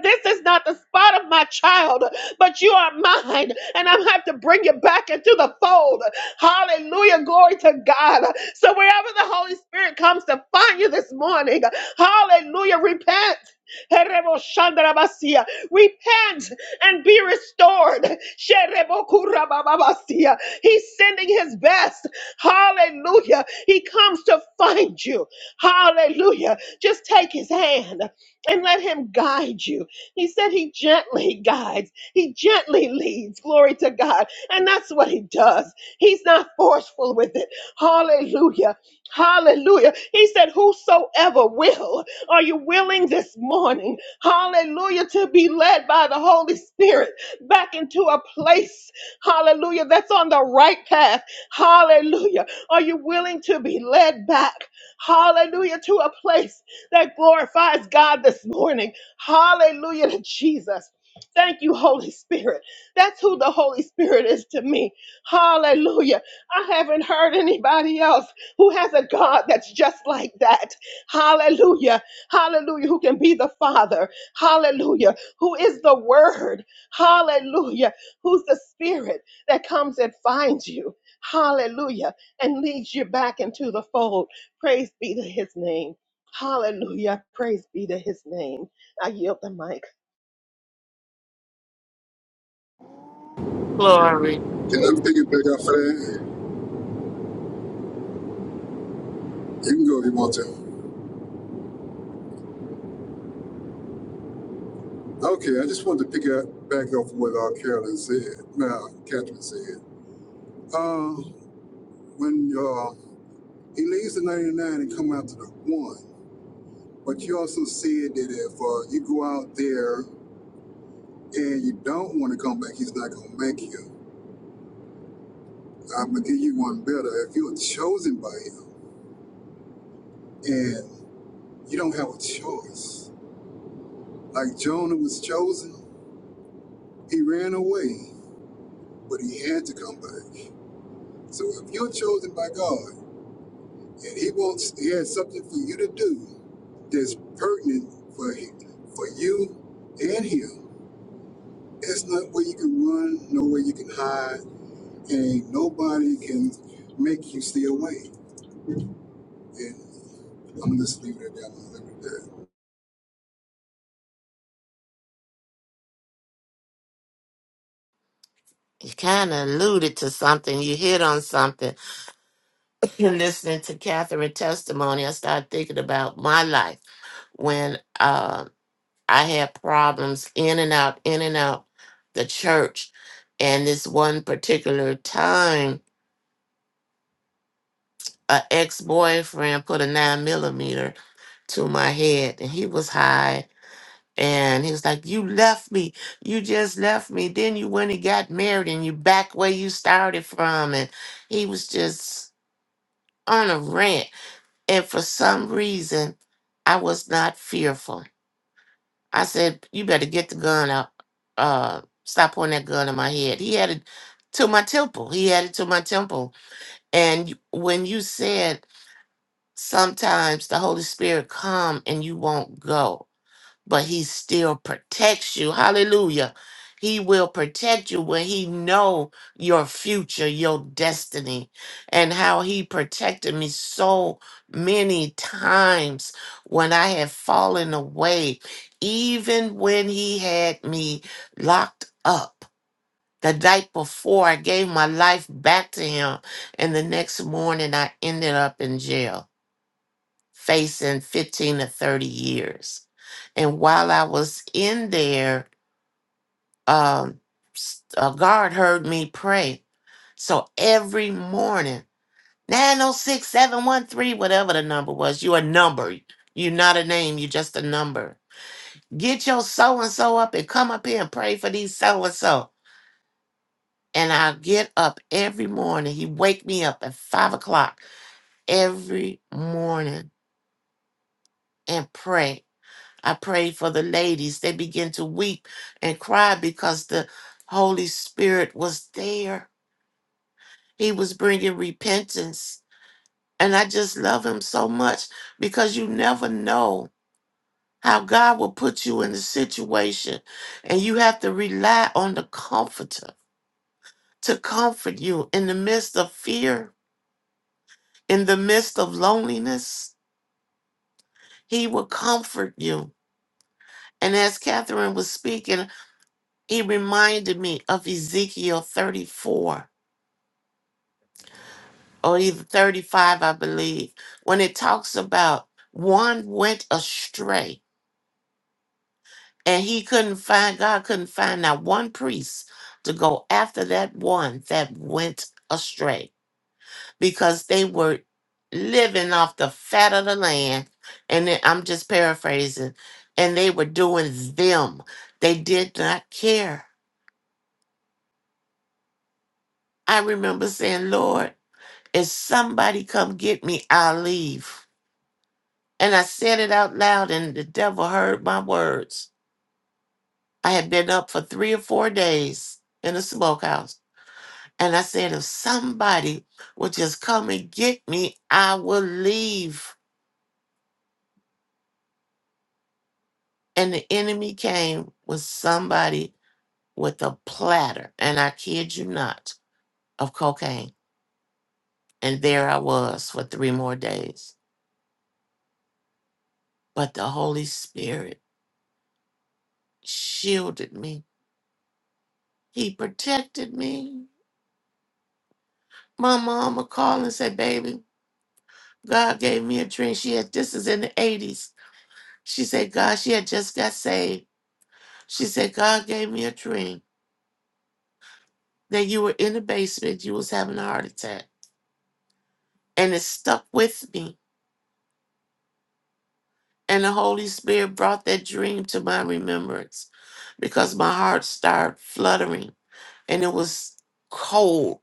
G: This is not the spot of my child, but you are mine, and I'm have to bring you back into the fold. Hallelujah, glory to God. So wherever the Holy Spirit comes to find you this morning, hallelujah, repent. Repent and be restored. Sherebokurabababasia. He's sending his best. Hallelujah. He comes to find you. Hallelujah. Just take his hand and let him guide you. He said he gently guides, he gently leads. Glory to God. And that's what he does. He's not forceful with it. Hallelujah. Hallelujah. He said, Whosoever will. Are you willing this morning, hallelujah, to be led by the Holy Spirit back into a place, hallelujah, that's on the right path? Hallelujah. Are you willing to be led back, hallelujah, to a place that glorifies God this morning? Hallelujah to Jesus. Thank you, Holy Spirit. That's who the Holy Spirit is to me. Hallelujah. I haven't heard anybody else who has a God that's just like that. Hallelujah hallelujah, who can be the Father, hallelujah, who is the Word, hallelujah, who's the Spirit that comes and finds you, hallelujah, and leads you back into the fold. Praise be to His name. Hallelujah. Praise be to his name. I yield the mic.
B: Glory.
K: it. Can I pick it back up for that? You can go if you want to. Okay, I just wanted to pick up back up what uh, Carolyn said. Now, Catherine said. Uh, when uh, He leaves the 99 and come out to the one. But you also said that if uh, you go out there and you don't want to come back, he's not going to make you. I'm going to give you one better. If you're chosen by him and you don't have a choice, like Jonah was chosen, he ran away, but he had to come back. So if you're chosen by God and he wants, he has something for you to do that's pertinent for, him, for you and him, It's not where you can run, nowhere you can hide, and nobody can make you stay away. And I'm gonna just leave it at that. I'm gonna leave it at
B: You kind of alluded to something. You hit on something. Listening to Catherine's testimony, I started thinking about my life when uh, I had problems in and out, in and out the church. And this one particular time, a ex boyfriend put a nine millimeter to my head and he was high and he was like you left me you just left me then you went and got married and you back where you started from and he was just on a rant and for some reason i was not fearful i said you better get the gun out uh stop pointing that gun in my head he had it to my temple he had it to my temple and you- when you said sometimes the holy spirit come and you won't go but he still protects you. Hallelujah. He will protect you when he know your future, your destiny, and how he protected me so many times when I had fallen away, even when he had me locked up. The night before I gave my life back to him, and the next morning I ended up in jail facing 15 to 30 years. And while I was in there, um, s- a guard heard me pray. So every morning, nine oh six seven one three, whatever the number was, you a number. You're not a name, you're just a number. Get your so and so up and come up here and pray for these so and so. And I get up every morning. He wake me up at five o'clock every morning and pray I pray for the ladies. They begin to weep and cry because the Holy Spirit was there. He was bringing repentance. And I just love him so much because you never know how God will put you in a situation. And you have to rely on the comforter to comfort you in the midst of fear, in the midst of loneliness. He will comfort you. And as Catherine was speaking, He reminded me of Ezekiel 34 or either 35, I believe, when it talks about one went astray and he couldn't find, God couldn't find that one priest to go after that one that went astray because they were living off the fat of the land. And then- I'm just paraphrasing, and they were doing them. They did not care. I remember saying, Lord, If somebody come get me, I'll leave. And I said it out loud, and the devil heard my words. I had been up for three or four days in the smokehouse. And I said, if somebody would just come and get me, I will leave. And the enemy came with somebody with a platter, and I kid you not, of cocaine. And there I was for three more days. But the Holy Spirit shielded me, He protected me. My mama called and said, Baby, God gave me a dream. She had, this is in the 80s. She said, God, she had just got saved. She said, God gave me a dream that you were in the basement, you was having a heart attack. And it stuck with me. And the Holy Spirit brought that dream to my remembrance because my heart started fluttering and it was cold,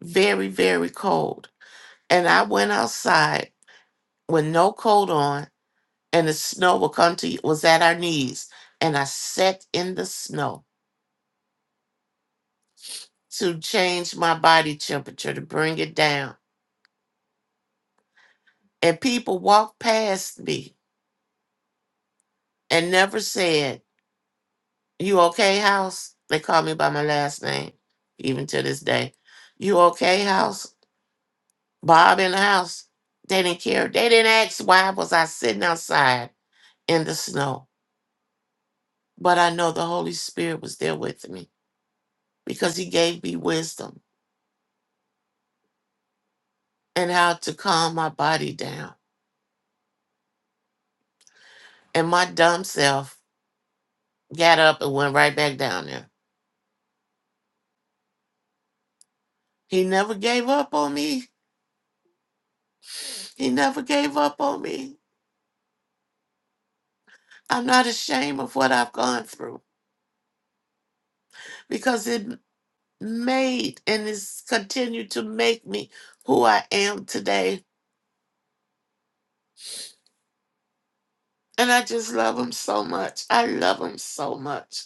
B: very, very cold. And I went outside with no coat on and the snow will come to you was at our knees and i sat in the snow to change my body temperature to bring it down and people walked past me and never said you okay house they call me by my last name even to this day you okay house bob in the house they didn't care they didn't ask why was i sitting outside in the snow but i know the holy spirit was there with me because he gave me wisdom and how to calm my body down. And my dumb self got up and went right back down there. He never gave up on me. He never gave up on me. I'm not ashamed of what I've gone through because it made and it's continued to make me who I am today. And I just love him so much. I love him so much.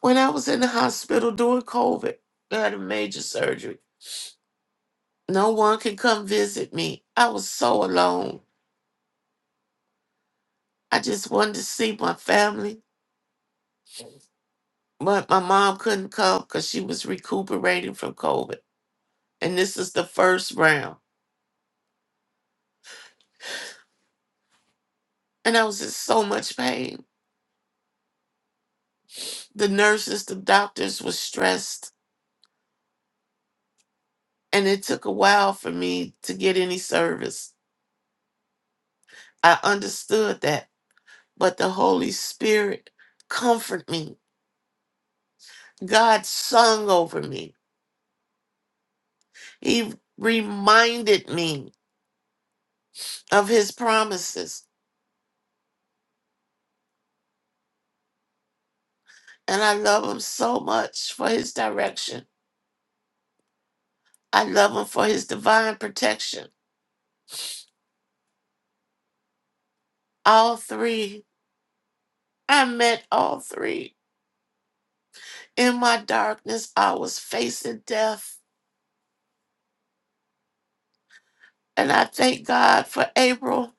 B: When I was in the hospital during COVID, I had a major surgery. No one could come visit me. I was so alone. I just wanted to see my family. But my mom couldn't come because she was recuperating from COVID. And this is the first round. And I was in so much pain. The nurses, the doctors were stressed. And it took a while for me to get any service. I understood that. But the Holy Spirit comforted me. God sung over me. He reminded me of his promises. And I love him so much for his direction I love him for his divine protection. All three, I met all three. In my darkness, I was facing death. And I thank God for April,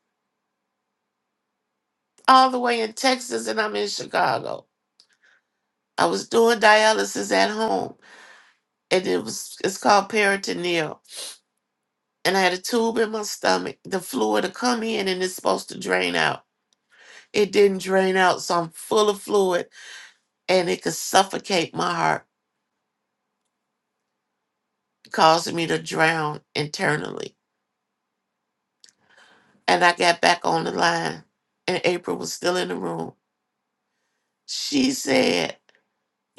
B: all the way in Texas, and I'm in Chicago. I was doing dialysis at home, and it was it's called peritoneal. And I had a tube in my stomach, the fluid to come in, and it's supposed to drain out. It didn't drain out, so I'm full of fluid, and it could suffocate my heart, causing me to drown internally. and I got back on the line, and April was still in the room. She said,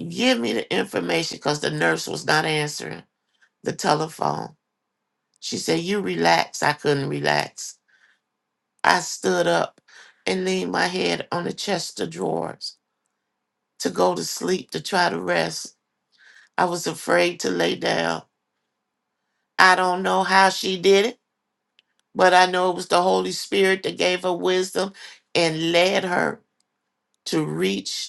B: Give me the information because the nurse was not answering the telephone. She said, You relax. I couldn't relax. I stood up and leaned my head on the chest of drawers to go to sleep to try to rest. I was afraid to lay down. I don't know how she did it, but I know it was the Holy Spirit that gave her wisdom and led her to reach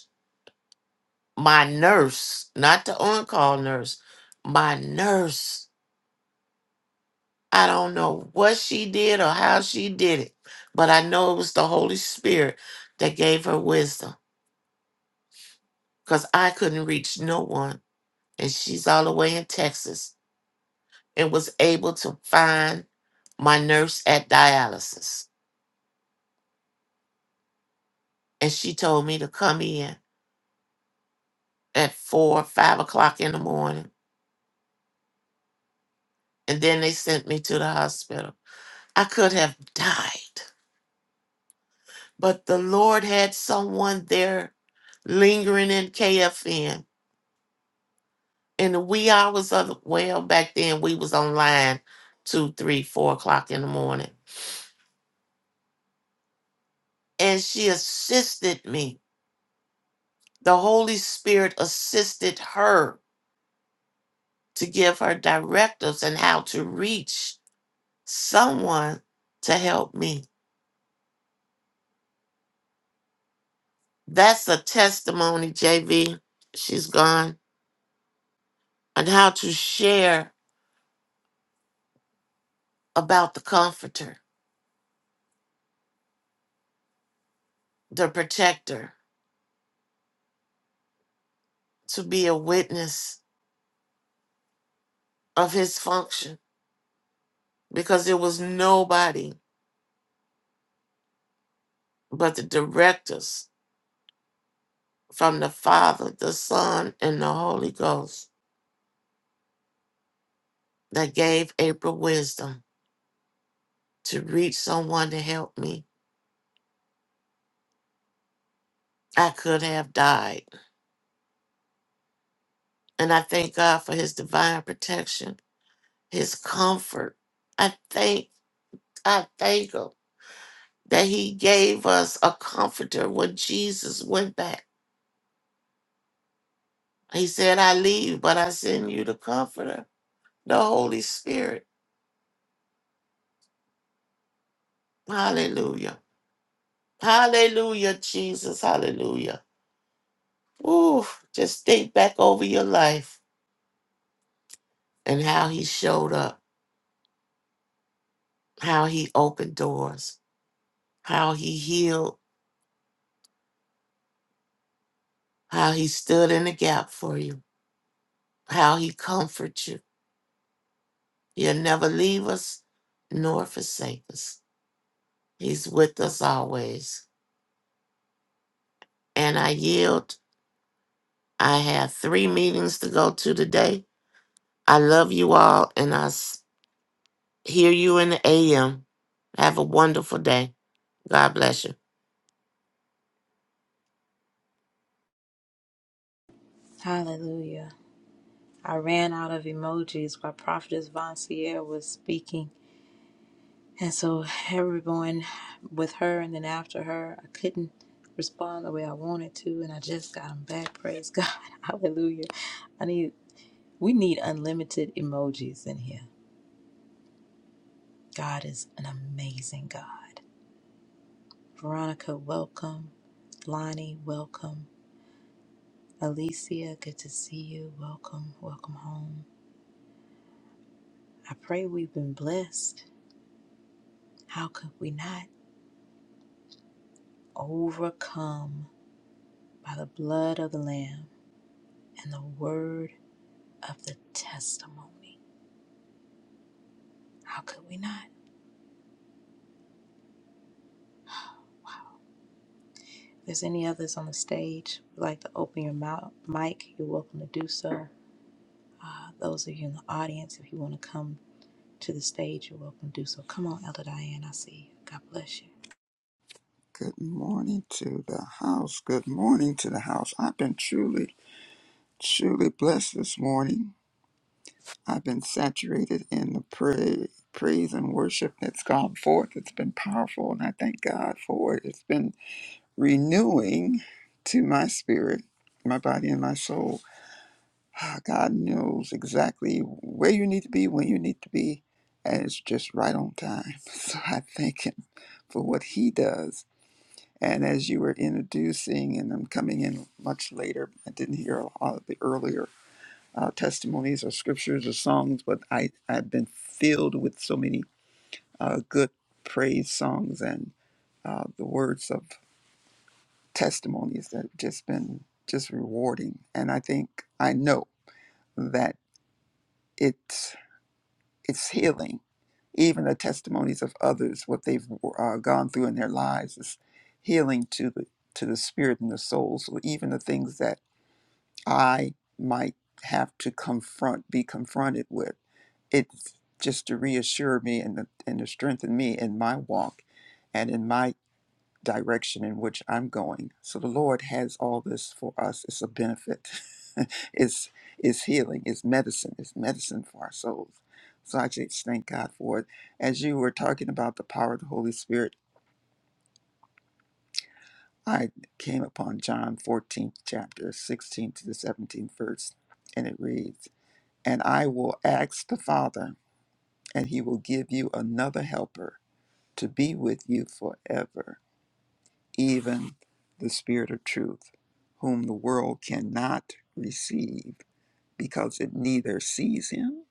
B: my nurse, not the on call nurse, my nurse. I don't know what she did or how she did it, but I know it was the Holy Spirit that gave her wisdom because I couldn't reach no one. And she's all the way in Texas and was able to find my nurse at dialysis. And she told me to come in at four, five o'clock in the morning. And then they sent me to the hospital. I could have died. but the Lord had someone there lingering in KFN. In the wee hours of the, well, back then we was online two, three, four o'clock in the morning. And she assisted me. The Holy Spirit assisted her to give her directives and how to reach someone to help me. That's a testimony, JV. She's gone. And how to share about the comforter, the protector to be a witness of his function because there was nobody but the directors from the Father, the Son, and the Holy Ghost that gave April wisdom to reach someone to help me. I could have died. And I thank God for his divine protection, his comfort. I thank I thank him that he gave us a comforter when Jesus went back. He said, I leave, but I send you the comforter the Holy Spirit. Hallelujah. Hallelujah, Jesus. Hallelujah. Ooh, just think back over your life and how he showed up, how he opened doors, how he healed, how he stood in the gap for you, how he comforts you. He'll never leave us nor forsake us. He's with us always. And I yield. I have three meetings to go to today. I love you all, and I s- Hear you in the AM. Have a wonderful day. God bless you.
A: Hallelujah. I ran out of emojis while Prophetess Von Sierra was speaking. And so everyone with her and then after her, I couldn't respond the way I wanted to, and I just got them back. Praise God, Hallelujah! I need we need unlimited emojis in here. God is an amazing God. Veronica, welcome. Lonnie, welcome. Alicia, good to see you. Welcome, welcome home. I pray we've been blessed. How could we not? Overcome by the blood of the Lamb and the word of the testimony. How could we not? If there's any others on the stage who'd like to open your mouth, mic, you're welcome to do so. Uh, those of you in the audience, if you want to come to the stage, you're welcome to do so. Come on, Elder Diane, I see you. God bless you.
H: Good morning to the house. Good morning to the house. I've been truly, truly blessed this morning. I've been saturated in the pray, praise and worship that's gone forth. It's been powerful, and I thank God for it. It's been renewing to my spirit, my body, and my soul. Ah, God knows exactly where you need to be, when you need to be, and it's just right on time. So I thank Him for what He does. And as you were introducing, and I'm coming in much later, I didn't hear a lot of the earlier uh, testimonies or scriptures or songs, but I, I've been filled with so many uh, good praise songs and uh, the words of testimonies that have just been just rewarding. And I think I know that it. it's healing. Even the testimonies of others, what they've uh, gone through in their lives, is healing to the to the spirit and the soul. So even the things that I might have to confront, be confronted with, it's just to reassure me and to- and to strengthen me in my walk and in my direction in which I'm going. So the Lord has all this for us. It's a benefit. it's it's healing. It's medicine. It's medicine for our souls. So I just thank God for it. As you were talking about the power of the Holy Spirit, I came upon John 14th chapter, 16 to the 17th verse, and it reads, And I will ask the Father, and he will give you another helper to be with you forever even the Spirit of truth, whom the world cannot receive because it neither sees him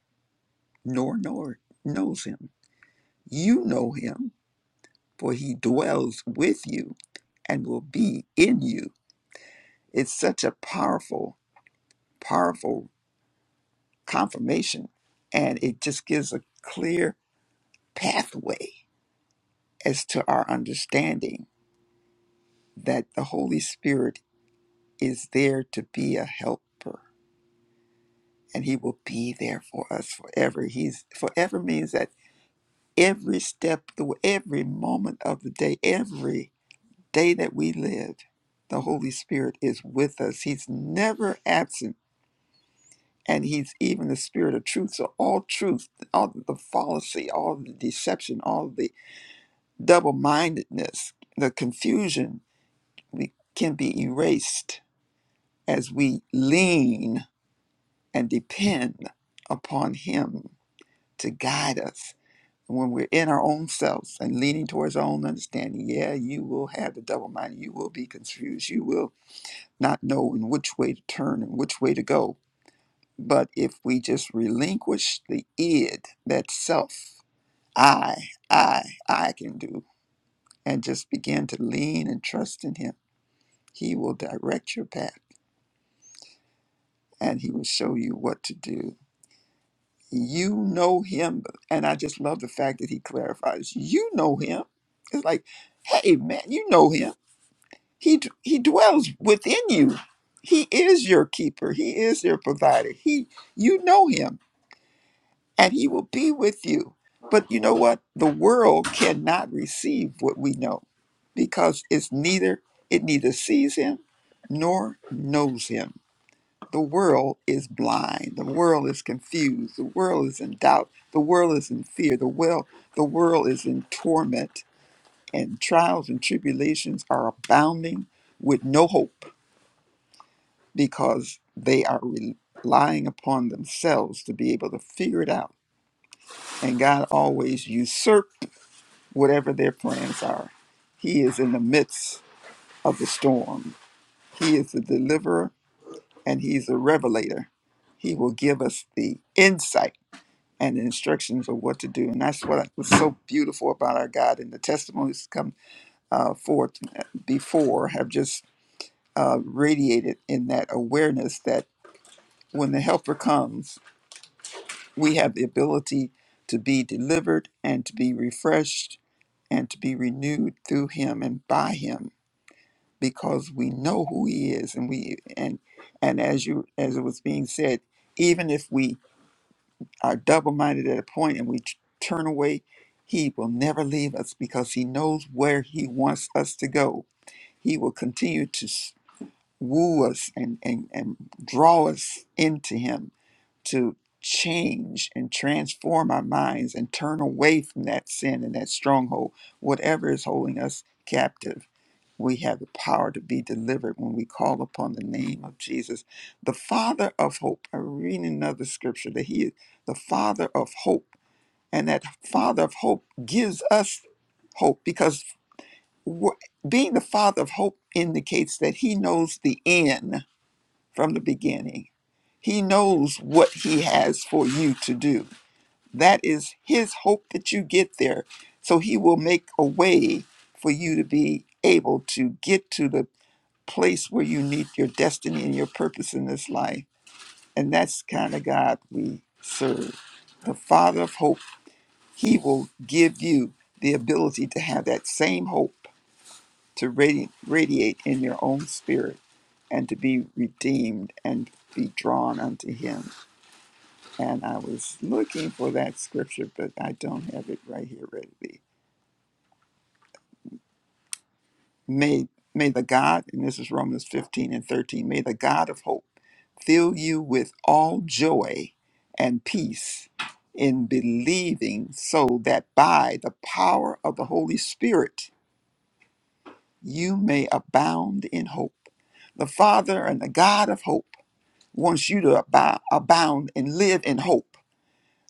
H: nor nor knows him. You know him, for he dwells with you and will be in you. It's such a powerful, powerful confirmation, and it just gives a clear pathway as to our understanding that the Holy Spirit is there to be a helper and he will be there for us forever. He's forever means that every step, every moment of the day, every day that we live, the Holy Spirit is with us. He's never absent, and He's even the Spirit of truth. So all truth, all the fallacy, all the deception, all the double-mindedness, the confusion, we can be erased as we lean and depend upon Him to guide us And when we're in our own selves and leaning towards our own understanding, yeah, you will have the double mind. You will be confused. You will not know in which way to turn and which way to go. But if we just relinquish the id, that self, I, I, I can do, and just begin to lean and trust in Him, He will direct your path and He will show you what to do. You know Him. And I just love the fact that He clarifies, you know Him. It's like, hey, man, you know Him He d- he dwells within you. He is your keeper. He is your provider. He you know him and he will be with you. But you know what? The world cannot receive what we know because it's neither it neither sees him nor knows him. The world is blind. The world is confused. The world is in doubt. The world is in fear. The world the world is in torment and trials and tribulations are abounding with no hope because they are relying upon themselves to be able to figure it out. And God always usurped whatever their plans are. He is in the midst of the storm. He is the deliverer and he's the revelator. He will give us the insight and the instructions of what to do. And that's what was so beautiful about our God. And the testimonies come uh, forth before have just uh, radiated in that awareness that when the helper comes, We have the ability to be delivered and to be refreshed and to be renewed through him and by him because we know who he is and we and and as you as it was being said even if we are double-minded at a point and we t- turn away he will never leave us because he knows where he wants us to go he will continue to woo us and, and, and draw us into Him to change and transform our minds and turn away from that sin and that stronghold, whatever is holding us captive. We have the power to be delivered when we call upon the name of Jesus, the Father of hope. I read another scripture that He is the Father of hope, and that Father of hope gives us hope because wh- being the Father of hope indicates that He knows the end from the beginning. He knows what He has for you to do. That is His hope that you get there. So He will make a way for you to be able to get to the place where you need your destiny and your purpose in this life. And that's the kind of God we serve. The Father of hope, He will give you the ability to have that same hope to radi- radiate in your own spirit and to be redeemed and be drawn unto him. And I was looking for that scripture, but I don't have it right here readily. May may the God, and this is Romans 15 and 13, may the God of hope fill you with all joy and peace in believing so that by the power of the Holy Spirit you may abound in hope. The Father and the God of hope wants you to abou- abound and live in hope,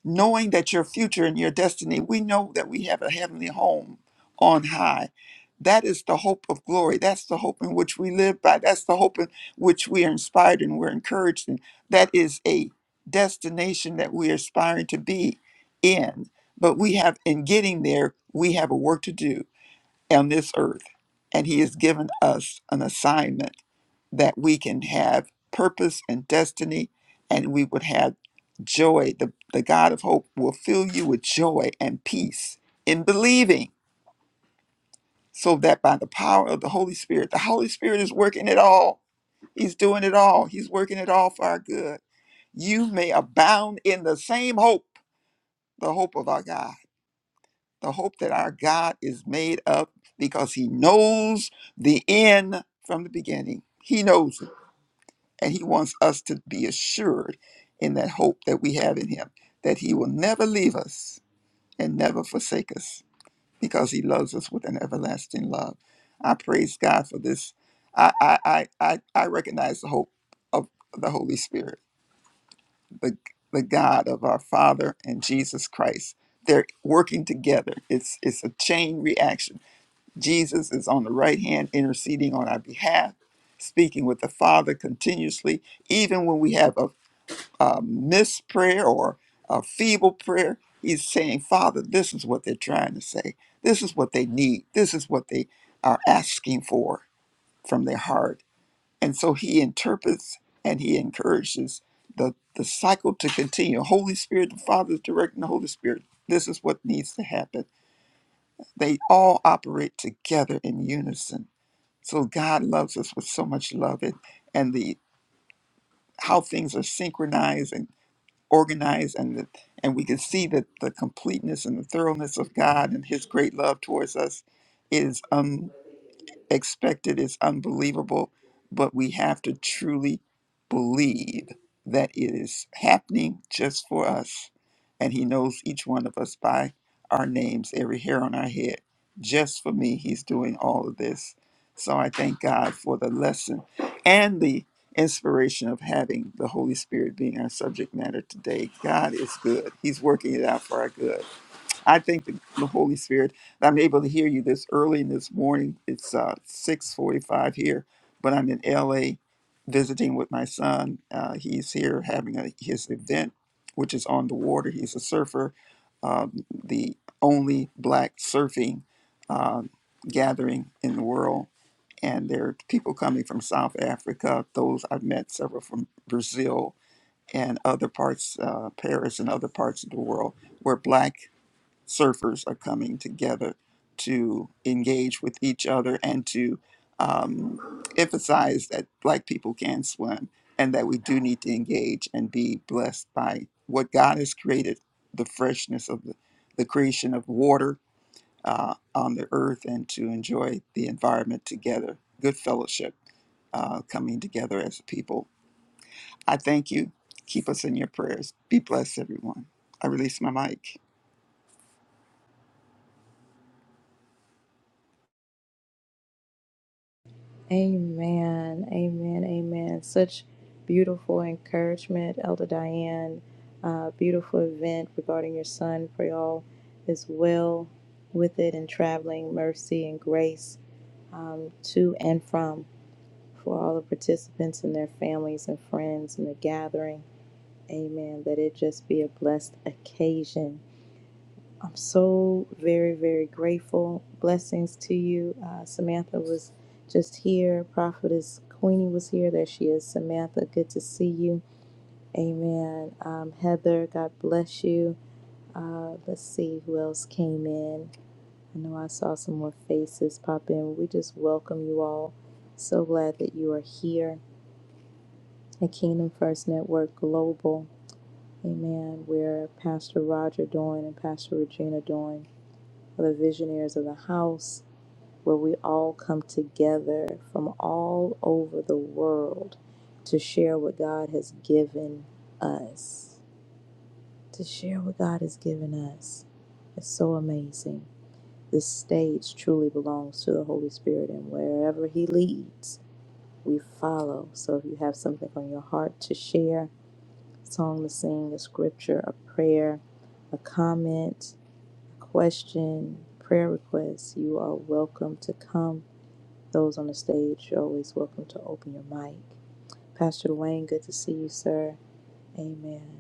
H: knowing that your future and your destiny, we know that we have a heavenly home on high. That is the hope of glory. That's the hope in which we live by. That's the hope in which we are inspired and we're encouraged. And that is a destination that we are aspiring to be in. But we have, in getting there, we have a work to do on this earth. And He has given us an assignment that we can have purpose and destiny and we would have joy. The, the God of hope will fill you with joy and peace in believing, so that by the power of the Holy Spirit, the Holy Spirit is working it all. He's doing it all. He's working it all for our good. You may abound in the same hope, the hope of our God, the hope that our God is made up because he knows the end from the beginning. He knows. And he wants us to be assured in that hope that we have in him, that he will never leave us and never forsake us because he loves us with an everlasting love. I praise God for this. I, I, I, I, I recognize the hope of the Holy Spirit, the, the God of our Father and Jesus Christ. They're working together. It's, it's a chain reaction. Jesus is on the right hand interceding on our behalf, speaking with the Father continuously even when we have a a missed prayer or a feeble prayer. He's saying, Father, this is what they're trying to say. This is what they need. This is what they are asking for from their heart. And so he interprets and he encourages the, the cycle to continue. Holy Spirit, the Father is directing the Holy Spirit. This is what needs to happen. They all operate together in unison. So God loves us with so much love and, and the how things are synchronized organized and the, and we can see that the completeness and the thoroughness of God and his great love towards us is um, expected is unbelievable, but we have to truly believe that it is happening just for us. And He knows each one of us by our names, every hair on our head. Just for me, He's doing all of this. So I thank God for the lesson and the inspiration of having the Holy Spirit being our subject matter today. God is good, He's working it out for our good. I thank the, the Holy Spirit that I'm able to hear you this early in this morning. It's uh, 6.45 here, but I'm in L.A. visiting with my son. Uh, he's here having a, his event, which is on the water. He's a surfer, um, the only black surfing um gathering in the world. And there are people coming from South Africa, those I've met several from Brazil and other parts, uh, Paris and other parts of the world, where black surfers are coming together to engage with each other and to um, emphasize that Black people can swim and that we do need to engage and be blessed by what God has created the freshness of the, the creation of water uh, on the earth and to enjoy the environment together. Good fellowship uh, coming together as a people. I thank you. Keep us in your prayers. Be blessed, everyone. I release my mic.
A: Amen. Amen. Amen. Such beautiful encouragement, Elder Diane. Uh, beautiful event regarding your son. Pray all is well with it and traveling mercy and grace um, to and from. for all the participants and their families and friends in the gathering. Amen. That it just be a blessed occasion. I'm so very, very grateful. Blessings to you. Uh, Samantha was just here. Prophetess Queenie was here. There she is. Samantha, good to see you. Amen. Um, Heather, God bless you. Uh, let's see who else came in. I know I saw some more faces pop in. We just welcome you all. So glad that you are here. the Kingdom First Network Global. Amen. Where Pastor Roger Doyne and Pastor Regina Doyne are the visionaries of the house, where we all come together from all over the world to share what God has given us. To share what God has given us. It's so amazing. This stage truly belongs to the Holy Spirit, and wherever He leads, we follow. So if you have something on your heart to share, song to sing, a scripture, a prayer, a comment, question, prayer request, you are welcome to come. Those on the stage, you're always welcome to open your mic. Pastor Dwayne, good to see you, sir. Amen.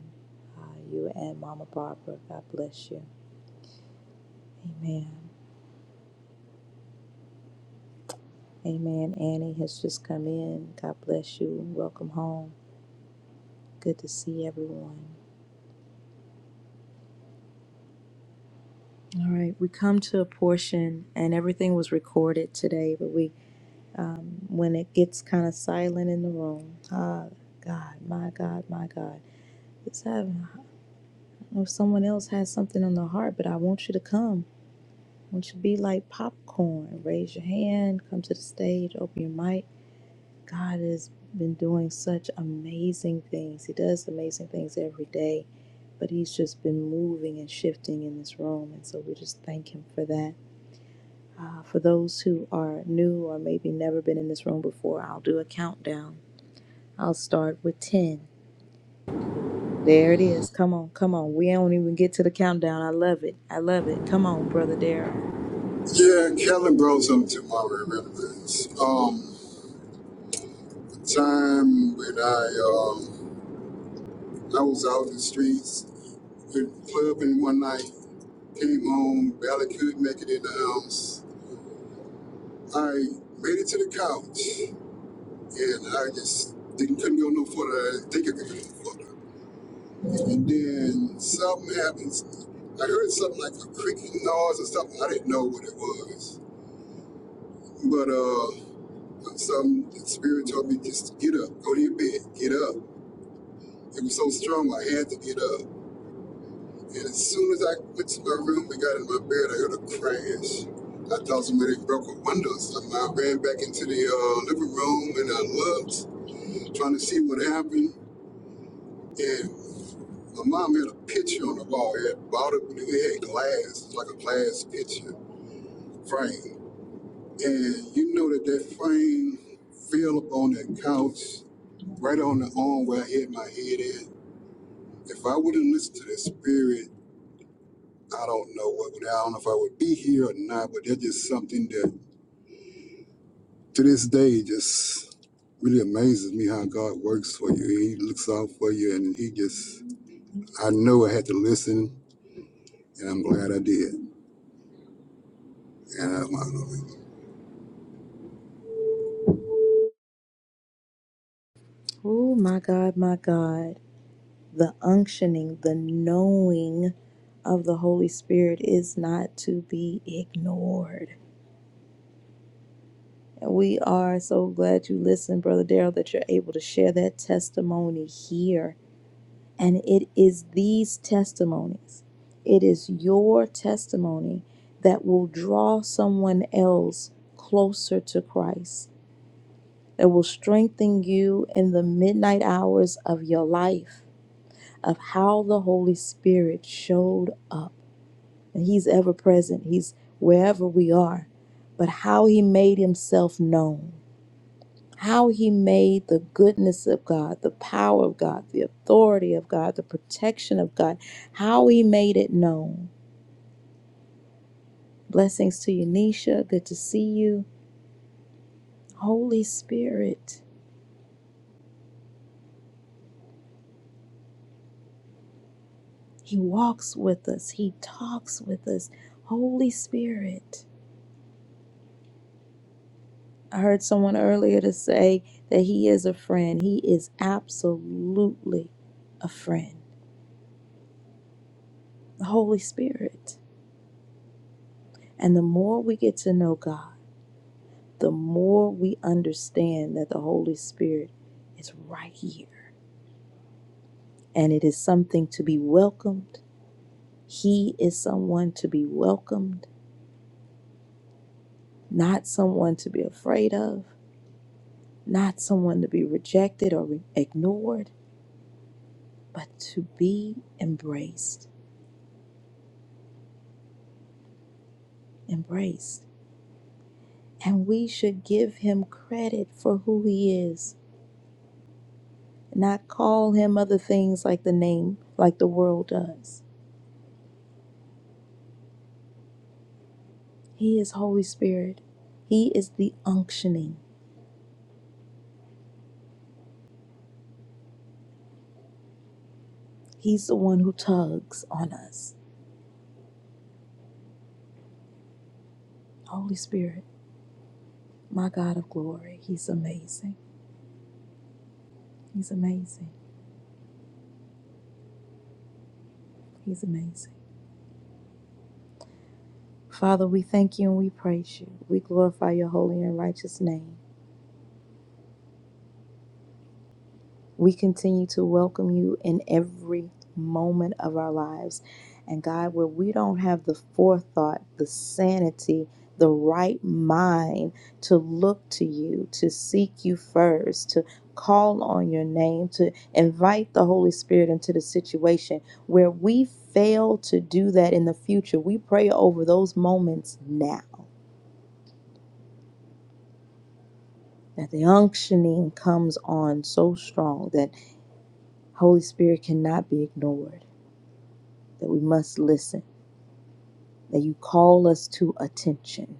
A: Uh, you and Mama Barbara, God bless you. Amen. Amen. Annie has just come in. God bless you. Welcome home. Good to see everyone. All right, we come to a portion, and everything was recorded today, but we um, when it gets kind of silent in the room. Ah, God, my God, my God. It's having, I don't know if someone else has something on their heart, but I want you to come. I want you to be like popcorn. Raise your hand, come to the stage, open your mic. God has been doing such amazing things. He does amazing things every day, but He's just been moving and shifting in this room. And so we just thank Him for that. Uh, for those who are new or maybe never been in this room before, I'll do a countdown I'll start with 10. There it is. Come on, come on. We don't even get to the countdown. I love it. I love it. Come on, Brother Daryl.
K: that. Yeah, Kelly brought something to my remembrance. Um, time when I um I was out in the streets, been clubbing one night, came home, barely could make it in the house. I made it to the couch, and I just didn't couldn't go no further. I didn't think I could go no further. And then something happens. I heard something like a creaking noise or something. I didn't know what it was. But uh, some the spirit told me just to get up, go to your bed, get up. It was so strong, I had to get up. And as soon as I went to my room and got in my bed, I heard a crash. I thought somebody broke a window or something. I ran back into the uh, living room and I looked, trying to see what happened. And my mom had a picture on the wall. It had bought it, it had glass, like a glass picture frame. And you know that that frame fell upon on that couch, right on the arm where I hit my head at. If I wouldn't listen to that spirit, I don't know what would, I don't know if I would be here or not, but that's just something that to this day just really amazes me how God works for you. He looks out for you and he just, I know I had to listen and I'm glad I did. Yeah, man.
A: Oh, my God, my God. The unctioning, the knowing of the Holy Spirit is not to be ignored. And we are so glad you listened, Brother Daryl, that you're able to share that testimony here And it is these testimonies, it is your testimony that will draw someone else closer to Christ, that will strengthen you in the midnight hours of your life, of how the Holy Spirit showed up. And He's ever present, He's wherever we are, but how He made Himself known how he made the goodness of God, the power of God, the authority of God, the protection of God, how he made it known. Blessings to you, Nisha. Good to see you. Holy Spirit, he walks with us, he talks with us. Holy Spirit. I heard someone earlier to say that he is a friend. He is absolutely a friend, the Holy Spirit. And the more we get to know God, the more we understand that the Holy Spirit is right here and it is something to be welcomed. He is someone to be welcomed, not someone to be afraid of, not someone to be rejected or re- ignored, but to be embraced, embraced. And we should give him credit for who he is, not call him other things like the name, like the world does. He is Holy Spirit. He is the unctioning. He's the one who tugs on us. Holy Spirit, my God of glory, He's amazing. He's amazing. He's amazing. Father, we thank you and we praise you. We glorify your holy and righteous name. We continue to welcome you in every moment of our lives. And God, where we don't have the forethought, the sanity, the right mind to look to you, to seek you first, to call on your name, to invite the Holy Spirit into the situation, where we fail to do that in the future, we pray over those moments now. That the unctioning comes on so strong that Holy Spirit cannot be ignored that we must listen, that you call us to attention,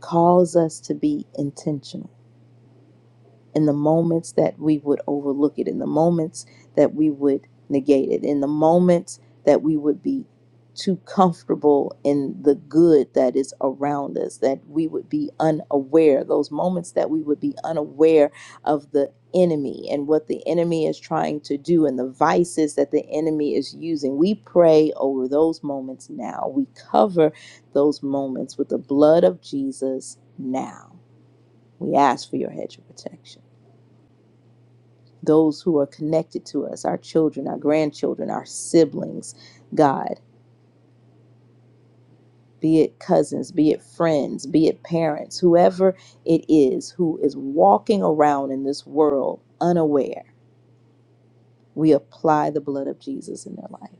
A: calls us to be intentional. in the moments that we would overlook it, in the moments that we would negate it, in the moments that we would be too comfortable in the good that is around us, that we would be unaware, those moments that we would be unaware of the enemy and what the enemy is trying to do and the vices that the enemy is using. We pray over those moments now. We cover those moments with the blood of Jesus now. We ask for your hedge of protection those who are connected to us, our children, our grandchildren, our siblings, God, be it cousins, be it friends, be it parents, whoever it is who is walking around in this world unaware, we apply the blood of Jesus in their life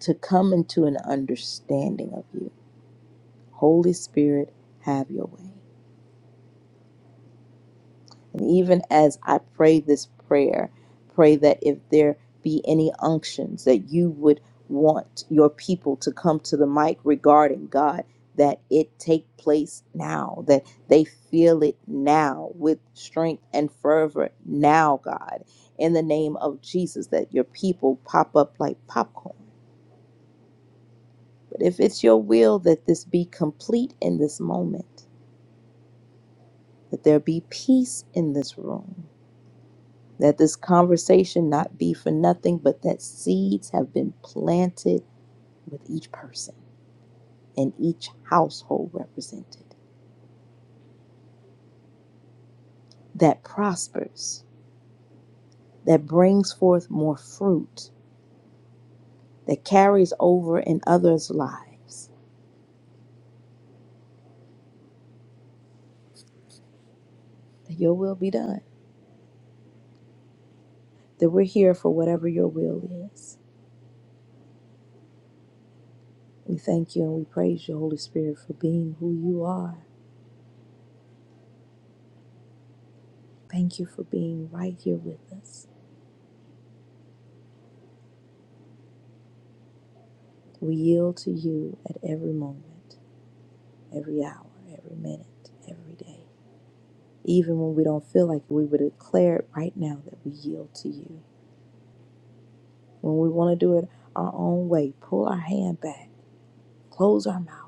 A: to come into an understanding of you. Holy Spirit, have your way. And even as I pray this prayer, pray that if there be any unctions that you would want your people to come to the mic regarding God, that it take place now, that they feel it now with strength and fervor now, God, in the name of Jesus, that your people pop up like popcorn. But if it's your will that this be complete in this moment, that there be peace in this room that this conversation not be for nothing, but that seeds have been planted with each person and each household represented that prospers, that brings forth more fruit, that carries over in others' lives. That your will be done, that we're here for whatever your will is. We thank you and we praise you, Holy Spirit, for being who you are. Thank you for being right here with us. We yield to you at every moment. every hour, every minute, every day. Even when we don't feel like we would declare it right now that we yield to you. When we want to do it our own way, pull our hand back, close our mouth.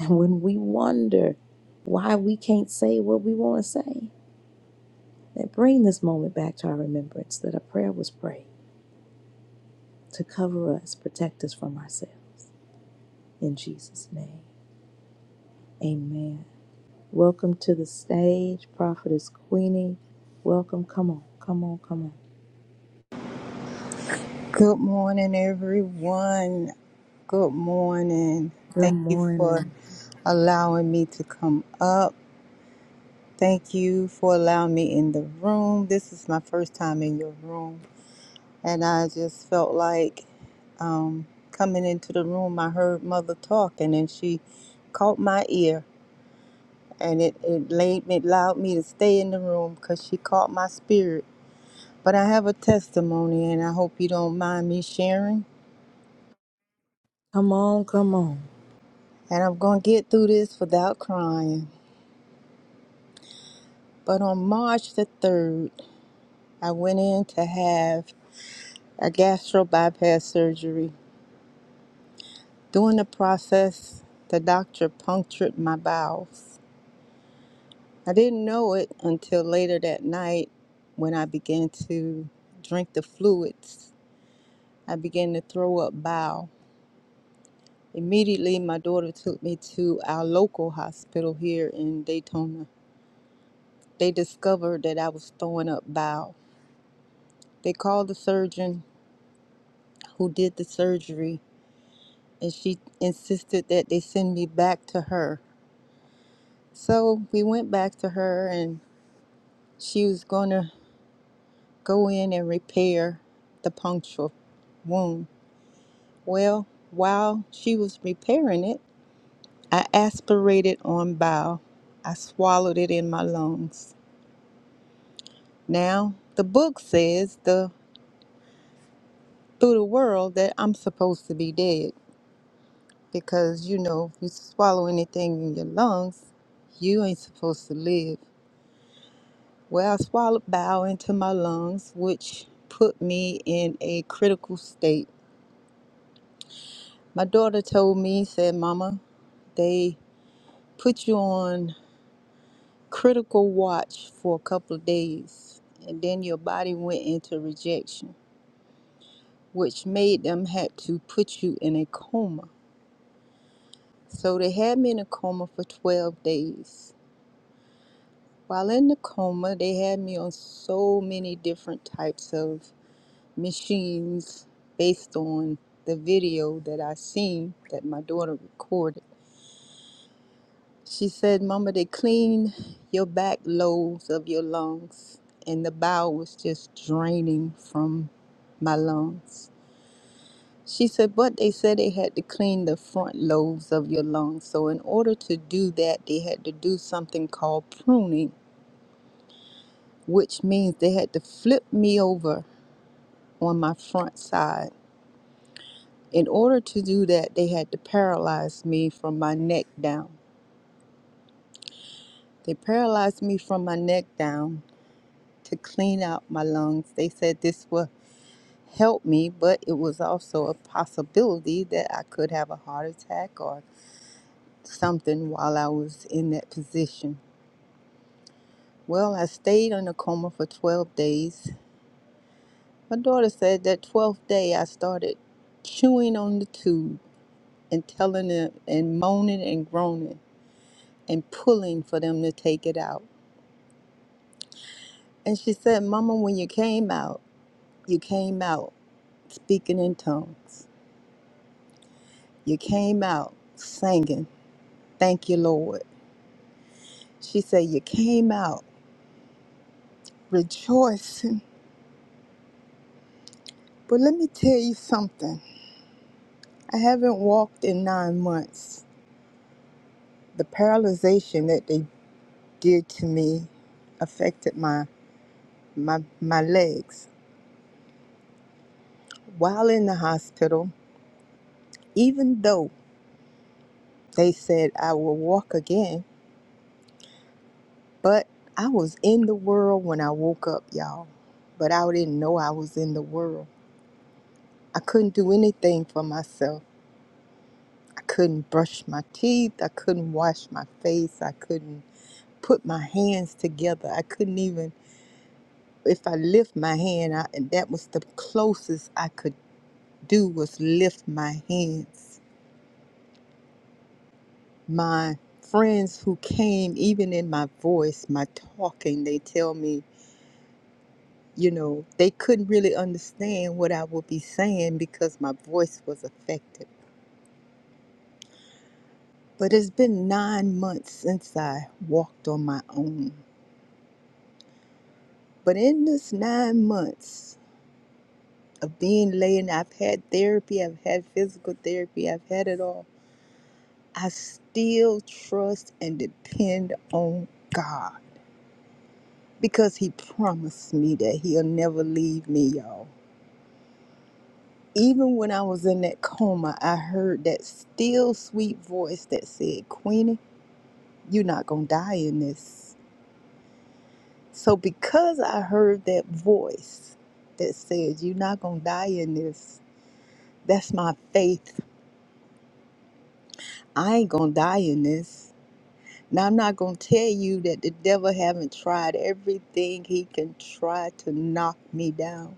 A: And when we wonder why we can't say what we want to say, that bring this moment back to our remembrance that a prayer was prayed to cover us, protect us from ourselves. In Jesus' name, amen. Welcome to the stage, Prophetess Queenie. Welcome. Come on, come on, come on.
L: Good morning, everyone. Good morning.
A: Good
L: Thank you
A: morning.
L: for allowing me to come up. Thank you for allowing me in the room. This is my first time in your room, and I just felt like um, coming into the room. I heard Mother talking, and she caught my ear, and it it laid me, allowed me to stay in the room because she caught my spirit. But I have a testimony, and I hope you don't mind me sharing.
A: Come on, come on.
L: and I'm going to get through this without crying. But on March the 3rd, I went in to have a gastro bypass surgery. During the process, the doctor punctured my bowels. I didn't know it until later that night when I began to drink the fluids. I began to throw up bile. Immediately, my daughter took me to our local hospital here in Daytona. They discovered that I was throwing up bile. They called the surgeon who did the surgery, and she insisted that they send me back to her. So we went back to her, and she was going to go in and repair the punctual wound. Well, while she was repairing it, I aspirated on bile. I swallowed it in my lungs. Now, the book says the through the world that I'm supposed to be dead because you know, if you swallow anything in your lungs, you ain't supposed to live. Well, I swallowed bile into my lungs, which put me in a critical state. My daughter told me, said, Mama, they put you on critical watch for a couple of days, and then your body went into rejection, which made them had to put you in a coma. So they had me in a coma for 12 days. While in the coma, they had me on so many different types of machines based on the video that I seen that my daughter recorded. She said, Mama, they clean your back lobes of your lungs, and the bowel was just draining from my lungs. She said, but they said they had to clean the front lobes of your lungs. So, in order to do that, they had to do something called pruning, which means they had to flip me over on my front side In order to do that, they had to paralyze me from my neck down. They paralyzed me from my neck down to clean out my lungs. They said this would help me, but it was also a possibility that I could have a heart attack or something while I was in that position. Well, I stayed in a coma for 12 days. My daughter said that 12th day I started chewing on the tube and telling them and moaning and groaning and pulling for them to take it out. And she said, Mama, when you came out, you came out speaking in tongues. You came out singing, Thank you, Lord. She said, You came out rejoicing. But let me tell you something. I haven't walked in nine months. The paralyzation that they did to me affected my my my legs. While in the hospital, even though they said I will walk again, But I was in the world when I woke up, y'all. But I didn't know I was in the world. I couldn't do anything for myself. I couldn't brush my teeth. I couldn't wash my face. I couldn't put my hands together. I couldn't even, if I lift my hand, I, and that was the closest I could do was lift my hands. My friends who came, even in my voice, my talking, they tell me you know, they couldn't really understand what I would be saying because my voice was affected. But it's been nine months since I walked on my own. But in this nine months of being laying, I've had therapy, I've had physical therapy, I've had it all. I still trust and depend on God because He promised me that He'll never leave me, y'all. Even when I was in that coma, I heard that still sweet voice that said, Queenie, you're not going to die in this. So, because I heard that voice that said, You're not going to die in this, that's my faith. I ain't going to die in this. Now, I'm not going to tell you that the devil haven't tried everything he can try to knock me down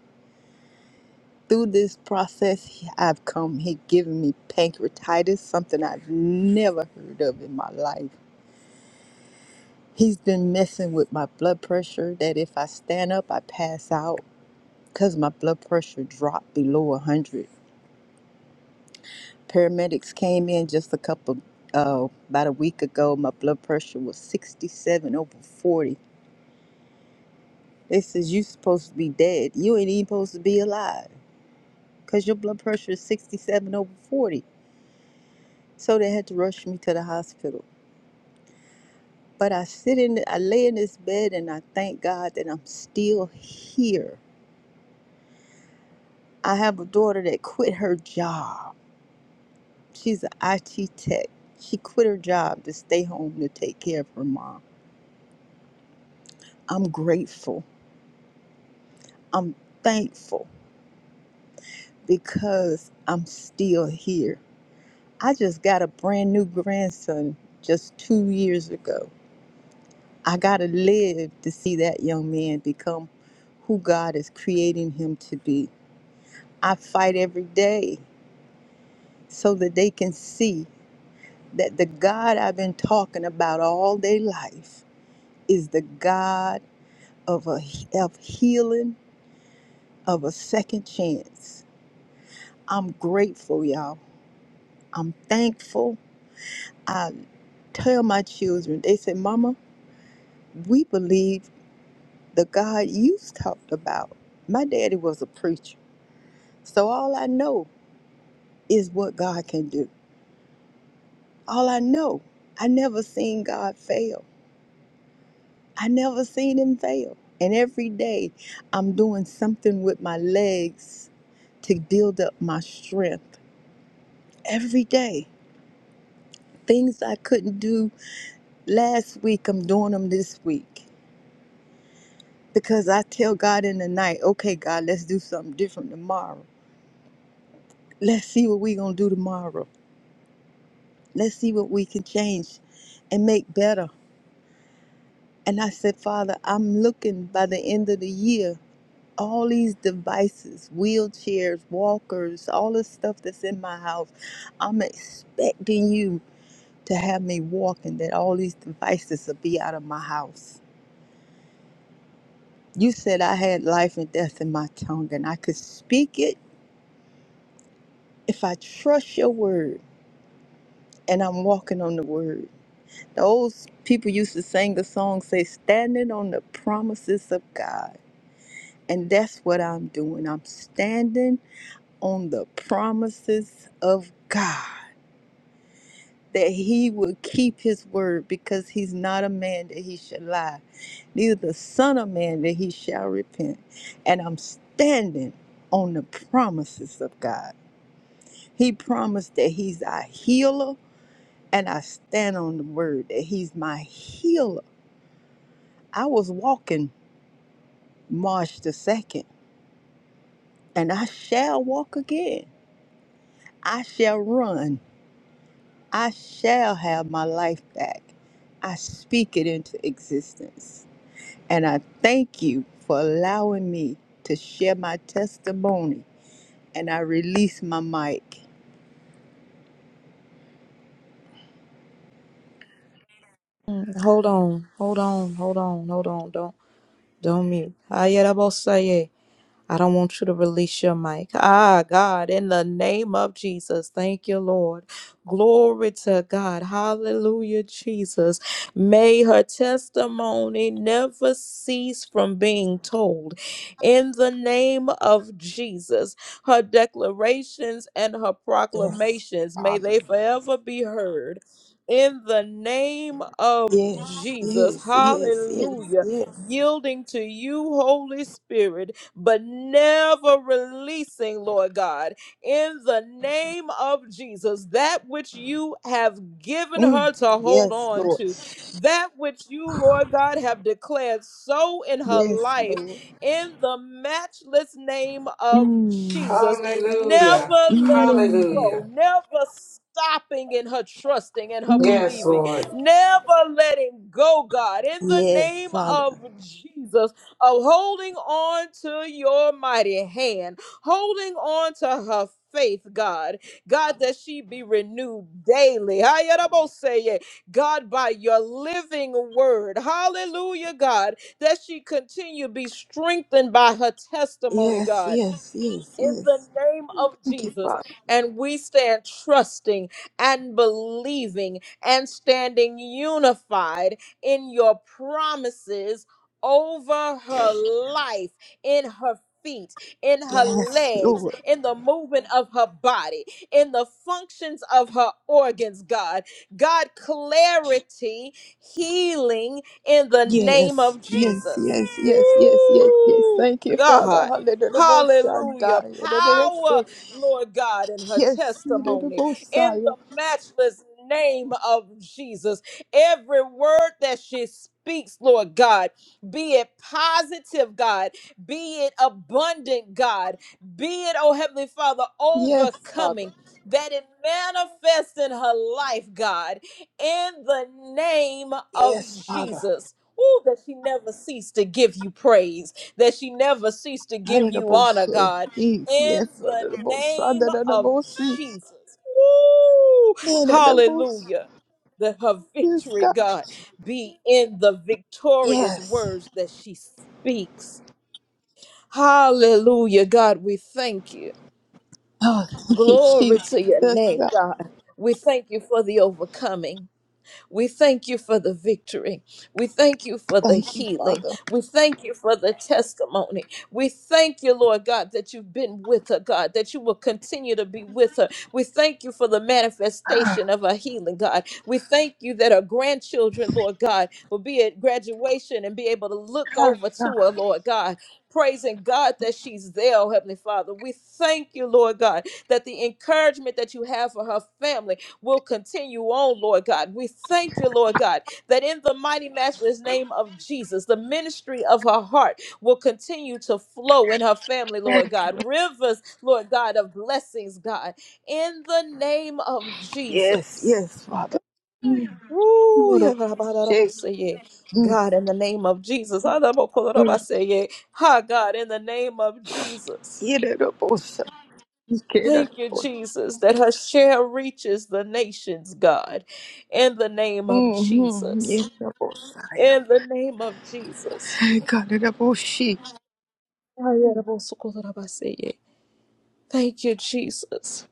L: through this process he- I've come, he given me pancreatitis, something I've never heard of in my life. He's been messing with my blood pressure that if I stand up, I pass out because my blood pressure dropped below 100. Paramedics came in just a couple, uh, about a week ago. My blood pressure was 67 over 40. They says, you supposed to be dead. You ain't even supposed to be alive because your blood pressure is 67 over 40. So they had to rush me to the hospital. But I sit in, I lay in this bed and I thank God that I'm still here I have a daughter that quit her job. She's an IT tech. She quit her job to stay home to take care of her mom. I'm grateful. I'm thankful because I'm still here. I just got a brand new grandson just two years ago. I got to live to see that young man become who God is creating him to be. I fight every day so that they can see that the God I've been talking about all day life is the God of a of healing, of a second chance. I'm grateful, y'all. I'm thankful. I tell my children, they say, Mama, we believe the God you talked about. My daddy was a preacher. So all I know is what God can do. All I know, I never seen God fail. I never seen him fail. And every day I'm doing something with my legs to build up my strength every day. Things I couldn't do last week, I'm doing them this week. Because I tell God in the night, okay, God, let's do something different tomorrow. Let's see what we're going to do tomorrow. Let's see what we can change and make better. And I said, Father, I'm looking by the end of the year, all these devices, wheelchairs, walkers, all the stuff that's in my house, I'm expecting you to have me walking, that all these devices will be out of my house You said I had life and death in my tongue, and I could speak it if I trust your word. And I'm walking on the word. Those people used to sing the song, say, standing on the promises of God. And that's what I'm doing. I'm standing on the promises of God that he will keep his word because he's not a man that he should lie, neither the son of man that he shall repent. And I'm standing on the promises of God. He promised that He's our healer, and I stand on the word that He's my healer. I was walking March the 2nd, and I shall walk again. I shall run. I shall have my life back. I speak it into existence. And I thank you for allowing me to share my testimony. And I release my mic.
A: Hold on, hold on, hold on, hold on. Don't don't mute. Ayarabosaye. I don't want you to release your mic. Ah, God, in the name of Jesus. Thank you, Lord. Glory to God. Hallelujah, Jesus. May her testimony never cease from being told. In the name of Jesus, her declarations and her
L: Yes,
A: proclamations, may they forever be heard. In the name of
L: yes,
A: Jesus,
L: yes, yes, yes,
A: hallelujah,
L: yes.
A: yielding to you, Holy Spirit but never releasing, Lord God, in the name of Jesus, that which you have given
L: Mm,
A: her to hold
L: yes,
A: on
L: Lord.
A: to, that which you, Lord God, have declared so in her
L: Yes,
A: life,
L: Lord.
A: in the matchless name of
L: Mm,
A: Jesus. Never
M: Hallelujah.
A: letting
L: mm,
A: go,
M: Hallelujah.
A: never stopping in her trusting and her
L: mm.
M: Yes,
A: believing,
M: Lord.
A: never letting go, God, in the
L: Yes,
A: name
L: Father.
A: of Jesus of holding on to your mighty hand, holding on to her faith, God. God, that she be renewed daily. Ayaraboseye. God, by your living word. Hallelujah, God, that she continue to be strengthened by her testimony,
L: Yes,
A: God
L: yes, yes,
A: in the
L: yes.
A: name of
L: Thank you,
A: Jesus.
L: Father.
A: And we stand trusting and believing and standing unified in your promises over her life, in her feet, in her
L: Yes,
A: legs,
L: Lord.
A: in the movement of her body, in the functions of her organs, God. God, clarity, healing in the name
L: Yes,
A: of
L: yes,
A: Jesus.
L: yes, yes, yes, yes, yes.
A: Woo,
L: Thank you,
A: God.
L: Father. Hallelujah.
A: Hallelujah. Power, Lord God, in her
L: Yes,
A: testimony. In
L: Messiah.
A: the matchless name of Jesus. Every word that she speaks, Lord God, be it positive, God, be it abundant, God, be it, oh Heavenly Father,
L: Yes, Father.
A: overcoming, that it manifests in her life, God, in the name of
L: Yes, Father.
A: Jesus. Ooh, that she never cease to give you praise that she never ceased to give
L: Hallelujah.
A: you honor, God,
L: Mm,
A: in
L: Yes,
A: the
L: Father.
A: name of
L: Hallelujah.
A: Jesus. Woo!
L: Hallelujah.
A: Hallelujah. That her
L: Yes,
A: victory,
L: God.
A: God, be in the victorious
L: Yes.
A: words that she speaks. Hallelujah, God, we thank you.
L: Oh, thank you,
A: Glory
L: Jesus.
A: to your name,
L: Oh,
A: God. We thank you for the overcoming. We thank you for the victory. We thank you for the
L: Thank you,
A: healing.
L: Father.
A: We thank you for the testimony. We thank you, Lord God, that you've been with her, God, that you will continue to be with her. We thank you for the
L: Ah,
A: manifestation of her healing, God. We thank you that her grandchildren, Lord God, will be at graduation and be able to look over to her, Lord God. Praising God that she's there, oh Heavenly Father. We thank you, Lord God, that the encouragement that you have for her family will continue on, Lord God. We thank you, Lord God, that in the mighty matchless name of Jesus, the ministry of her heart will continue to flow in her family, Lord God. Rivers, Lord God, of blessings, God, in the name of
L: Yes,
A: Jesus.
L: yes, Father. Mm,
A: Woo, yeah,
L: Lord,
A: ba- ba- da- da- bo-
L: shake.
A: say, yeah.
L: Mm,
A: God, in the name of Jesus. Ah, da- bo- ko- da- da- ba-
L: mm.
A: say, yeah. Ha, God, in the name of Jesus.
L: Get it up, oh, son. Get it up,
A: Thank you,
L: oh.
A: Jesus, that her share reaches the nations, God, in the name of
L: Mm-hmm.
A: Jesus.
L: Yes, up, oh,
A: In
L: son.
A: the name of Jesus.
L: Got it up, oh, she.
A: Thank you, Jesus.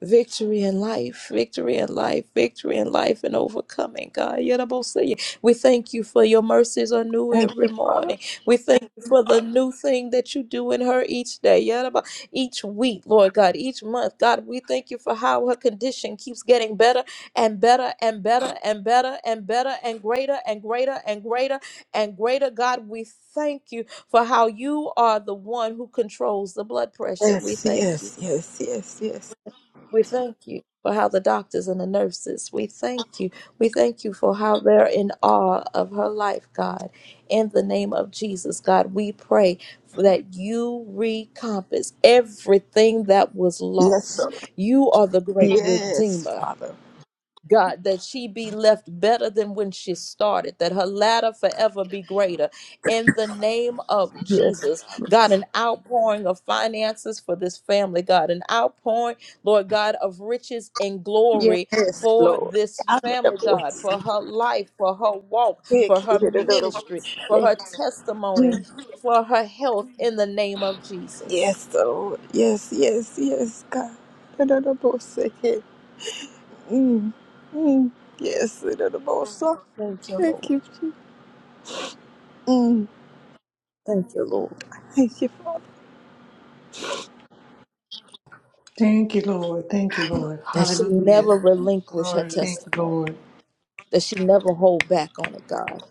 A: Victory in life, victory in life, victory in life, and overcoming, God. Yadabosia. We thank you for your mercies are new
L: Thank
A: every
L: you, Father.
A: morning. We thank you for the new thing that you do in her each day, Yadaba- each week, Lord God, each month. God, we thank you for how her condition keeps getting better and better and better and better and better and greater and greater and greater and greater. God, we thank you for how you are the one who controls the blood pressure. We
L: Yes,
A: thank you.
L: yes, yes, yes, yes.
A: We thank you for how the doctors and the nurses, we thank you. We thank you for how they're in awe of her life, God. In the name of Jesus, God, we pray for that you recompense everything that was
L: Yes,
A: lost.
L: sir.
A: You are the great
L: Yes,
A: redeemer.
L: Father.
A: God, that she be left better than when she started, that her ladder forever be greater. In the name of
L: Yes.
A: Jesus, God, an outpouring of finances for this family, God, an outpouring, Lord God, of riches and glory
L: Yes,
A: for
L: Lord.
A: this
L: Got it up,
A: family,
L: oh,
A: God, for
L: son.
A: her life, for her walk, for
L: Get
A: her
L: it up, oh,
A: ministry, for her
L: shake.
A: testimony, for her health, in the name of Jesus.
L: Yes, Lord. Yes, yes, yes, God. Da-da-da-bo-se-ke. Mm, mm. Yes, da-da-da-bo-sa.
A: Thank you,
L: thank
A: Lord.
L: you, Jesus. Mm,
A: Thank you, Lord.
L: thank you, Father.
A: That she never relinquish her testimony that she never hold back on it, God.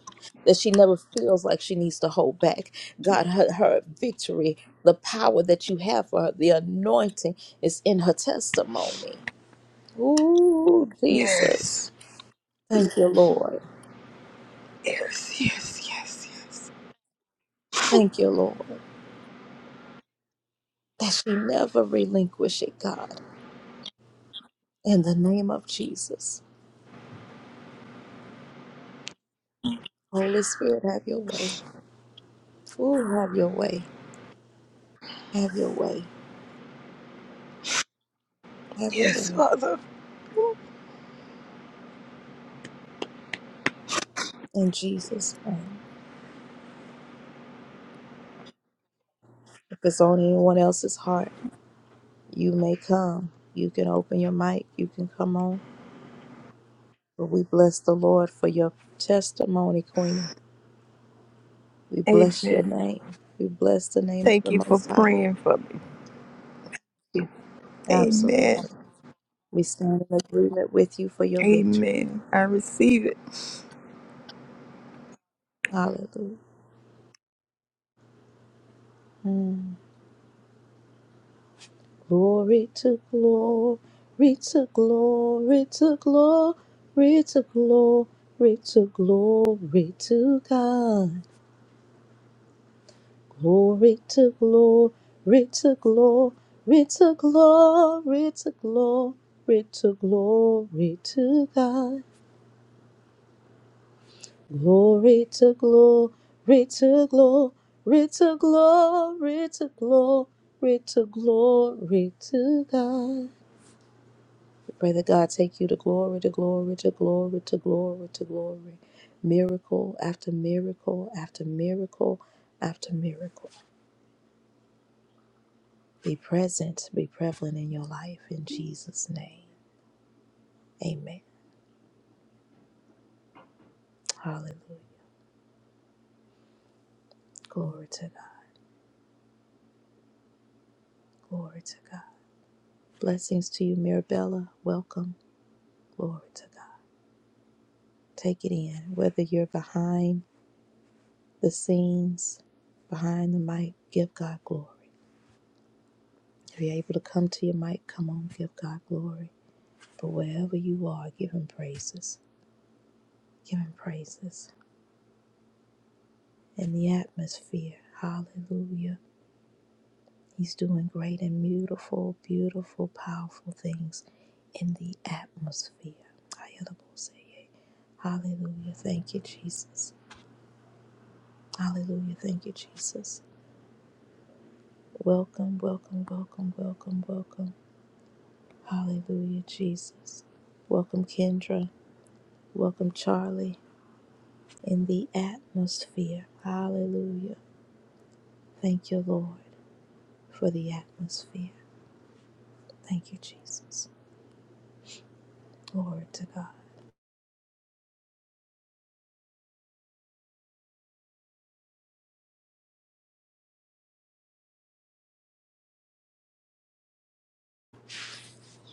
A: That she never feels like she needs to hold back. God, her, her victory, the power that you have for her, the anointing is in her testimony. Ooh,
L: Yes,
A: Jesus. Thank you, Lord.
L: yes, yes, yes, yes.
A: Thank you, Lord. That she never relinquish it, God. In the name of Jesus. Holy Spirit, have your way. Ooh, have your way. Have your way. Have your
L: Yes,
A: way.
L: Father.
A: In Jesus' name. If it's on anyone else's heart, You may come. You can open your mic. You can come on. But we bless the Lord for your testimony, Queenie. We bless your
L: Amen.
A: name. We bless the name of
L: Thank
A: the
L: you for
A: Most High.
L: praying for me. Amen.
A: Absolutely. We stand in agreement with you for your victory.
L: Amen. I receive it.
A: Hallelujah. Mm. Glory to glory to glory to glory to glory to glory to God. Glory to glory to glory to glory to glory to glory to God. Glory to glory to glory to glory to glory to glory to God. We pray that God take you to glory to glory to glory to glory to glory. Miracle after miracle after miracle after miracle. be present, be prevalent in your life in Jesus' name. Amen. Hallelujah. Glory to God. Glory to God. Blessings to you, Mirabella. Welcome. Glory to God. Take it in. Whether you're behind the scenes, behind the mic, give God glory. If you're able to come to your mic, come on, give God glory. But wherever you are, give Him praises. Give Him praises in the atmosphere. Hallelujah. He's doing great and beautiful, beautiful, powerful things in the atmosphere. Ayadaboseye. Hallelujah. Thank you, Jesus. Hallelujah. Thank you, Jesus. Welcome, welcome, welcome, welcome, welcome. Hallelujah, Jesus. Welcome, Kendra. Welcome, Charlie, in the atmosphere. Hallelujah. Thank you, Lord, for the atmosphere. Thank you, Jesus. Glory to God.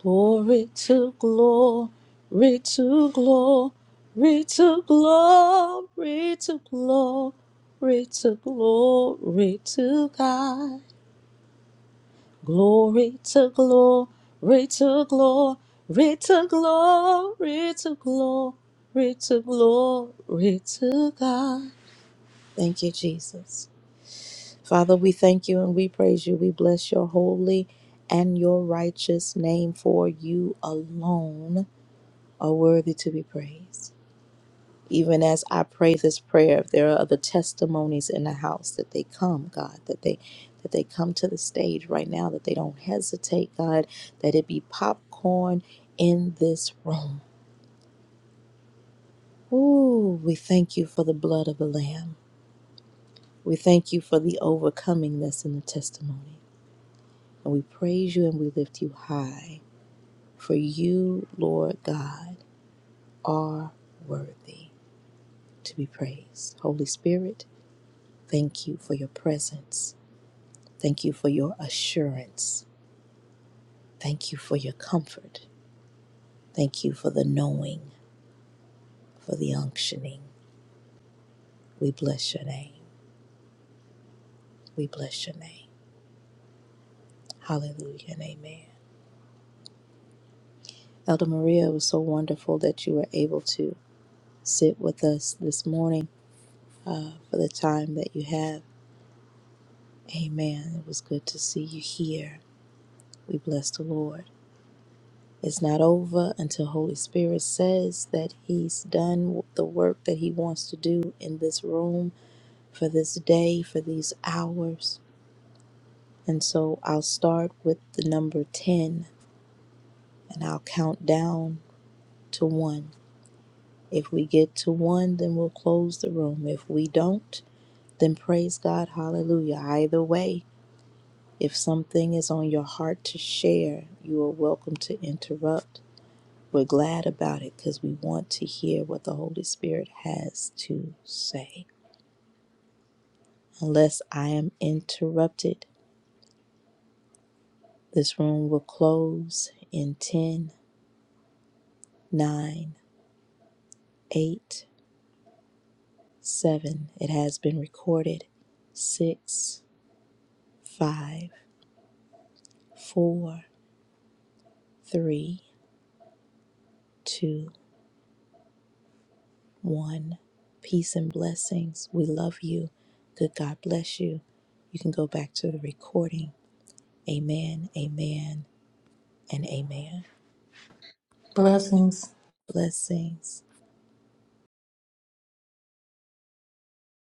A: Glory to glory to glory to glory to glory to glory to God. Glory to glory to glory to glory to glory to glory to God. Thank you, Jesus. Father, we thank you and we praise you. We bless your holy and your righteous name for you alone are worthy to be praised. Even as I pray this prayer, if there are other testimonies in the house that they come, God, that they that they come to the stage right now, that they don't hesitate, God, that it be popcorn in this room. Ooh, we thank you for the blood of the Lamb. We thank you for the overcoming that's in the testimony. And we praise you and we lift you high. For you, Lord God, are worthy to be praised. Holy Spirit, Thank you for your presence. Thank you for your assurance. Thank you for your comfort. Thank you for the knowing, for the unctioning. We bless your name. We bless your name. Hallelujah and amen. Elder Maria, it was so wonderful that you were able to sit with us this morning for the time that you have. Amen. It was good to see you here. We bless the Lord. It's not over until Holy Spirit says that He's done the work that He wants to do in this room for this day, for these hours. And so I'll start with the number 10 and I'll count down to one. If we get to one, then we'll close the room. If we don't, then praise God. Hallelujah. Either way, if something is on your heart to share, you are welcome to interrupt. We're glad about it because we want to hear what the Holy Spirit has to say. Unless I am interrupted, this room will close in 10, 9, 8, 7. It has been recorded. six, five, four, three, two, one. Peace and blessings. We love you. Good God bless you. You can go back to the recording. Amen, amen, and amen.
M: Blessings.
A: blessings.